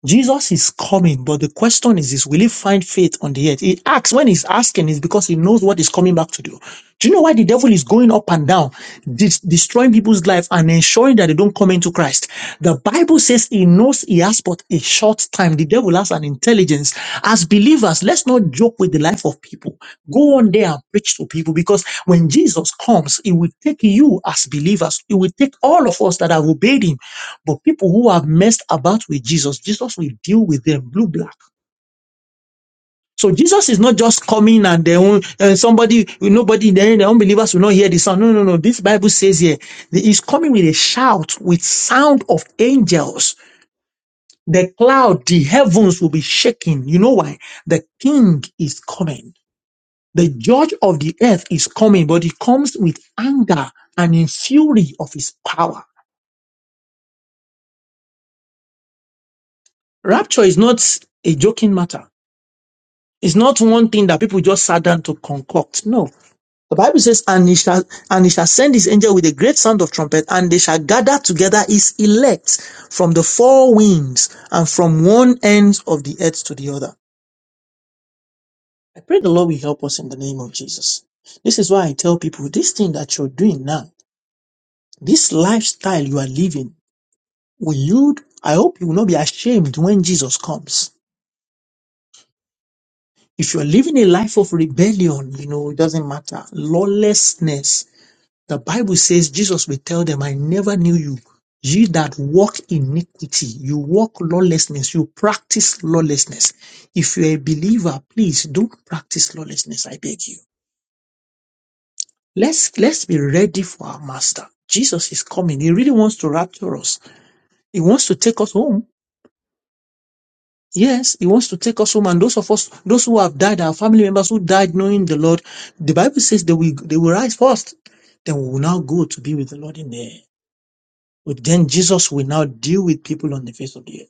Jesus is coming, but the question is, is will he find faith on the earth? He asks, when he's asking, is because he knows what he's coming back to do. Do you know why the devil is going up and down, dis- destroying people's life and ensuring that they don't come into Christ? The Bible says he knows he has but a short time. The devil has an intelligence. As believers, let's not joke with the life of people. Go on there and preach to people because when Jesus comes, he will take you as believers. He will take all of us that have obeyed him but people who have messed about with Jesus, Jesus will deal with them blue black. So Jesus is not just coming and their own and somebody, nobody, the the unbelievers will not hear the sound. No, no, no. This Bible says here, that he's coming with a shout, with sound of angels. The cloud, the heavens will be shaking. You know why? The king is coming. The judge of the earth is coming, but he comes with anger and in fury of his power. Rapture is not a joking matter It's not one thing that people just sat down to concoct. No. The Bible says, and he shall, and he shall send his angel with a great sound of trumpet, and they shall gather together his elect from the four winds and from one end of the earth to the other. I pray the Lord will help us in the name of Jesus. This is why I tell people this thing that you're doing now, this lifestyle you are living, will you, I hope you will not be ashamed when Jesus comes. If you're living a life of rebellion, you know, it doesn't matter. Lawlessness, The Bible says Jesus will tell them, I never knew you. Ye that walk iniquity, you walk lawlessness, you practice lawlessness. If you're a believer, please don't practice lawlessness, I beg you. Let's let's be ready for our master. Jesus is coming. He really wants to rapture us. He wants to take us home. Yes, he wants to take us home. And those of us, those who have died, our family members who died knowing the Lord, the Bible says they will they will rise first. Then we will now go to be with the Lord in the air. Then Jesus will now deal with people on the face of the earth.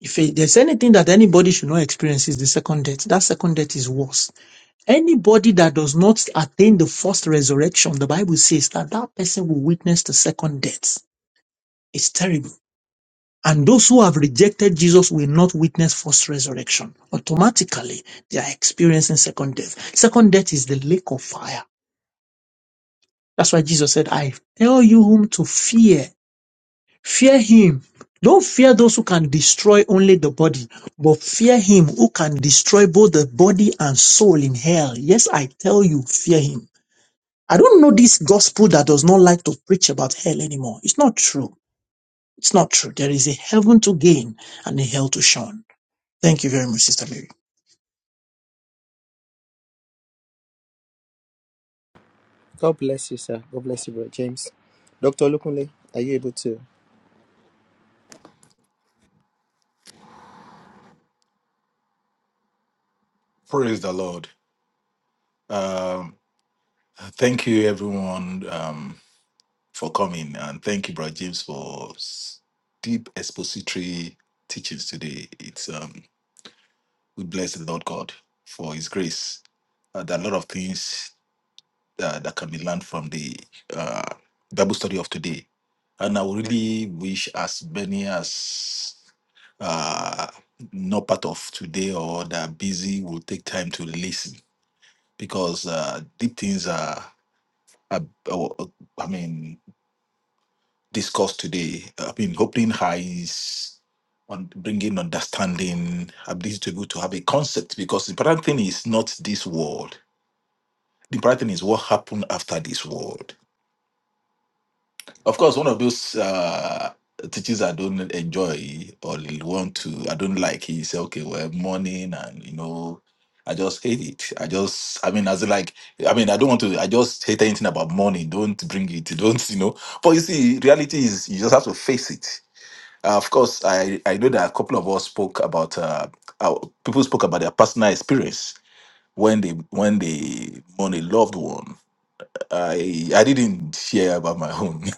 If there's anything that anybody should not experience is the second death. That second death is worse. Anybody that does not attain the first resurrection, the Bible says that that person will witness the second death. It's terrible. And those who have rejected Jesus will not witness first resurrection. Automatically, they are experiencing second death. Second death is the lake of fire. That's why Jesus said, I tell you whom to fear Fear him. Don't fear those who can destroy only the body, but fear him who can destroy both the body and soul in hell. Yes, I tell you, fear him. I don't know this gospel that does not like to preach about hell anymore. It's not true. It's not true. There is a heaven to gain and a hell to shun. Thank you very much, Sister Mary. God bless you, sir. God bless you, Brother James. Dr. Lukunle, are you able to? Praise the Lord. Um, thank you, everyone. Um, for coming. And thank you, Brother James, for s- deep expository teachings today. It's um we bless the Lord God for his grace. Uh, there are a lot of things uh, that can be learned from the uh, Bible study of today. And I would really wish as many as uh, not part of today or that are busy will take time to listen because uh, deep things are, are, are- I mean, Discuss today. uh, I mean, opening eyes, on bringing understanding, ability to be able to have a concept. Because the important thing is not this world. The important thing is what happened after this world. Of course, one of those uh, teachings I don't enjoy or want to, I don't like is okay, well, morning and you know. I just hate it. I just, I mean, as in like, I mean, I don't want to, I just hate anything about money. Don't bring it. Don't, you know. But you see, reality is you just have to face it uh, of course, I, I know that a couple of us spoke about uh, our, people spoke about their personal experience when they when they mourn a loved one. I I didn't share about my own.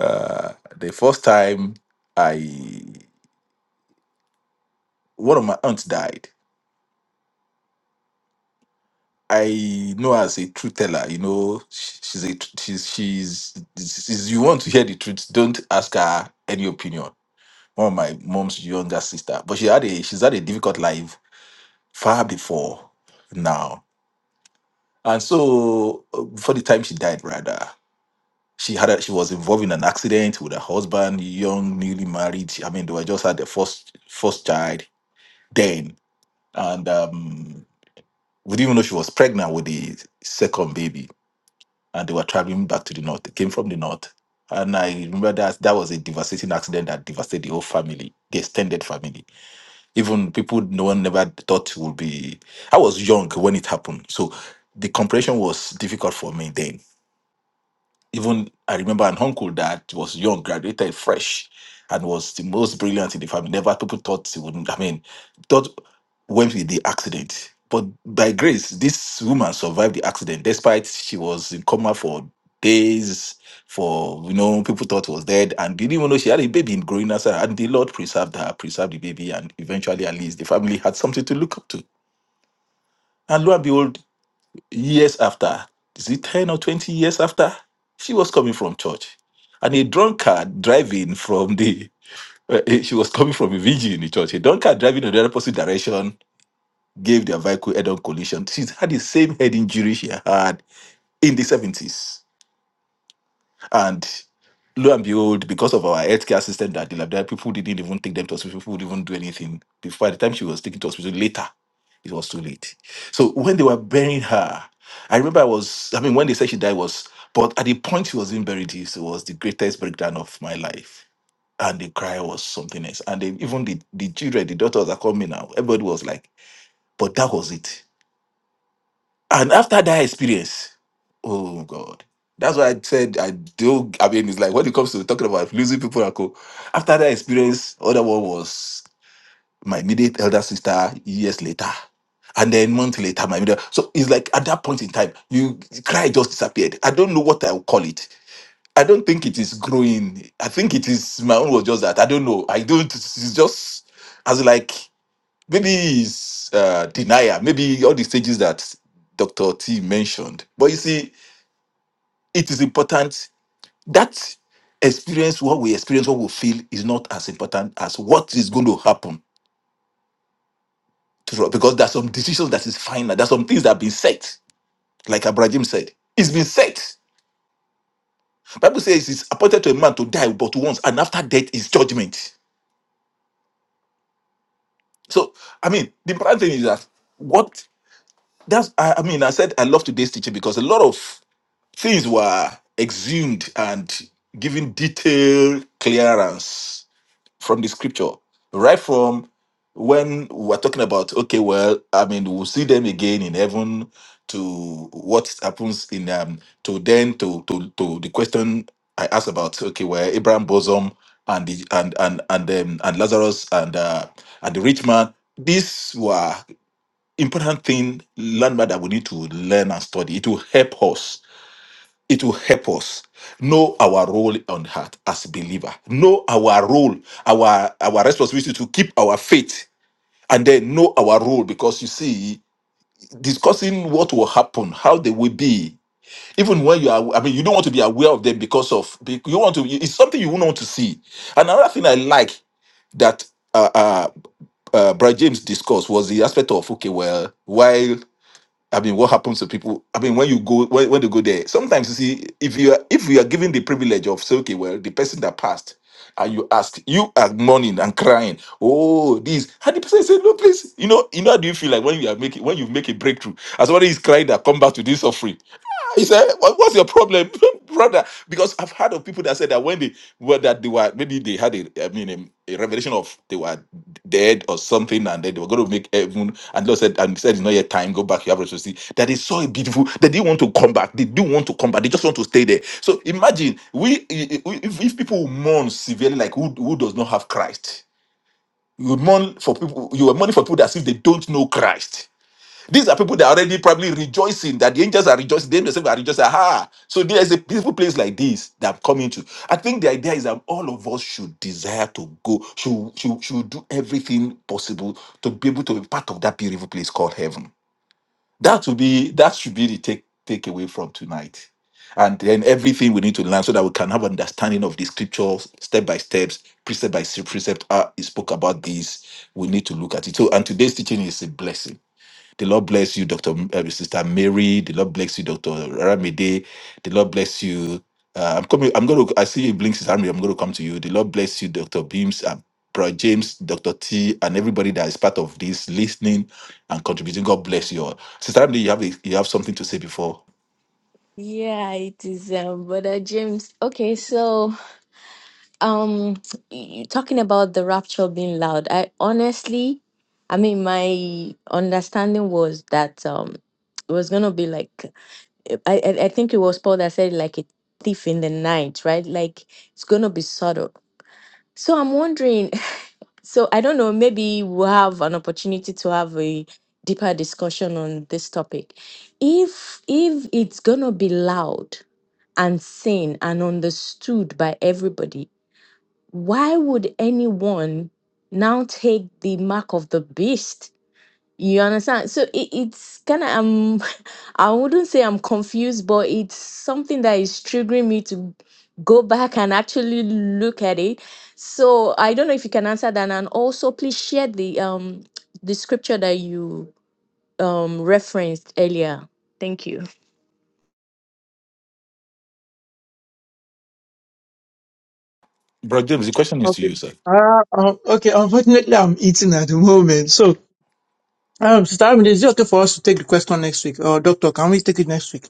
Uh, the first time I one of my aunts died. I know her as a truth teller, you know, sh- she's a tr- she's she's, she's you want to hear the truth, don't ask her any opinion. One of my mom's younger sister, but she had a she's had a difficult life far before now And so, uh, for the time she died, rather, she had a, she was involved in an accident with her husband, young, newly married. I mean, they were just had their first first child then, and um, we didn't even know she was pregnant with the second baby. And they were traveling back to the north. They came from the north, and I remember that that was a devastating accident that devastated the whole family, the extended family. Even people no one never thought would be. I was young when it happened, so the comprehension was difficult for me then Even I remember an uncle that was young, graduated fresh, and was the most brilliant in the family. Never people thought he wouldn't. I mean, thought went with the accident. But by grace, this woman survived the accident, despite she was in coma for days. For you know, people thought was dead, and they didn't even know she had a baby in growing as her. And the Lord preserved her, preserved the baby, and eventually, at least, the family had something to look up to. And lo and behold, years after, is it 10 or 20 years after? She was coming from church. And a drunkard driving from the, uh, eh, she was coming from a vigil in the church. A drunkard driving in the opposite direction gave their vehicle head on collision. She's had the same head injury she had in the 70s. And lo and behold, because of our healthcare system that dilapidated, people didn't even take them to hospital, people didn't even do anything. Before by the time she was taken to hospital later, it was too late. So when they were burying her, I remember I was, I mean, when they said she died was, but at the point she was being buried, it was the greatest breakdown of my life. And the cry was something else. And they, even the, the children, the daughters are coming now, everybody was like, but that was it. And after that experience, oh God. That's why I said I do. I mean, it's like when it comes to talking about losing people, I go. After that experience, other one was my immediate elder sister years later. And then month later, my middle. So it's like at that point in time, you cry just disappeared. I don't know what I'll call it. I don't think it is growing. I think it is my own was just that. I don't know. I don't it's just as like maybe it's uh, denial, maybe all the stages that Dr. T mentioned. But you see, it is important that experience, what we experience, what we feel is not as important as what is going to happen to, because there are some decisions that is final. There are some things that have been set, like Abraham said. It's been set. Bible says it's appointed to a man to die but once, and after death is judgment. So, I mean, the important thing is that what that's I, I mean, I said I love today's teaching because a lot of Things were exhumed and given detailed clearance from the scripture, right from when we're talking about, okay, well, I mean, we'll see them again in heaven to what happens in um to then to to to the question I asked about okay where Abraham bosom and the and and and um, and Lazarus and uh, and the rich man these were important thing landmark that we need to learn and study it will help us it will help us know our role on earth as believer know our role our our responsibility to keep our faith and then know our role because you see discussing what will happen how they will be even when you are i mean you don't want to be aware of them because of be- you want to it's something you wouldn't want to see another thing i like that uh, uh uh brad james discussed was the aspect of okay well while. I mean, what happens to people? I mean, when you go when, when they go there, sometimes you see if you are if you are given the privilege of say, okay, well, the person that passed, and you ask, you are mourning and crying, oh, this, and the person said, no, please, you know, you know, how do you feel like when you are making when you make a breakthrough, as somebody is crying that come back to this offering? He said, "What- "What's your problem, brother?" Because I've heard of people that said that when they were that they were maybe they had a I mean a, a revelation of they were dead or something, and then they were going to make heaven, and Lord said, "And he said it's not yet time. Go back. You have to see that they saw a beautiful. They didn't want to come back. They do want to come back. They just want to stay there. So imagine we if, if people mourn severely, like who who does not have Christ, you mourn for people. You are mourning for people that as if they don't know Christ." These are people that are already probably rejoicing that the angels are rejoicing. They themselves are rejoicing. Aha! So there's a beautiful place like this that I'm coming to. I think the idea is that all of us should desire to go, should, should, should do everything possible to be able to be part of that beautiful place called heaven. That will be that should be the take takeaway from tonight. And then everything we need to learn so that we can have understanding of the scriptures step by steps, precept by precept. Ah, he spoke about this. We need to look at it. So, and today's teaching is a blessing. The Lord bless you, Dr. M- uh, Sister Mary. The Lord bless you, Dr. Ramide. The Lord bless you. Uh, I'm coming. I'm going to. I see you blink, Sister Mary. I'm going to come to you. The Lord bless you, Dr. Beams, uh, Brother James, Dr. T, and everybody that is part of this listening and contributing. God bless you all. Sister Mary, you have a, you have something to say before. yeah it is um brother james okay so um you talking about the rapture being loud i honestly i mean my understanding was that um it was gonna be like i i, I think it was paul that said like a thief in the night right like it's gonna be subtle so i'm wondering So I don't know, maybe we'll have an opportunity to have a deeper discussion on this topic. If if it's gonna be loud and seen and understood by everybody, why would anyone now take the mark of the beast you understand? So it, it's kind of um, I wouldn't say I'm confused, but it's something that is triggering me to go back and actually look at it. So I don't know if you can answer that, and also please share the um the scripture that you um referenced earlier. Thank you. Brother James, the question is to Okay. you, sir. Uh, um, okay, unfortunately, I'm eating at the moment. So, um, Sister Amide, is it okay for us to take the question next week? Or, Doctor, can we take it next week?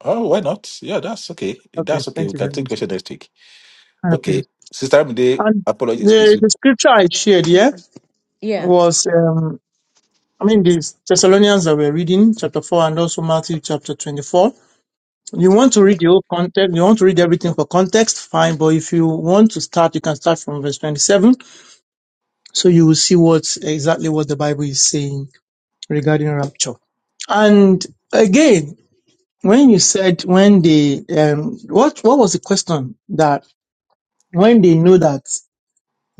Oh, why not? Yeah, that's okay. Okay, That's okay. thank We you can very take the much. question next week. I appreciate Okay. Sister Amide, And apologies, please. the, the scripture I shared, Yes, yeah, sir. Yeah. was, um, I mean, the Thessalonians that we're reading, chapter 4, and also Matthew chapter 24. You want to read the whole context, you want to read everything for context, fine, but if you want to start, you can start from verse 27. So you will see what exactly what the Bible is saying regarding rapture. And again, when you said when they, um, what, what was the question that when they know that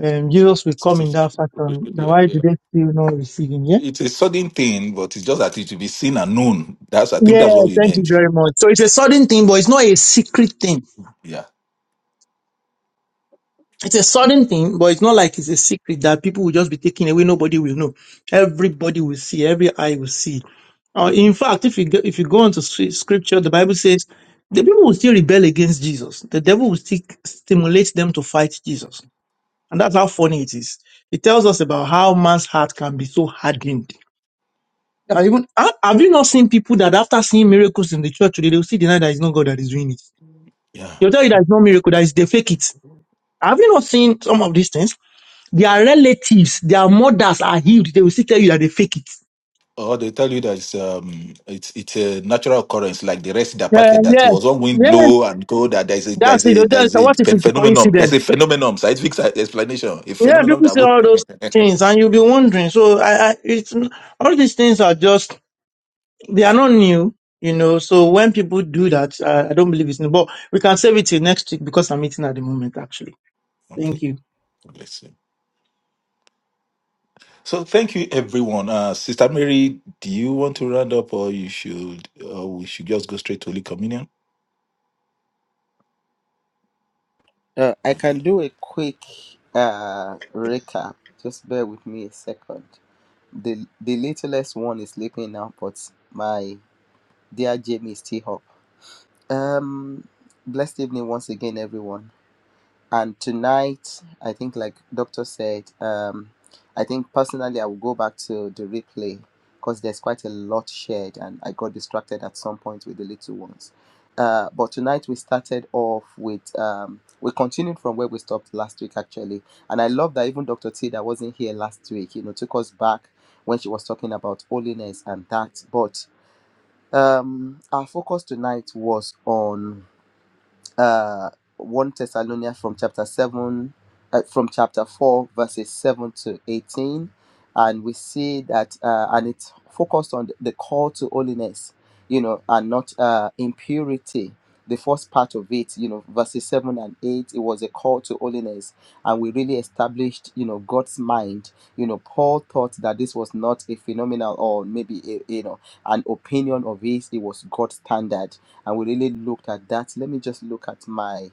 um, Jesus will come in that fashion. Now, why do they still not receive him? Yeah. It's a sudden thing, but it's just that it will be seen and known. That's I think Yeah. that's what we Thank you meant. very much. So it's a sudden thing, but it's not a secret thing. Yeah, It's a sudden thing, but it's not like it's a secret that people will just be taken away. Nobody will know. Everybody will see. Every eye will see. Uh, in fact, if you go, if you go into scr- scripture, the Bible says the people will still rebel against Jesus. The devil will still stimulate them to fight Jesus, and that's how funny it is. It tells us about how man's heart can be so hardened Yeah, even have, have you not seen people that after seeing miracles in the church today, they will still deny that it's not God that is doing it. yeah. They'll tell you that it's not miracle, that is they fake it. Have you not seen some of these things? Their relatives, their mothers are healed. They will still tell you that they fake it. Or they tell you that it's um it's it's a natural occurrence like the rest that apartheid Yeah, that yes, was on wind yes. blow and go that there's a That's there's it. a They'll tell you, there's "So a what if phen- it's a phenomenon there's coincidence? a phenomenon scientific sci- explanation a Yeah, phenomenon people that say would all those things, and you'll be wondering. So, I, I, it's n- all these things are just they are not new, you know. So when people do that, I, I don't believe it's new. But we can save it till next week because I'm eating at the moment, actually. okay Thank you. bless you. So thank you everyone. Uh, Sister Mary, do you want to round up or you should or we should just go straight to Holy Communion? Uh, I Okay. can do a quick uh, recap. Just bear with me a second. The, the littlest one is sleeping now, but my dear Jamie is still up. Um, blessed evening once again, everyone. and tonight i think like doctor said um i think personally i will go back to the replay because there's quite a lot shared and i got distracted at some point with the little ones uh, but tonight we started off with um, we continued from where we stopped last week actually and i love that even dr t that wasn't here last week you know took us back when she was talking about holiness and that but um, our focus tonight was on uh, 1 Thessalonians from chapter 7, uh, from chapter 4, verses 7 to 18. And we see that, uh, and it's focused on the call to holiness, you know, and not uh, impurity. The first part of it, you know, verses 7 and 8, it was a call to holiness. And we really established, you know, God's mind. You know, Paul thought that this was not a phenomenal or maybe, a, you know, an opinion of his, it was God's standard and we really looked at that. Let me just look at my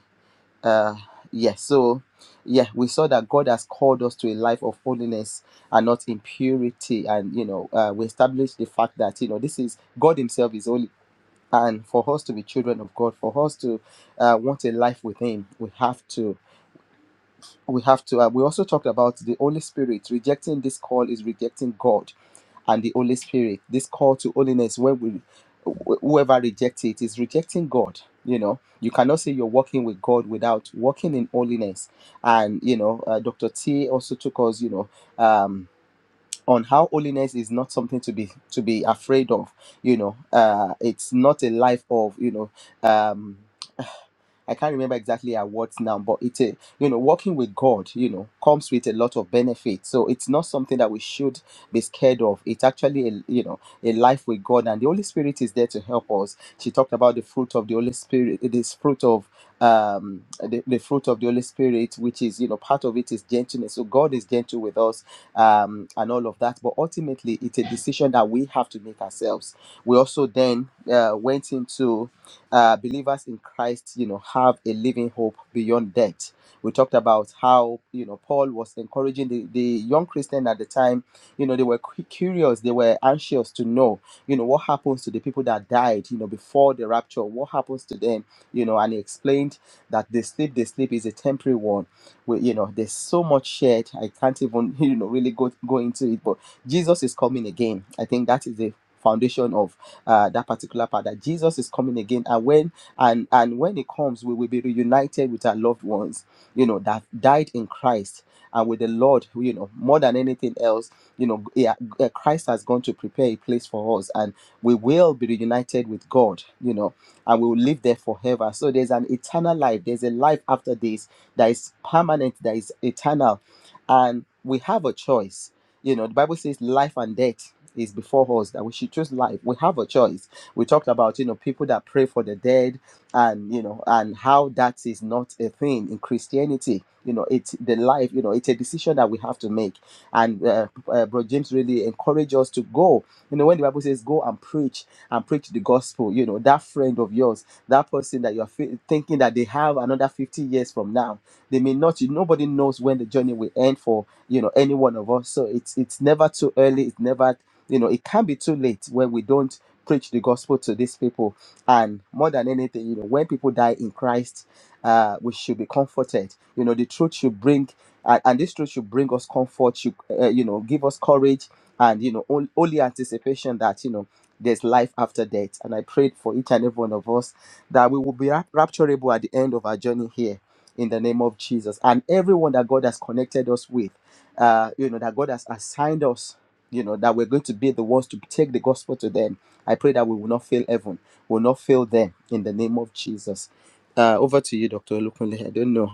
uh yes. So yeah, we saw that God has called us to a life of holiness and not impurity. And you know, uh, we established the fact that you know this is God Himself is holy. And for us to be children of God, for us to uh, want a life with Him, we have to we have to uh, we also talked about the holy spirit rejecting this call is rejecting god and the holy spirit this call to holiness where we wh- whoever rejects it is rejecting god you know you cannot say you're walking with god without walking in holiness and you know uh, dr t also took us you know um on how holiness is not something to be to be afraid of you know uh it's not a life of you know um. I can't remember exactly at what now, but it's a you know working with God, you know, comes with a lot of benefits. So it's not something that we should be scared of. It's actually a you know a life with God, and the Holy Spirit is there to help us. She talked about the fruit of the Holy Spirit, this fruit of um the, the fruit of the Holy Spirit, which is you know part of it is gentleness. So God is gentle with us, um, and all of that. But ultimately, it's a decision that we have to make ourselves. We also then uh, went into uh, believers in Christ, you know, have a living hope beyond death. We talked about how you know Paul was encouraging the, the young Christian at the time. You know, they were cu- curious, they were anxious to know, you know, what happens to the people that died, you know, before the rapture. What happens to them, you know? And he explained that the sleep the sleep is a temporary one. We, you know, there's so much shared. I can't even you know really go go into it, but Jesus is coming again. I think that is the foundation of uh, that particular part that Jesus is coming again, and when and and when He comes, we will be reunited with our loved ones, you know, that died in Christ and with the Lord, who, you know, more than anything else, you know, yeah, uh, Christ has gone to prepare a place for us, and we will be reunited with God, you know, and we will live there forever. So there's an eternal life. There's a life after this that is permanent, that is eternal, and we have a choice. You know, the Bible says life and death is before us that we should choose life. We have a choice. We talked about, you know, people that pray for the dead and, you know, and how that is not a thing in Christianity. You know, it's the life, you know, it's a decision that we have to make. And uh, uh, Bro James really encouraged us to go. You know, when the Bible says go and preach and preach the gospel, you know, that friend of yours, that person that you're fe- thinking that they have another 50 years from now, they may not, you, nobody knows when the journey will end for, you know, any one of us. So it's, it's never too early. It's never you know it can be too late when we don't preach the gospel to these people and more than anything you know when people die in christ uh we should be comforted you know the truth should bring and, and this truth should bring us comfort should uh, you know give us courage and you know on- only anticipation that you know there's life after death and i prayed for each and every one of us that we will be rap- rapturable at the end of our journey here in the name of jesus and everyone that god has connected us with uh you know that god has assigned us you know that we're going to be the ones to take the gospel to them i pray that we will not fail heaven will not fail them in the name of jesus uh, over to you dr olukunle i don't know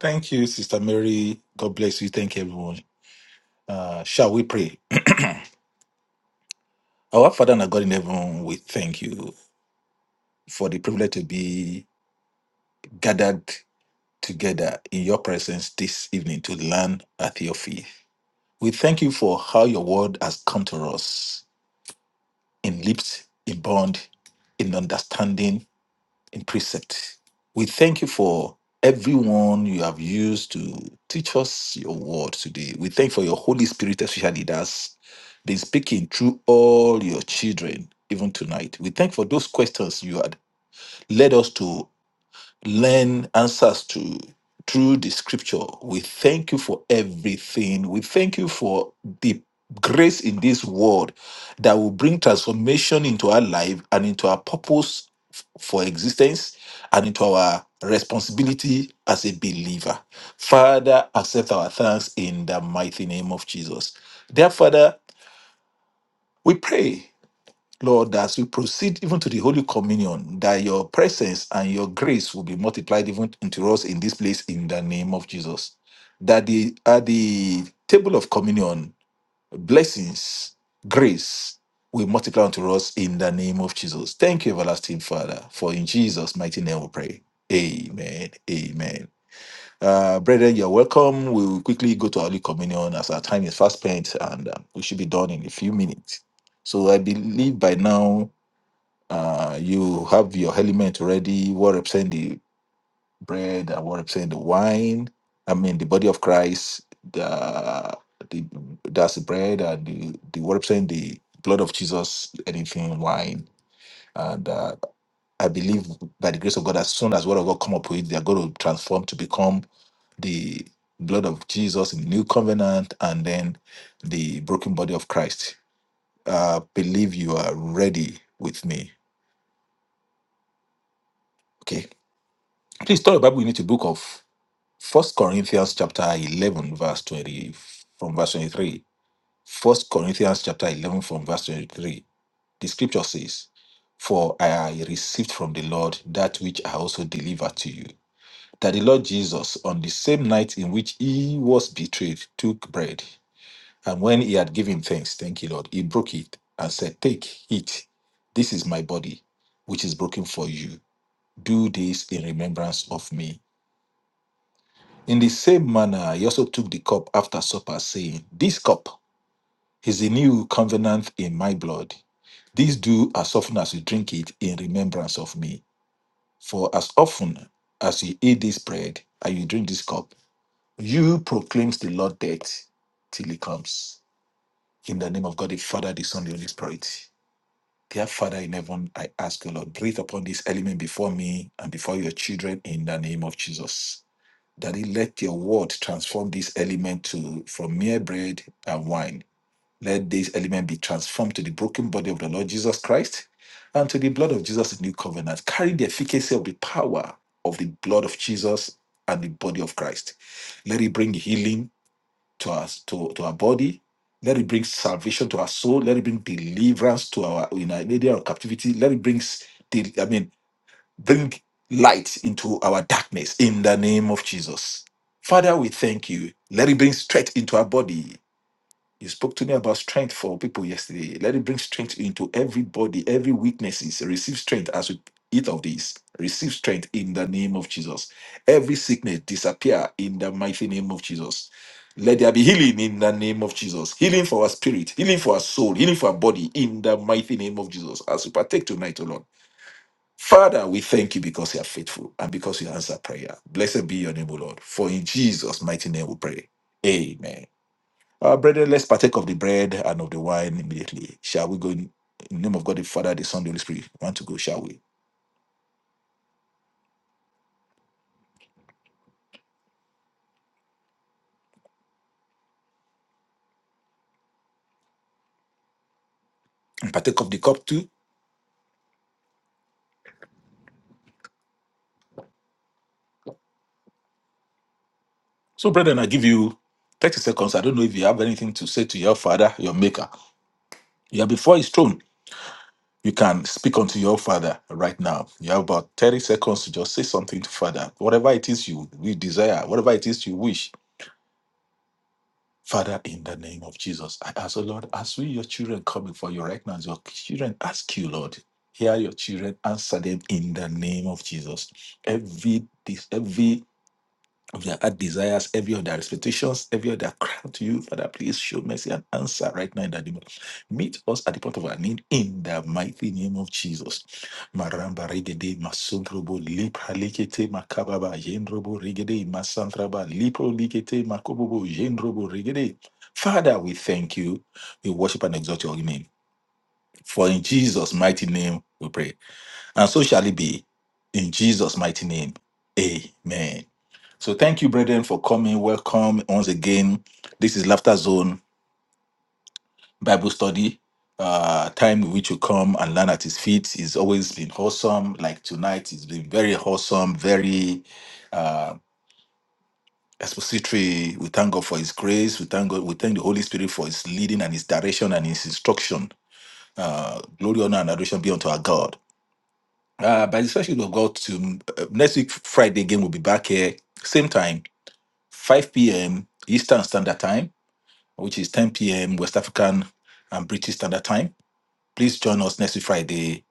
Thank you, Sister Mary. God bless you. Thank you, everyone. Uh, shall we pray? Our Father and our God in heaven, we thank you for the privilege to be gathered together in your presence this evening to learn at your feet. We thank you for how your word has come to us in lips, in bond, in understanding, in precept. We thank you for everyone you have used to teach us your word today. We thank you for your Holy Spirit, especially that's been speaking through all your children, even tonight. We thank you for those questions you had led us to learn answers to through the scripture. We thank you for everything. We thank you for the grace in this world that will bring transformation into our life and into our purpose f- for existence and into our responsibility as a believer. Father, accept our thanks in the mighty name of Jesus. Dear Father, we pray Lord, as we proceed even to the Holy Communion, that your presence and your grace will be multiplied even unto us in this place in the name of Jesus. That the at the table of communion, blessings, grace will multiply unto us in the name of Jesus. Thank you, everlasting Father, for in Jesus' mighty name we pray. Amen. Amen. Uh, brethren, you're welcome. We will quickly go to Holy Communion as our time is fast spent and uh, we should be done in a few minutes. So I believe by now uh, you have your element ready, what represent the bread and what represent the wine. I mean, the body of Christ, the, the that's the bread and the, the what represent the blood of Jesus, anything wine. And uh, I believe by the grace of God, as soon as word of God come up with, they are going to transform to become the blood of Jesus in the new covenant, and then the broken body of Christ. Uh, believe you are ready with me. Okay. Please turn your Bible with me to book of First Corinthians chapter 11 verse 20 from verse 23. First Corinthians chapter 11 from verse 23. The scripture says, For I received from the Lord that which I also delivered to you. That the Lord Jesus, on the same night in which he was betrayed, took bread. And when he had given thanks, thank you, Lord, he broke it and said, 'Take Take, eat. This is my body, which is broken for you. Do this in remembrance of me. In the same manner, he also took the cup after supper, saying, This cup is the new covenant in my blood. This do as often as you drink it in remembrance of me. For as often as you eat this bread and you drink this cup, you proclaims the Lord death till he comes. In the name of God, the Father, the Son, the Holy Spirit. Dear Father in heaven, I ask you, Lord, breathe upon this element before me and before your children in the name of Jesus. Daddy, let your word transform this element to from mere bread and wine. Let this element be transformed to the broken body of the Lord Jesus Christ and to the blood of Jesus in new covenant. Carry the efficacy of the power of the blood of Jesus and the body of Christ. Let it bring healing to us to, to our body. Let it bring salvation to our soul. Let it bring deliverance to our in our area of captivity. Let it bring s- de- I mean bring light into our darkness in the name of Jesus. Father, we thank you. Let it bring strength into our body. You spoke to me about strength for people yesterday. Let it bring strength into every body, every weaknesses. Receive strength as we eat of this. Receive strength in the name of Jesus. Every sickness disappear in the mighty name of Jesus. Let there be healing in the name of Jesus. Healing for our spirit, healing for our soul, healing for our body in the mighty name of Jesus. As we partake tonight, O Lord. Father, we thank you because you are faithful and because you answer prayer. Blessed be your name, O Lord. For in Jesus' mighty name we pray. Amen. Our brethren, let's partake of the bread and of the wine immediately. Shall we go in in the name of God the Father, the Son, the Holy Spirit? We Want to go, shall we? And partake of the cup too. So, brethren, I give you 30 seconds. I don't know if you have anything to say to your father, your maker. You are before his throne. You can speak unto your father right now. You have about 30 seconds to just say something to father. Whatever it is you, you desire, whatever it is you wish Father, in the name of Jesus, I ask, oh Lord, as we, your children, come before you right now, as your children ask you, Lord, hear your children, answer them in the name of Jesus. Every this, every of their heart desires, every of their expectations, every of their cry to you, Father, please show mercy and answer right now in the name of Meet us at the point of our need in the mighty name of Jesus. Maramba regede masundrobo lipra likete makababa yendrobo regede masantraba lipro likete makobobo yendrobo regede. Father, we thank you. We worship and exalt your name. For in Jesus' mighty name we pray. And so shall it be. In Jesus' mighty name. Amen. So thank you, brethren, for coming. Welcome once again. This is Laughter Zone Bible Study. Uh, time in which you come and learn at his feet. It's always been wholesome, Like tonight, it's been very wholesome, very uh, expository. We thank God for his grace. We thank God. We thank the Holy Spirit for his leading and his direction and his instruction. Uh, glory, honor, and adoration be unto our God. Uh, by the special of God, to uh, next week Friday again, we'll be back here same time, 5 p.m. Eastern Standard Time, which is 10 p.m. West African and British Standard Time. Please join us next week Friday,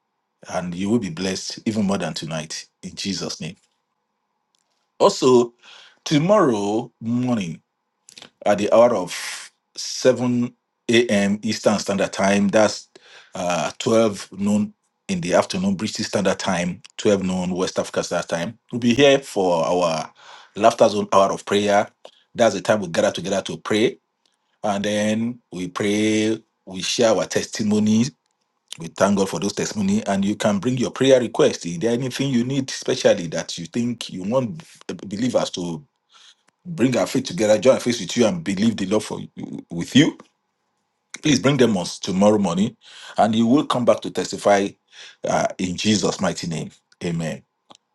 and you will be blessed even more than tonight in Jesus' name. Also, tomorrow morning. at the hour of 7 a.m. Eastern Standard Time. That's uh, 12 noon in the afternoon, British Standard Time, 12 noon, West Africa Standard Time. We'll be here for our Laughter Zone Hour of Prayer. That's the time we gather together to pray. And then we pray, we share our testimonies. We thank God for those testimony, and you can bring your prayer request. Is there anything you need, especially that you think you want believers to? Bring our faith together, join our faith with you, and believe the Lord for with you. Please bring them on tomorrow morning, and you will come back to testify uh, in Jesus' mighty name. Amen.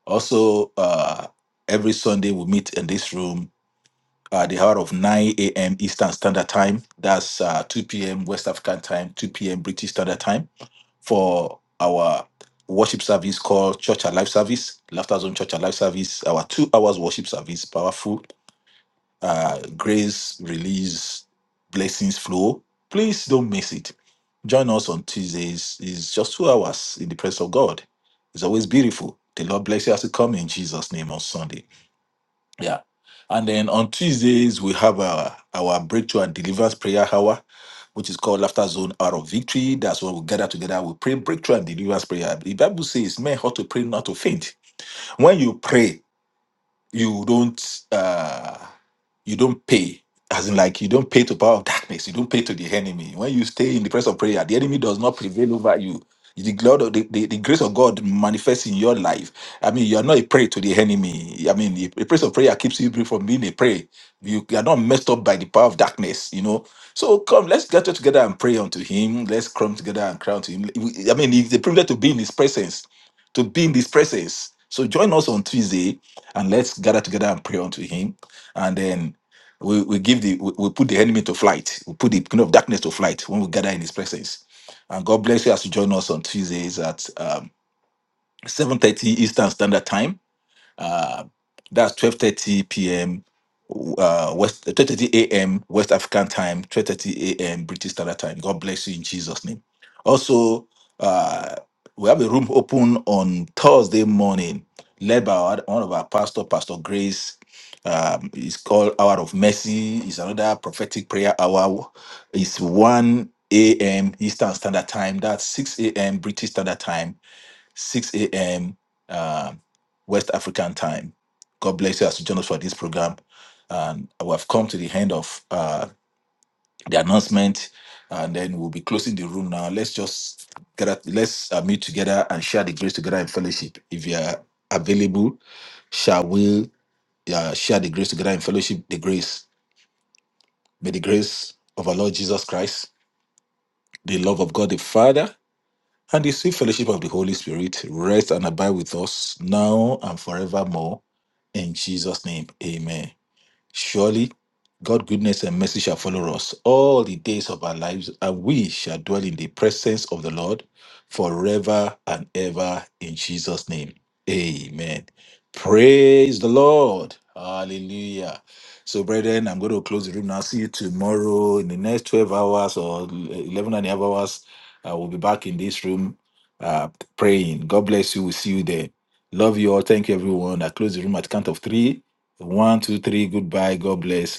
Also, uh, every Sunday we meet in this room at the hour of 9 a.m. Eastern Standard Time. That's uh, 2 p.m. West African Time, 2 p.m. British Standard Time for our worship service called Church Alive Service, Laughter Zone Church Alive Service, our two hours worship service, powerful uh, grace release blessings flow please don't miss it join us on tuesdays it's just two hours in the presence of god it's always beautiful the lord bless you as you come in jesus name on sunday yeah and then on tuesdays we have our our breakthrough and deliverance prayer hour which is called Laughter Zone Hour of Victory. That's when we gather together. We pray breakthrough and deliverance prayer. The Bible says, Men ought to pray not to faint. When you pray, you don't uh you don't pay as in like you don't pay to power of darkness you don't pay to the enemy when you stay in the presence of prayer the enemy does not prevail over you the, God of, the, the, the grace of god manifests in your life i mean you are not a prey to the enemy i mean the, the place of prayer keeps you free from being a prey you, you are not messed up by the power of darkness you know so come let's get together and pray unto him let's come together and cry unto him i mean it's a privilege to be in his presence to be in his presence so join us on tuesday and let's gather together and pray unto him and then we, we give the we, we put the enemy to flight we put the king of darkness to flight when we gather in his presence and god bless you as you join us on tuesdays at um, 7.30 eastern standard time uh, that's 12.30 p.m. Uh, West 12.30 a.m. West African time, 12.30 a.m. British Standard Time. God bless you in Jesus' name. Also, uh, we have a room open on Thursday morning, led by our, one of our pastor, Pastor Grace. Um, it's called Hour of Mercy. It's another prophetic prayer hour. It's 1 a.m. Eastern Standard Time. That's 6 a.m. British Standard Time. 6 a.m. Uh, West African time. God bless you as you join us for this program. And we have come to the end of uh, the announcement, and then we'll be closing the room now. Let's just get up, let's uh, meet together and share the grace together in fellowship. If you are available, shall we uh, share the grace together in fellowship? The grace. May the grace of our Lord Jesus Christ, the love of God the Father And the sweet fellowship of the Holy Spirit rest and abide with us now and forevermore. In Jesus' name, amen. Surely, God' goodness and mercy shall follow us all the days of our lives, and we shall dwell in the presence of the Lord forever and ever. In Jesus' name, amen. Praise the Lord. Hallelujah. So, brethren, I'm going to close the room now. See you tomorrow in the next 12 hours or 11 and a half hours. I will be back in this room uh, praying. God bless you. We'll see you there. Love you all. Thank you, everyone. I close the room at count of three. One, two, three. Goodbye. God bless.